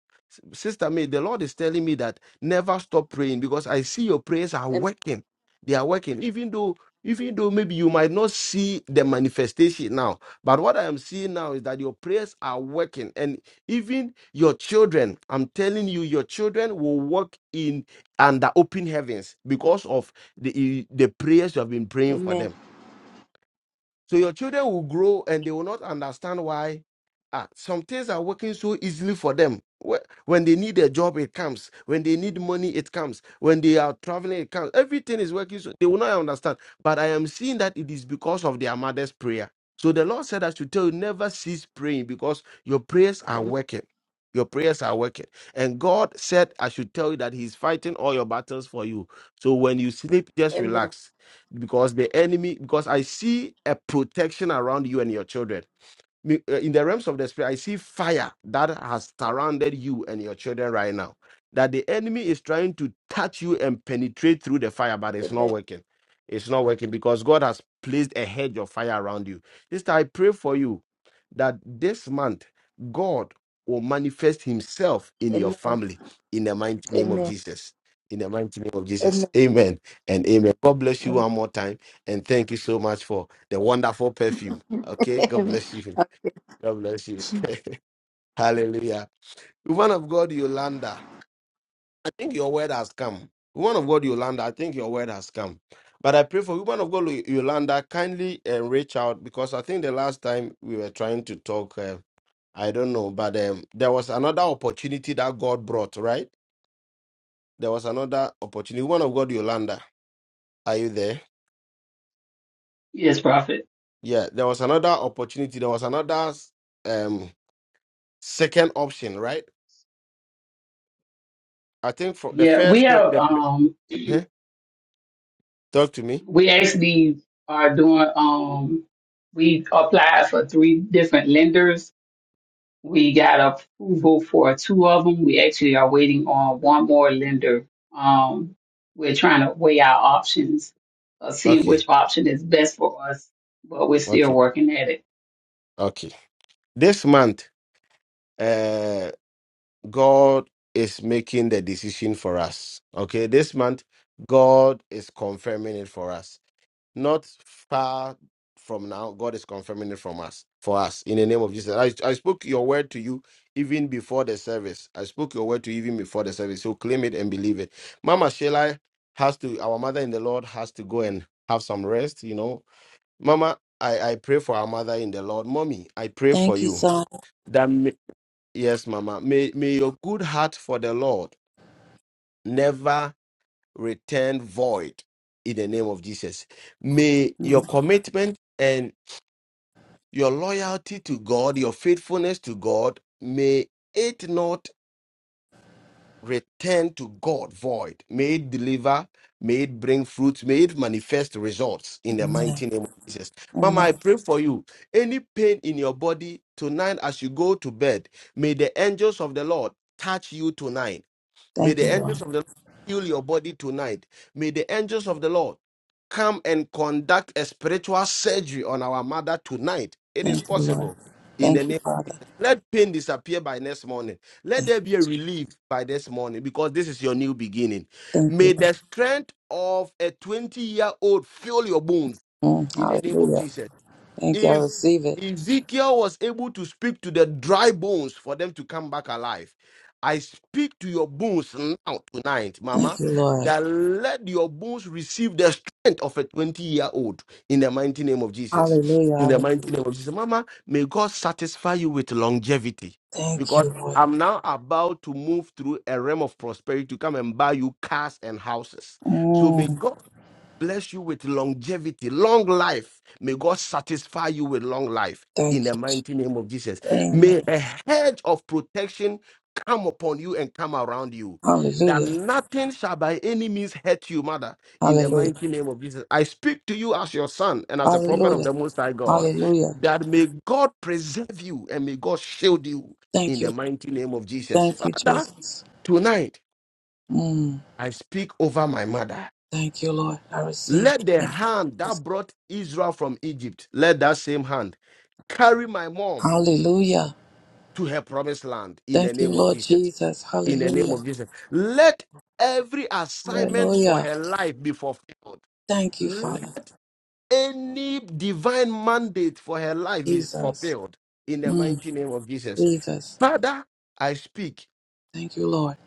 Sister May, the Lord is telling me that never stop praying because I see your prayers are
Amen.
working they are working, even though even though maybe you might not see the manifestation now. But what I am seeing now is that your prayers are working, and even your children. I'm telling you, your children will walk in under open heavens because of the the prayers you have been praying for
Amen.
them so your children will grow and they will not understand why ah, some things are working so easily for them. Wh- When they need a job, it comes. When they need money, it comes. When they are traveling, it comes. Everything is working. So they will not understand. But I am seeing that it is because of their mother's prayer. So the Lord said I should tell you, never cease praying because your prayers are
Amen.
working. Your prayers are working. And God said, I should tell you that He's fighting all your battles for you. So when you sleep, just
Amen.
relax because the enemy because i see a protection around you and your children me- uh, in the realms of the spirit, I see fire that has surrounded you and your children right now. That the enemy is trying to touch you and penetrate through the fire, but it's not
Amen.
working. It's not working because God has placed a hedge of fire around you. Sister, I pray for you that this month God will manifest Himself in your family in the mighty name of
Amen.
Jesus. In the mighty name of Jesus.
Amen.
Amen and amen. God bless you one more time and thank you so much for the wonderful perfume. Okay, God
Amen.
bless you.
Amen.
God bless you. Hallelujah. Woman of God, Yolanda, I think your word has come. Woman of God, Yolanda, I think your word has come. But I pray for woman of God, Yolanda, kindly uh, reach out because I think the last time we were trying to talk, uh, I don't know, but um, there was another opportunity that God brought, right? There was another opportunity. Woman of God, Yolanda, are you there?
Yes, prophet.
Yeah, there was another opportunity. There was another um, second option, right? I think for the
Yeah, we
first, the,
have
the,
um
huh? talk to me.
we actually are doing um we applied for three different lenders. We got approval for two of them. We actually are waiting on one more lender. Um we're trying to weigh our options, uh, see
Okay,
which option is best for us, but we're still
okay,
working at it.
okay. This month, uh, God is making the decision for us. Okay, this month, God is confirming it for us. Not far from now, God is confirming it from us for us in the name of Jesus. I, I spoke your word to you even before the service. I spoke your word to you even before the service. So claim it and believe it. Mama Sheila has to, our mother in the Lord has to go and have some rest, you know, Mama, I, I pray for our mother in the Lord. Mommy, I pray for
Thank you,
you.
son.
That may, yes, Mama. May may your good heart for the Lord never return void in the name of Jesus. May your commitment and your loyalty to God, your faithfulness to God, may it not return to God void. May it deliver, may it bring fruit, may it manifest results in the
Amen.
mighty name of Jesus. Mama, I
Amen.
pray for you. Any pain in your body tonight as you go to bed, may the angels of the Lord touch you tonight. May
Thank you,
the angels
Lord.
of the Lord heal your body tonight. May the angels of the Lord come and conduct a spiritual surgery on our mother tonight. It is
Thank you, Lord.
possible in the
Thank
name.
you, Father.
Let pain disappear by next morning. Let there be a relief by this morning because this is your new beginning.
Thank you,
May
Lord.
the strength of a 20 year old fill your bones
Mm,
in the name of
hallelujah.
Jesus
Thank you. I
if
receive it.
Ezekiel was able to speak to the dry bones for them to come back alive, I speak to your bones now tonight,
Thank
Mama,
you, Lord.
that let your bones receive the strength of a 20 year old in the mighty name of Jesus.
Hallelujah.
In
I
the mighty
receive
name
it.
of Jesus, Mama, may God satisfy you with longevity
Thank
because
you, Lord.
I'm now about to move through a realm of prosperity to come and buy you cars and houses. So may
Mm,
God bless you with longevity, long life. May God satisfy you with long life in
thank
the
you. Jesus.
mighty name of Jesus.
Amen.
May a hedge of protection come upon you and come around you, that
Hallelujah.
nothing shall by any means hurt you, mother, in the
Hallelujah.
mighty name of Jesus. I speak to you as your son and as a prophet of
Hallelujah.
the Most High God,
Hallelujah.
that may God preserve you and may God shield you in
Thank
the
you.
mighty name of Jesus.
Thank you,
Father,
Jesus.
tonight
Mm.
I speak over my mother.
Thank you, Lord. I receive
Let
it.
the
Thank you.
hand that brought Israel from Egypt, let that same hand carry my mom
Hallelujah.
to her promised land in the
Thank you,
name of
Lord
Jesus.
Jesus.
In the name of
Hallelujah.
Jesus. Let every assignment for
Hallelujah.
her life be fulfilled.
Thank you, Father.
Let any divine mandate for her life be
Jesus.
fulfilled in the
Mm.
mighty name of Jesus.
Jesus.
Father, I speak
Thank you, Lord.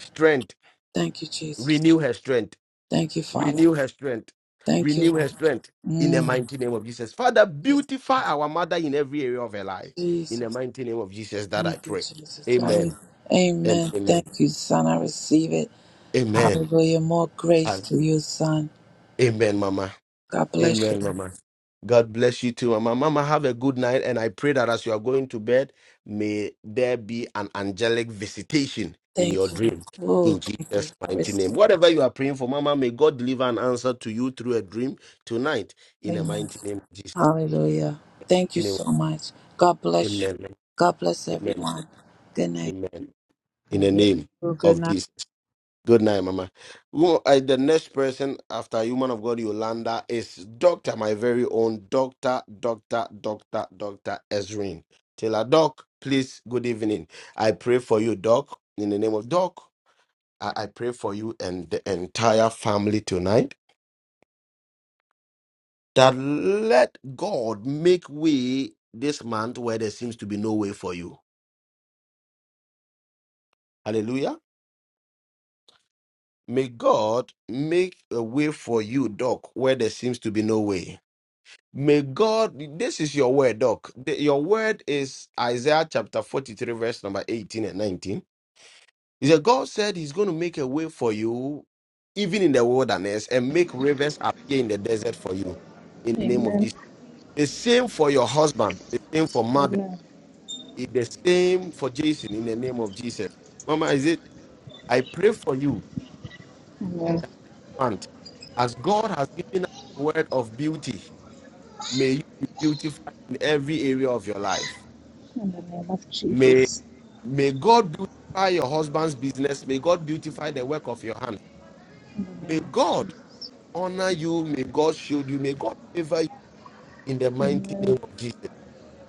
strength,
Thank you, Jesus.
renew her strength.
Thank you, Father.
Renew her strength.
Thank you,
Renew her
Lord.
strength in the
Mm.
mighty name of Jesus. Father, beautify our mother in every area of her life. In the
Jesus.
mighty name of Jesus, that I
Thank you,
pray.
Jesus. I,
Amen. And
amen.
amen.
Thank you, Son. I receive it.
Amen.
Hallelujah. More grace
And
to you, Son.
amen, Mama.
God bless you.
Amen, Mama. God bless you too, Mama. Mama, have a good night. And I pray that as you are going to bed, may there be an angelic visitation in your
Thank you.
dream.
Oh,
In
thank you.
Jesus' mighty name.
Mercy.
Whatever you are praying for, Mama, may God deliver an answer to you through a dream tonight. In the
Amen.
mighty name of Jesus.
Hallelujah. Thank you
in a- way.
so much. God bless you.
Amen.
God bless
Amen.
everyone. Good night.
Amen. In the
God bless
name
you. Good
of
night.
Jesus. Good night, Mama. Who- I- the next person after Human of God Yolanda is Doctor, my very own Doctor, Doctor, Doctor, Doctor Ezrin. Taylor Doc, please. Good evening. I pray for you, Doc. In the name of Doc, I, I pray for you and the entire family tonight. That let God make way this month where there seems to be no way for you. Hallelujah. May God make a way for you, Doc, where there seems to be no way. May God, this is your word, Doc. The- your word is Isaiah chapter 43, verse number 18 and 19. He said, God said He's going to make a way for you, even in the wilderness, and make rivers appear in the desert for you, in the name of
Amen.
Jesus. The same for your husband, the same for mother,
Amen.
the same for Jason, in the name of Jesus. Mama, is it? I pray for you
Amen.
month. As God has given us the word of beauty, may you be beautified in every area of your life.
In the name of
May,
Jesus.
may God beautify your husband's business. May God beautify the work of your hands.
In the
May
name of
God
Jesus.
honor you. May God shield you. May God favor you in the mighty
Amen.
name of Jesus.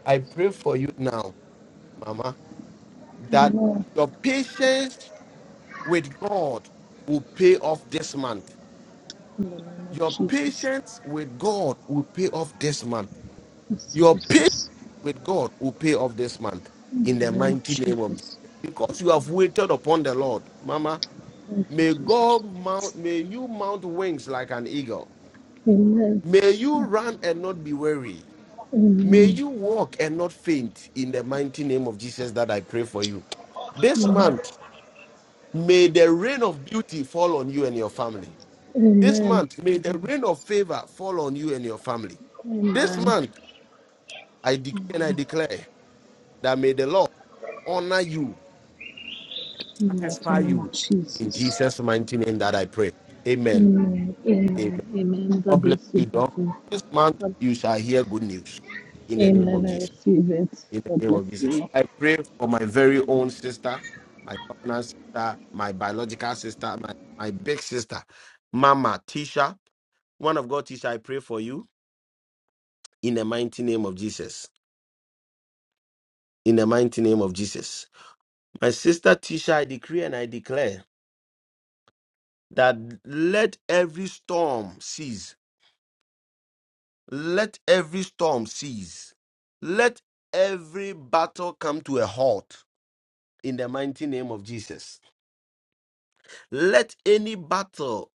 I pray for you now, Mama, that
Amen.
your patience with God will pay off this month.
In the name of
Your
Jesus.
patience with God will pay off this month
Yes,
Your patience
Jesus.
with God will pay off this month
In
in the
the name of
mighty name of Jesus.
Jesus.
Because you have waited upon the Lord, Mama,
Thank you,
may
Jesus.
God mount, may you mount wings like an eagle.
Amen.
May you run and not be weary. May
Amen.
you walk and not faint in the mighty name of Jesus that I pray for you. This
Amen.
month, may the rain of beauty fall on you and your family. This
Amen.
month, may the rain of favor fall on you and your family. This
Amen.
month, I decree and I declare that may the Lord honor you,
In the mighty
satisfy
name
you.
of
In
Jesus.
Jesus' mighty name that I pray. Amen.
Amen. Amen.
Amen.
Amen.
God
God
bless
bless you,
you, Doc.
Prophet.
This month
God-
you shall hear good news in the name of
Amen. I
Jesus.
receive it.
In the
God
name
bless
of Jesus.
you.
I pray for my very own sister, my covenant sister, my biological sister, my, my big sister, Mama Tisha. One of God, Tisha, I pray for you in the mighty name of Jesus. In the mighty name of Jesus. My sister Tisha, I decree and I declare that let every storm cease. Let every storm cease. Let every battle come to a halt in the mighty name of Jesus. Let any battle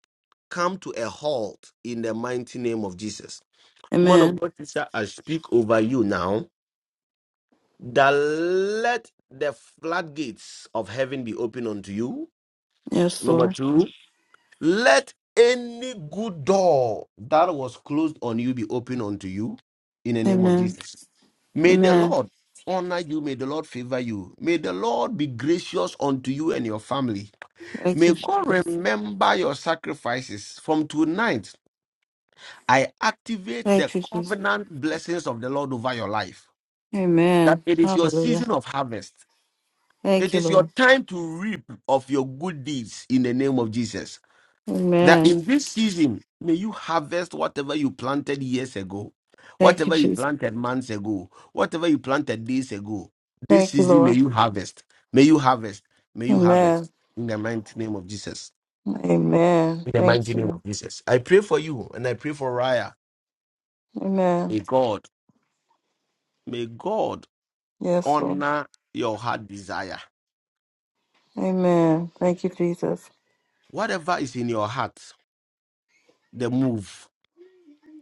come to a halt in the mighty name of Jesus. Woman of God, sister, I speak over you now that let the floodgates of heaven be open unto you.
Yes,
Number
Lord.
two, Let any good door that was closed on you be open unto you in the name of
Amen.
Jesus. May the
Amen.
Lord honor you. May the Lord favor you. May the Lord be gracious unto you and your family.
Thank
May
you,
God
Jesus.
remember your sacrifices. From tonight, I activate
Thank
the
you, Jesus.
covenant blessings of the Lord over your life. That
Amen.
it is your
Hallelujah.
season of harvest. It
Thank you,
is your
Lord.
time to reap of your good deeds in the name of Jesus. that
Amen.
in this season may you harvest whatever you planted years ago
Thank you,
whatever you
Jesus.
planted months ago whatever you planted days ago this
Thank you,
season may
Lord.
you harvest may you harvest may you harvest
Amen.
in the mighty name of jesus
Amen.
in the
Thank
mighty name of
you.
jesus i pray for you and i pray for raya
Amen.
may god may god
Yes, Lord.
honor your heart desire
Amen. Thank you, Jesus.
whatever is in your heart the move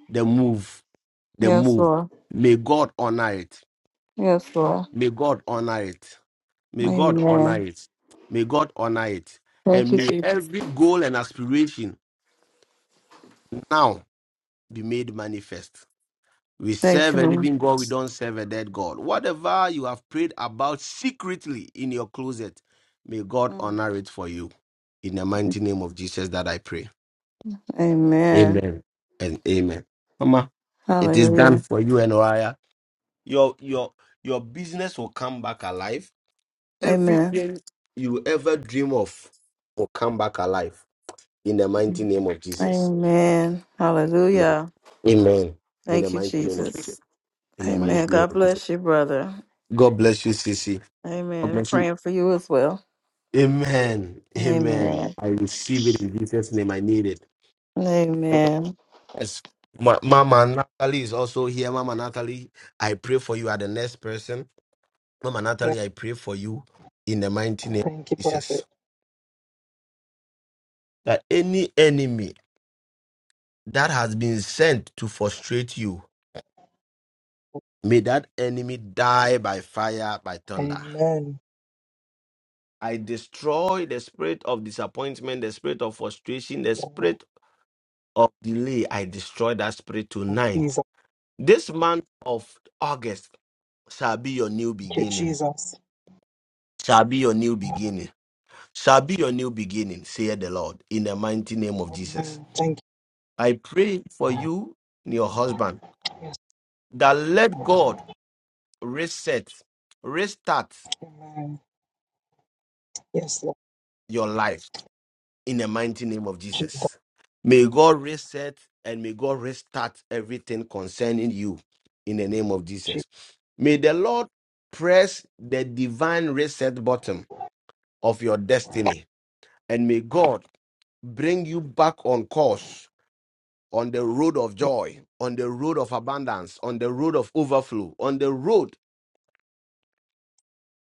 the move the
Yes,
move
Lord.
may god honor it
Yes, Lord.
May God honor it. May God honor
Amen.
it. May God honor it.
Thank
And
you,
may
Jesus.
every goal and aspiration now be made manifest. We
Thank
serve
you,
a
Lord.
living God, we don't serve a dead God. Whatever you have prayed about secretly in your closet, may God honor it for you. In the mighty name of Jesus that I pray.
Amen.
Amen. And amen. Mama, it is done
Hallelujah.
for you and Oriah. Your your your business will come back alive
Amen.
Everything you ever dream of will come back alive in the mighty name of Jesus.
Amen.
Amen.
Hallelujah.
Amen. In the
Thank you,
mighty name of Jesus.
Jesus.
In the
Amen.
mighty name
God
of Jesus.
bless you, brother.
God bless you, Sissy. God
Amen.
bless you.
Praying for you as well.
Amen. Amen.
Amen.
I receive it in Jesus' name. I need it.
Amen.
Yes. Ma- Mama Natalie is also here. Mama Natalie, I pray for you. Are the next person. Mama
Amen.
Natalie, I pray for you in the mighty name of
Thank you,
Jesus.
Prophet.
That any enemy that has been sent to frustrate you, may that enemy die by fire, by thunder.
Amen.
I destroy the spirit of disappointment, the spirit of frustration, the spirit of delay. I destroy that spirit
Oh,
tonight.
Jesus.
This month of August, shall be your new
Thank you,
beginning.
Jesus.
Shall be your new beginning. Shall be your new beginning, saith the Lord, in the mighty name of Jesus.
Amen. Thank you,
I pray for you and your husband that let God reset, restart.
Amen. Yes, Lord
your life in the mighty name of Jesus. May God reset and may God restart everything concerning you in the name of Jesus.
Jesus.
May the Lord press the divine reset button of your destiny and may God bring you back on course on the road of joy, on the road of abundance, on the road of overflow, on the road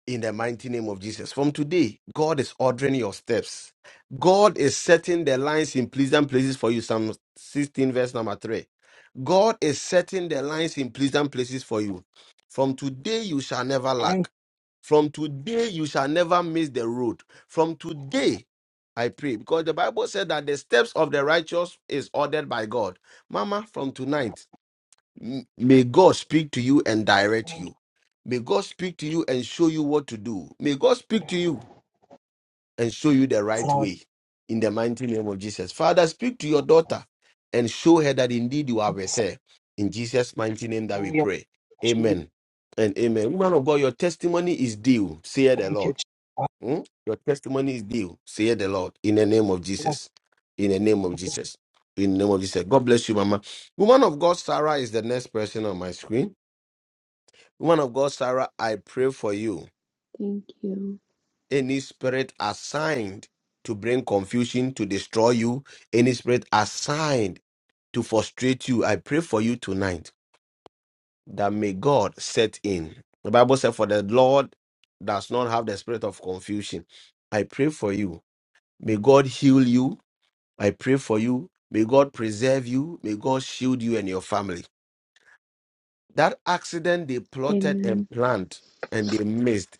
in the mighty name of Jesus. From today, God is ordering your steps. God is setting the lines in pleasant places for you. Psalm 16, verse number 3. God is setting the lines in pleasant places for you. From today, you shall never
Thank
lack.
you,
From today, you shall never miss the road. From today, I pray because the Bible said that the steps of the righteous is ordered by God. Mama, from tonight, May God speak to you and direct you. May God speak to you and show you what to do. May God speak to you and show you the right
Lord.
way in the mighty name of Jesus. Father, speak to your daughter and show her that indeed you are with her. In Jesus' mighty name that we
Hallelujah.
pray.
Jesus.
Amen and amen. Woman of God, your testimony is due, say the
Thank you,
Lord.
Jesus.
Hmm? Your testimony is due, say the Lord, in the name of
Bless
Jesus. In the name of Jesus. In the name of Jesus. God bless you, Mama. Woman of God, Sarah is the next person on my screen. Woman of God, Sarah, I pray for you.
Thank you.
Any spirit assigned to bring confusion, to destroy you, any spirit assigned to frustrate you, I pray for you tonight that may God set in. The Bible said, For the Lord does not have the spirit of confusion. I pray for you. May God heal you. I pray for you. May God preserve you. May God shield you and your family. That accident they plotted
Amen.
and planned and they missed.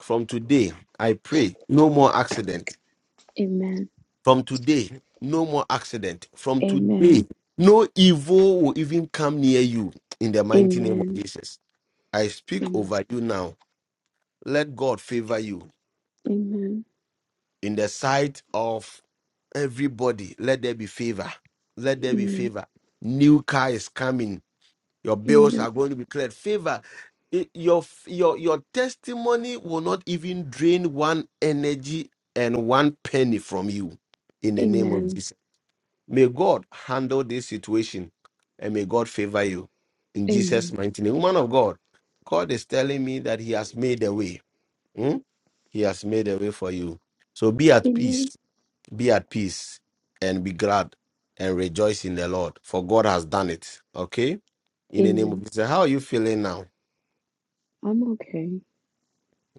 From today, I pray no more accident.
Amen.
From today, no more accident. From today,
Amen.
no evil will even come near you in the mighty name of
Amen.
Jesus. I speak
Amen.
over you now. Let God favor you
Amen.
in the sight of everybody. Let there be favor. Let there be
Amen.
favor. New car is coming. Your bills are
Amen.
going to be cleared. Favor. I- Your your your testimony will not even drain one energy and one penny from you. In the name of
Amen.
Jesus, may God handle this situation, and may God favor you. In Jesus'
Amen.
mighty name, woman of God, God is telling me that He has made a way. Hmm? He has made a way for you. So be at peace
Amen.
be at peace and be glad and rejoice in the Lord, for God has done it. Okay? In the name
Amen.
of Jesus. How are you feeling now?
I'm okay.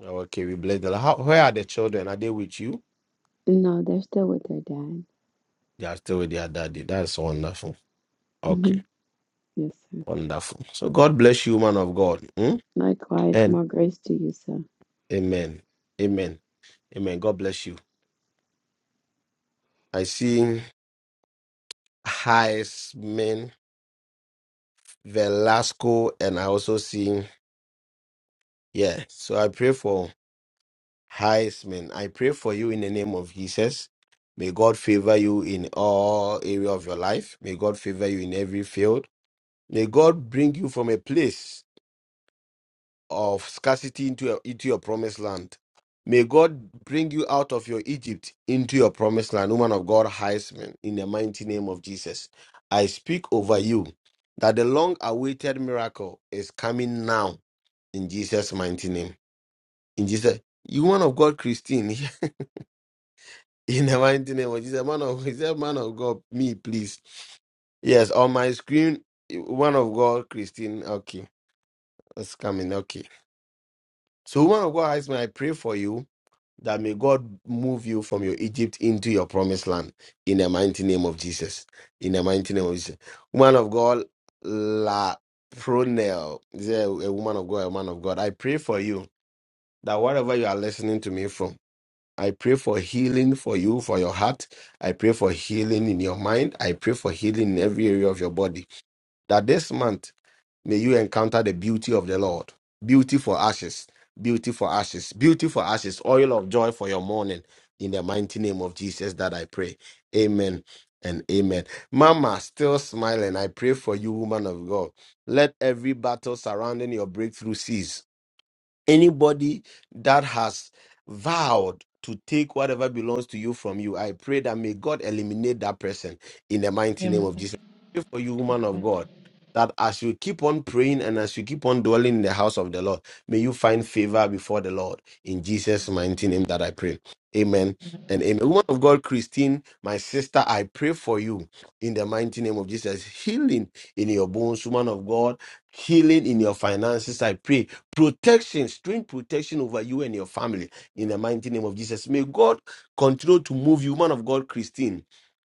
Okay, we bless the Lord. How, where are the children? Are they with you?
No, they're still with their dad.
They are still with their daddy. That's wonderful.
hmm
Okay,
Yes, sir.
wonderful. So God bless you, man of God. Hmm?
Likewise,
And
more grace to you, sir.
amen. Amen. Amen. God bless you. I see Heisman, Velasco, and I also see, yeah. So I pray for Heisman. I pray for you in the name of Jesus. May God favor you in all area of your life. May God favor you in every field. May God bring you from a place of scarcity into your, into your promised land. May God bring you out of your Egypt into your promised land, woman of God, Heisman, in the mighty name of Jesus. I speak over you that the long awaited miracle is coming now in Jesus' mighty name. In Jesus, you, woman of God, Christine, In the mighty name of Jesus, man of, he said, man of God, me, please. Yes, on my screen, one of God, Christine. Okay, it's coming. Okay. So, one of God, Heisman, I pray for you that may God move you from your Egypt into your promised land in the mighty name of Jesus. In the mighty name of Jesus. Woman of God, La Pronel, is there a woman of God, a man of God? I pray for you that wherever you are listening to me from, I pray for healing for you, for your heart. I pray for healing in your mind. I pray for healing in every area of your body. That this month, may you encounter the beauty of the Lord. Beauty for ashes, beauty for ashes, beauty for ashes, oil of joy for your mourning. In the mighty name of Jesus, that I pray. Amen and amen. Mama, still smiling. I pray for you, woman of God. Let every battle surrounding your breakthrough cease anybody that has vowed to take whatever belongs to you from you, I pray that may God eliminate that person in the mighty name of
Amen.
Jesus. I pray for you, woman of God, that as you keep on praying and as you keep on dwelling in the house of the Lord, may you find favor before the Lord in Jesus' mighty name that I pray. Amen and amen. Woman of God, Christine, my sister, I pray for you in the mighty name of Jesus. Healing in your bones, woman of God. Healing in your finances, I pray protection, strange protection over you and your family in the mighty name of Jesus. May God continue to move you, man of God, Christine,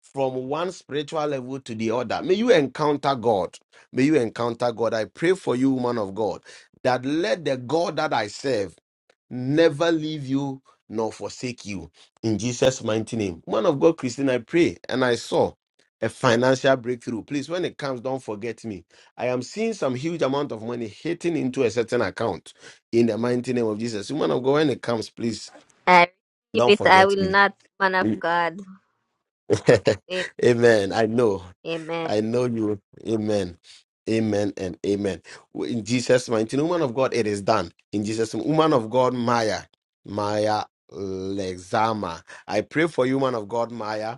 from one spiritual level to the other. May you encounter God. May you encounter God. I pray for you, man of God, that let the God that I serve never leave you nor forsake you. In Jesus' mighty name. Man of God, Christine, I pray and I saw a financial breakthrough. Please, when it comes, don't forget me. I am seeing some huge amount of money hitting into a certain account in the mighty name of Jesus. Man of God, when it comes, please
I receive
don't
it. I
forget
will
me.
not, man of God. Am-
amen. I know.
Amen.
I know you. Amen. Amen and amen. In Jesus' mighty name, woman of God, it is done. In Jesus' name, woman of God, Maya. Maya Lexama. I pray for you, woman of God, Maya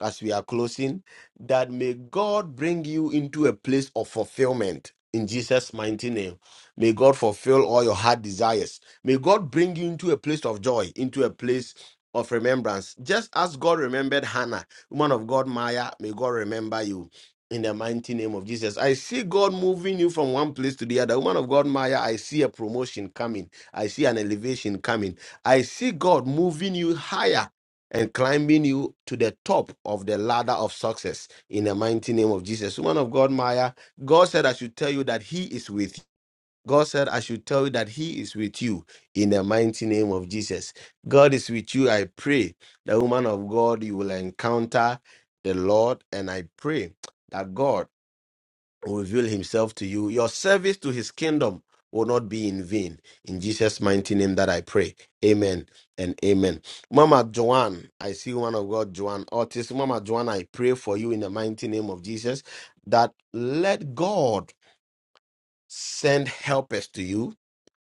as we are closing, that may God bring you into a place of fulfillment in Jesus' mighty name. May God fulfill all your heart desires. May God bring you into a place of joy, into a place of remembrance. Just as God remembered Hannah, woman of God, Maya, may God remember you. In the mighty name of Jesus, I see God moving you from one place to the other. Woman of God, Maya, I see a promotion coming. I see an elevation coming. I see God moving you higher and climbing you to the top of the ladder of success in the mighty name of Jesus. Woman of God, Maya, God said, I should tell you that He is with you. God said, I should tell you that He is with you in the mighty name of Jesus. God is with you. I pray that, woman of God, you will encounter the Lord. And I pray that God will reveal himself to you. Your service to his kingdom will not be in vain. In Jesus' mighty name that I pray. Amen and amen. Mama Joanne, I see one of God, Joanne Otis. Mama Joanne, I pray for you in the mighty name of Jesus that let God send helpers to you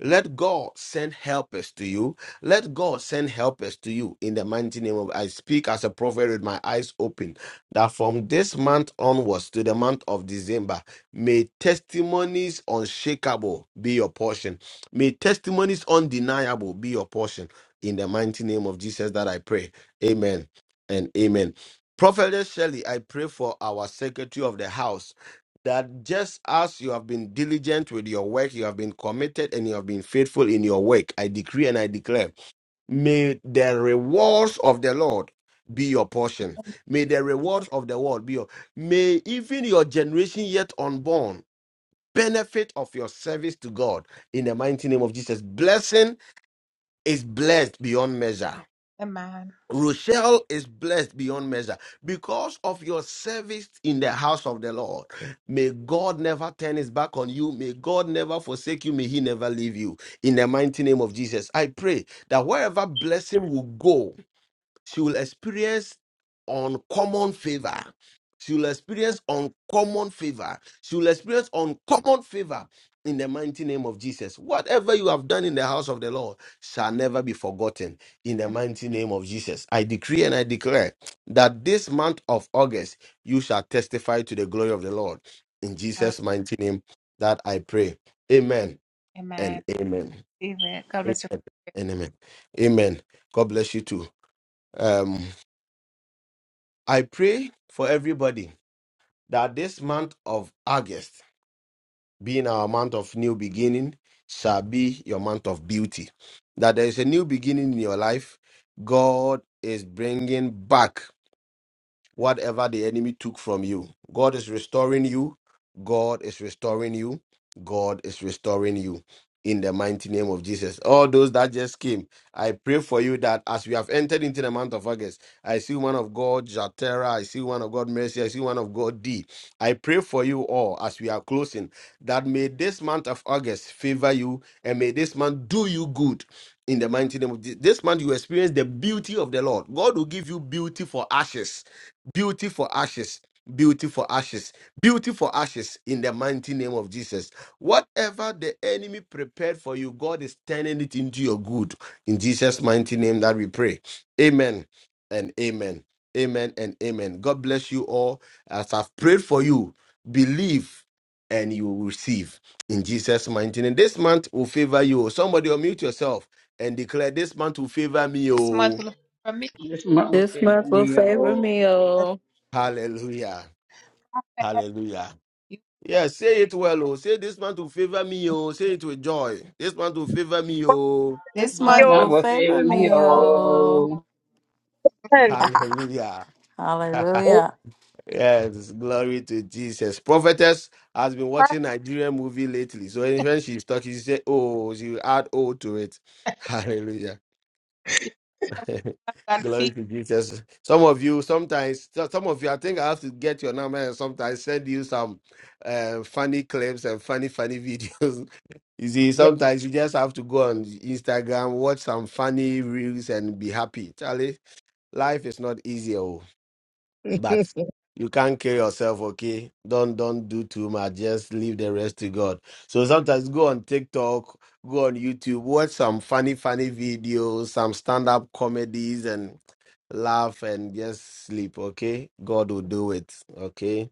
let God send helpers to you. Let God send helpers to you in the mighty name of I speak as a prophet with my eyes open. That from this month onwards to the month of December, may testimonies unshakable be your portion. May testimonies undeniable be your portion. In the mighty name of Jesus that I pray. Amen and amen. Prophetess Shelley, I pray for our secretary of the house that just as you have been diligent with your work, you have been committed and you have been faithful in your work, I decree and I declare, may the rewards of the Lord be your portion. May the rewards of the world be your may even your generation yet unborn benefit of your service to God in the mighty name of Jesus. Blessing is blessed beyond measure. Rochelle is blessed beyond measure because of your service in the house of the Lord. May God never turn his back on you. May God never forsake you. May he never leave you. In the mighty name of Jesus, I pray that wherever blessing will go, she will experience uncommon favor. She will experience uncommon favor. She will experience uncommon favor in the mighty name of Jesus. Whatever you have done in the house of the Lord shall never be forgotten in the mighty name of Jesus. I decree and I declare that this month of August you shall testify to the glory of the Lord. In Jesus' mighty name that I pray. Amen and amen. Amen and amen. Amen. God bless you too. Um, I pray for everybody that this month of August, being our month of new beginning, shall be your month of beauty. That there is a new beginning in your life. God is bringing back whatever the enemy took from you. God is restoring you. God is restoring you. God is restoring you in the mighty name of Jesus. All those that just came, I pray for you that as we have entered into the month of August, I see one of God, Jatera, I see one of God, Mercy, I see one of God, D. I pray for you all as we are closing that may this month of August favor you and may this month do you good in the mighty name of Jesus. This month you experience the beauty of the Lord. God will give you beauty for ashes beauty for ashes beauty for ashes beauty for ashes in the mighty name of jesus whatever the enemy prepared for you god is turning it into your good in jesus mighty name that we pray amen and amen amen and amen god bless you all as i've prayed for you believe and you will receive in jesus mighty name this month will favor you somebody unmute yourself and declare this month will favor me oh
This month will
This
favor
month will
me,
favor
oh.
me, oh.
hallelujah hallelujah Yeah, say it well, oh. Say this man to favor me, oh. Say it with joy. This man to favor me, oh.
This
This
you.
month
Yo,
month
will
will
favor
favor me,
me, oh.
oh.
ten.
Hallelujah.
you.
Hallelujah.
yes, glory to Jesus. Prophetess has been watching Nigerian movie lately. So when she's talking, she say, oh, she will add oh to it. Hallelujah. glory to Jesus. Some of you, sometimes, so- some of you, I think I have to get your number and sometimes send you some uh, funny clips and funny, funny videos You see,
Yes,
sometimes you just have to go on Instagram, watch some funny reels, and be happy. Charlie, life is not easy, oh, but you can't kill yourself. Okay, don't don't do too much. Just leave the rest to God. So sometimes go on TikTok, go on YouTube, watch some funny funny videos, some stand up comedies, and laugh and just sleep. Okay, God will do it. Okay,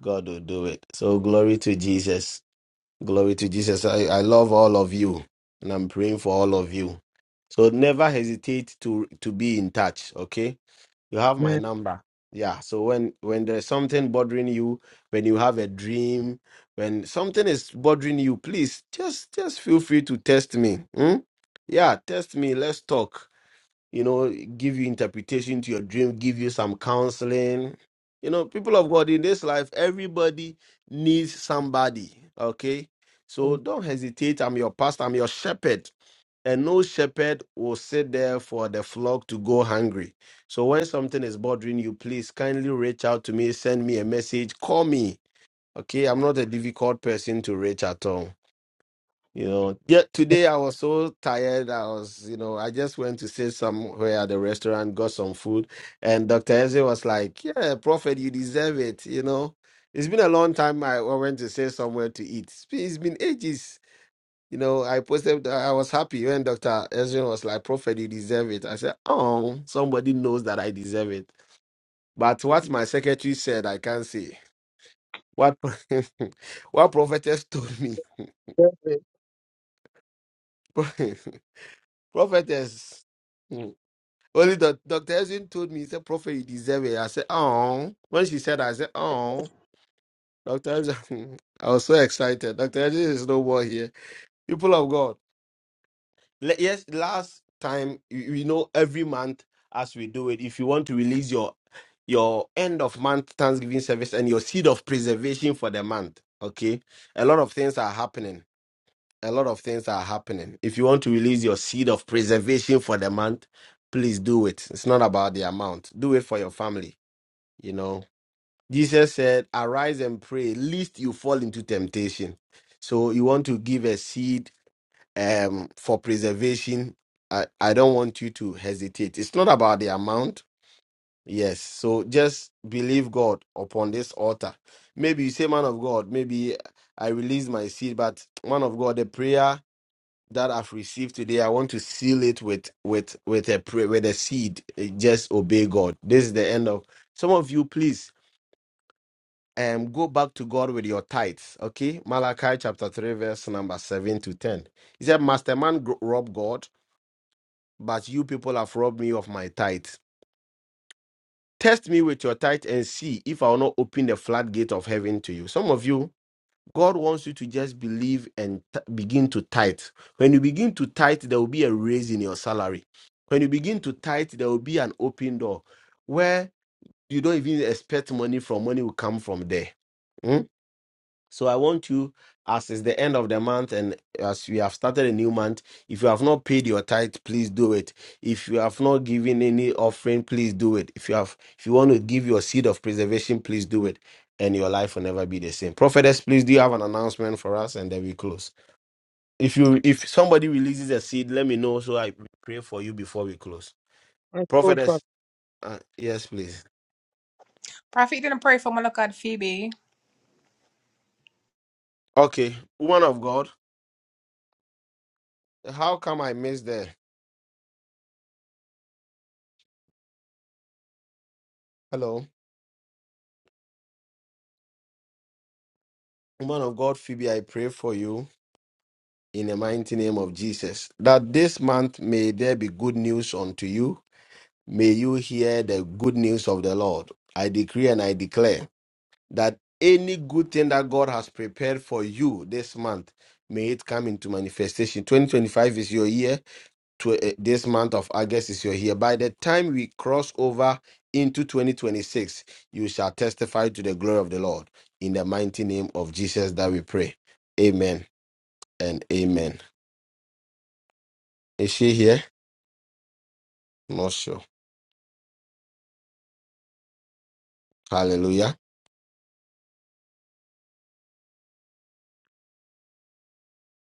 God will do it. So glory to Jesus. Glory to Jesus. I, I love all of you and I'm praying for all of you. So never hesitate to to be in touch, okay? You have my
man.
number. Yeah. So when when there's something bothering you, when you have a dream, when something is bothering you, please just just feel free to test me. hmm? Yeah, test me. Let's talk you know, give you interpretation to your dream, give you some counseling. You know, people of God in this life, everybody needs somebody. Okay. So don't hesitate. I'm your pastor, I'm your shepherd. And no shepherd will sit there for the flock to go hungry. So when something is bothering you, please kindly reach out to me, send me a message, call me. Okay. I'm not a difficult person to reach at all. You know, yet today I was so tired. I was, you know, I just went to sit somewhere at the restaurant, got some food, and Dr. Eze was like, Yeah, Prophet, you deserve it. You know, it's been a long time I I went to sit somewhere to eat. It's been it's been ages. You know, I posted, I was happy when Dr. Ezra was like, Prophet, you deserve it. I said, Oh, somebody knows that I deserve it. But what my secretary said, I can't say. What, what prophetess told me.
Perfect.
prophetess. hmm, Only the Dr. Ezrin told me, he said, Prophet, you deserve it. I said, Oh. When she said I said, Oh. Dr. Ezrin, I was so excited. Dr. Ezrin is no more here. People of God. le- yes, last time, you, you know, every month as we do it, if you want to release your your end of month Thanksgiving service and your seed of preservation for the month, okay? A lot of things are happening a lot of things are happening. If you want to release your seed of preservation for the month, please do it. It's not about the amount. Do it for your family, you know. Jesus said, "Arise and pray, lest you fall into temptation." So you want to give a seed um for preservation. I, I don't want you to hesitate. It's not about the amount. Yes. So just believe God upon this altar. Maybe you say, man of God, maybe I release my seed, but man of God, the prayer that I've received today, I want to seal it with with with a prayer, with a seed. Eh, Just obey God. This is the end of some of you. Please, um, go back to God with your tithes. Okay, Malachi chapter three, verse number seven to ten. He said, "Master man gro- robbed God, but you people have robbed me of my tithes. Test me with your tithe and see if I will not open the floodgate of heaven to you." Some of you. God wants you to just believe and t- begin to tithe. When you begin to tithe, there will be a raise in your salary. When you begin to tithe, there will be an open door where you don't even expect money from. Money will come from there. Hmm? So I want you, as it's the end of the month and as we have started a new month, if you have not paid your tithe, please do it. If you have not given any offering, please do it. If you have, if you want to give your seed of preservation, please do it. And your life will never be the same. Prophetess, please do you have an announcement for us and then we close. If you if somebody releases a seed, let me know so I pray for you before we close.
That's good, Prophet.
Prophetess, uh, yes, please. Okay, woman of God, how come I missed the hello? Woman of God, Phoebe, I pray for you in the mighty name of Jesus. That this month may there be good news unto you. May you hear the good news of the Lord. I decree and I declare that any good thing that God has prepared for you this month, may it come into manifestation. 2025 is your year. To, uh, this month of August is your year. By the time we cross over into 2026, you shall testify to the glory of the Lord. In the mighty name of Jesus that we pray. Amen and amen. Is she here? Not sure. Hallelujah.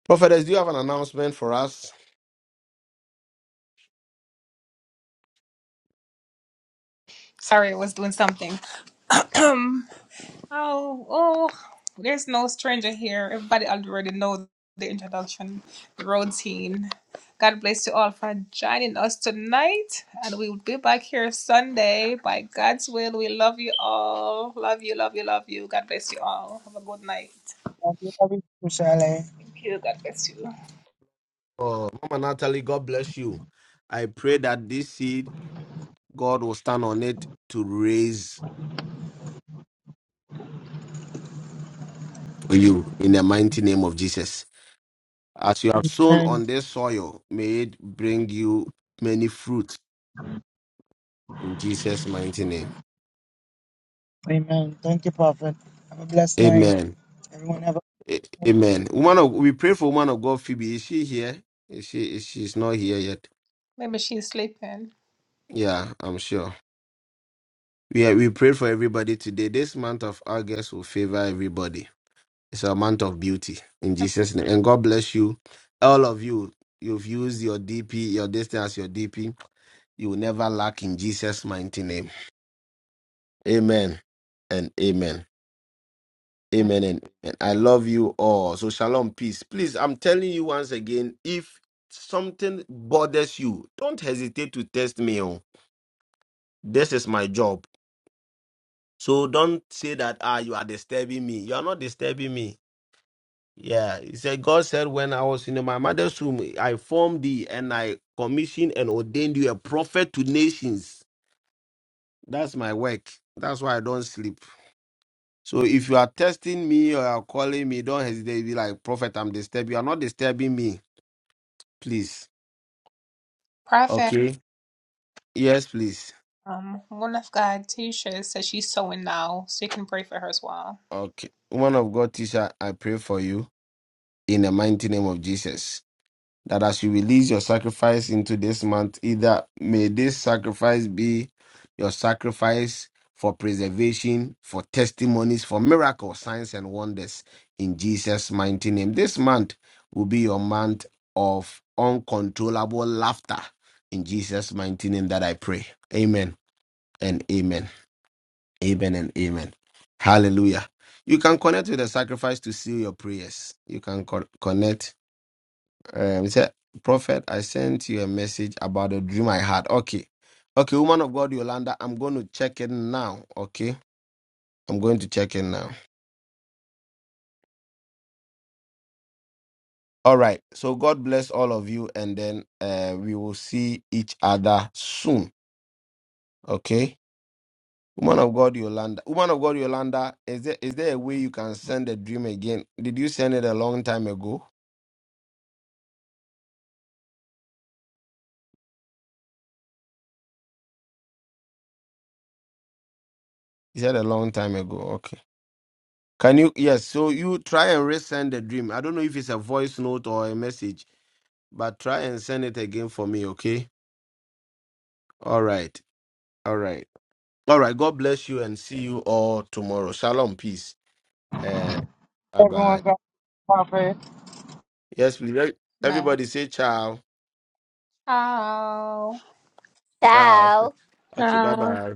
Prophetess, do you have an announcement for us?
Thank you, Prophet. Inshallah.
Oh, Mama Natalie, God bless you. I pray that this seed, God will stand on it to raise for you in the mighty name of Jesus. As you have sown
Amen.
on this soil, may it bring you many fruit in Jesus' mighty name.
Amen. Thank you, Prophet. Have a blessed night.
Amen.
Everyone have a
A- Amen. Woman of, we pray for woman of God, Phoebe. Is she here? Is she? Is she's not here yet? Yeah, I'm sure. Yeah, we pray for everybody today. This month of August will favor everybody. It's a month of beauty in Jesus' name. And God bless you. All of you, you've used your DP, your distance, as your DP. You will never lack in Jesus' mighty name. Amen and amen. Amen and, and I love you all. So shalom, peace. Please, I'm telling you once again, if something bothers you, don't hesitate to test me. Oh, this is my job. So don't say that ah you are disturbing me. You are not disturbing me. Yeah, he said God said when I was in my mother's womb, I formed thee and I commissioned and ordained you a prophet to nations. That's my work. That's why I don't sleep. So if you are testing me or you are calling me, don't hesitate. Be like prophet, I'm disturbed. You are not disturbing me, please. Okay. Yes, please. Okay. Woman of God, teacher, I pray for you in the mighty name of Jesus. that as you release your sacrifice into this month, either may this sacrifice be your sacrifice for preservation, for testimonies, for miracles, signs, and wonders in Jesus' mighty name. This month will be your month of uncontrollable laughter in Jesus' mighty name that I pray. Amen and amen. Amen and amen. Hallelujah. You can connect with the sacrifice to seal your prayers. You can co- connect um, he said, Prophet, I sent you a message about a dream I had. Okay. Okay, woman of God, Yolanda, I'm going to check it now. Okay. I'm going to check it now. All right. So God bless all of you, and then uh, we will see each other soon. Okay. Woman of God, Yolanda. Woman of God, Yolanda, is there is there a way you can send a dream again? Did you send it a long time ago? You said a long time ago. Okay. Can you yes, so you try and resend the dream. I don't know if it's a voice note or a message but try and send it again for me, okay? All right. All right. All right. God bless you and see you all tomorrow. Shalom. Peace. Uh, bye
everyone
bye.
got prophet.
Yes, please. Everybody say ciao. Ciao.
Ciao.
Okay. Bye
Ciao.
bye.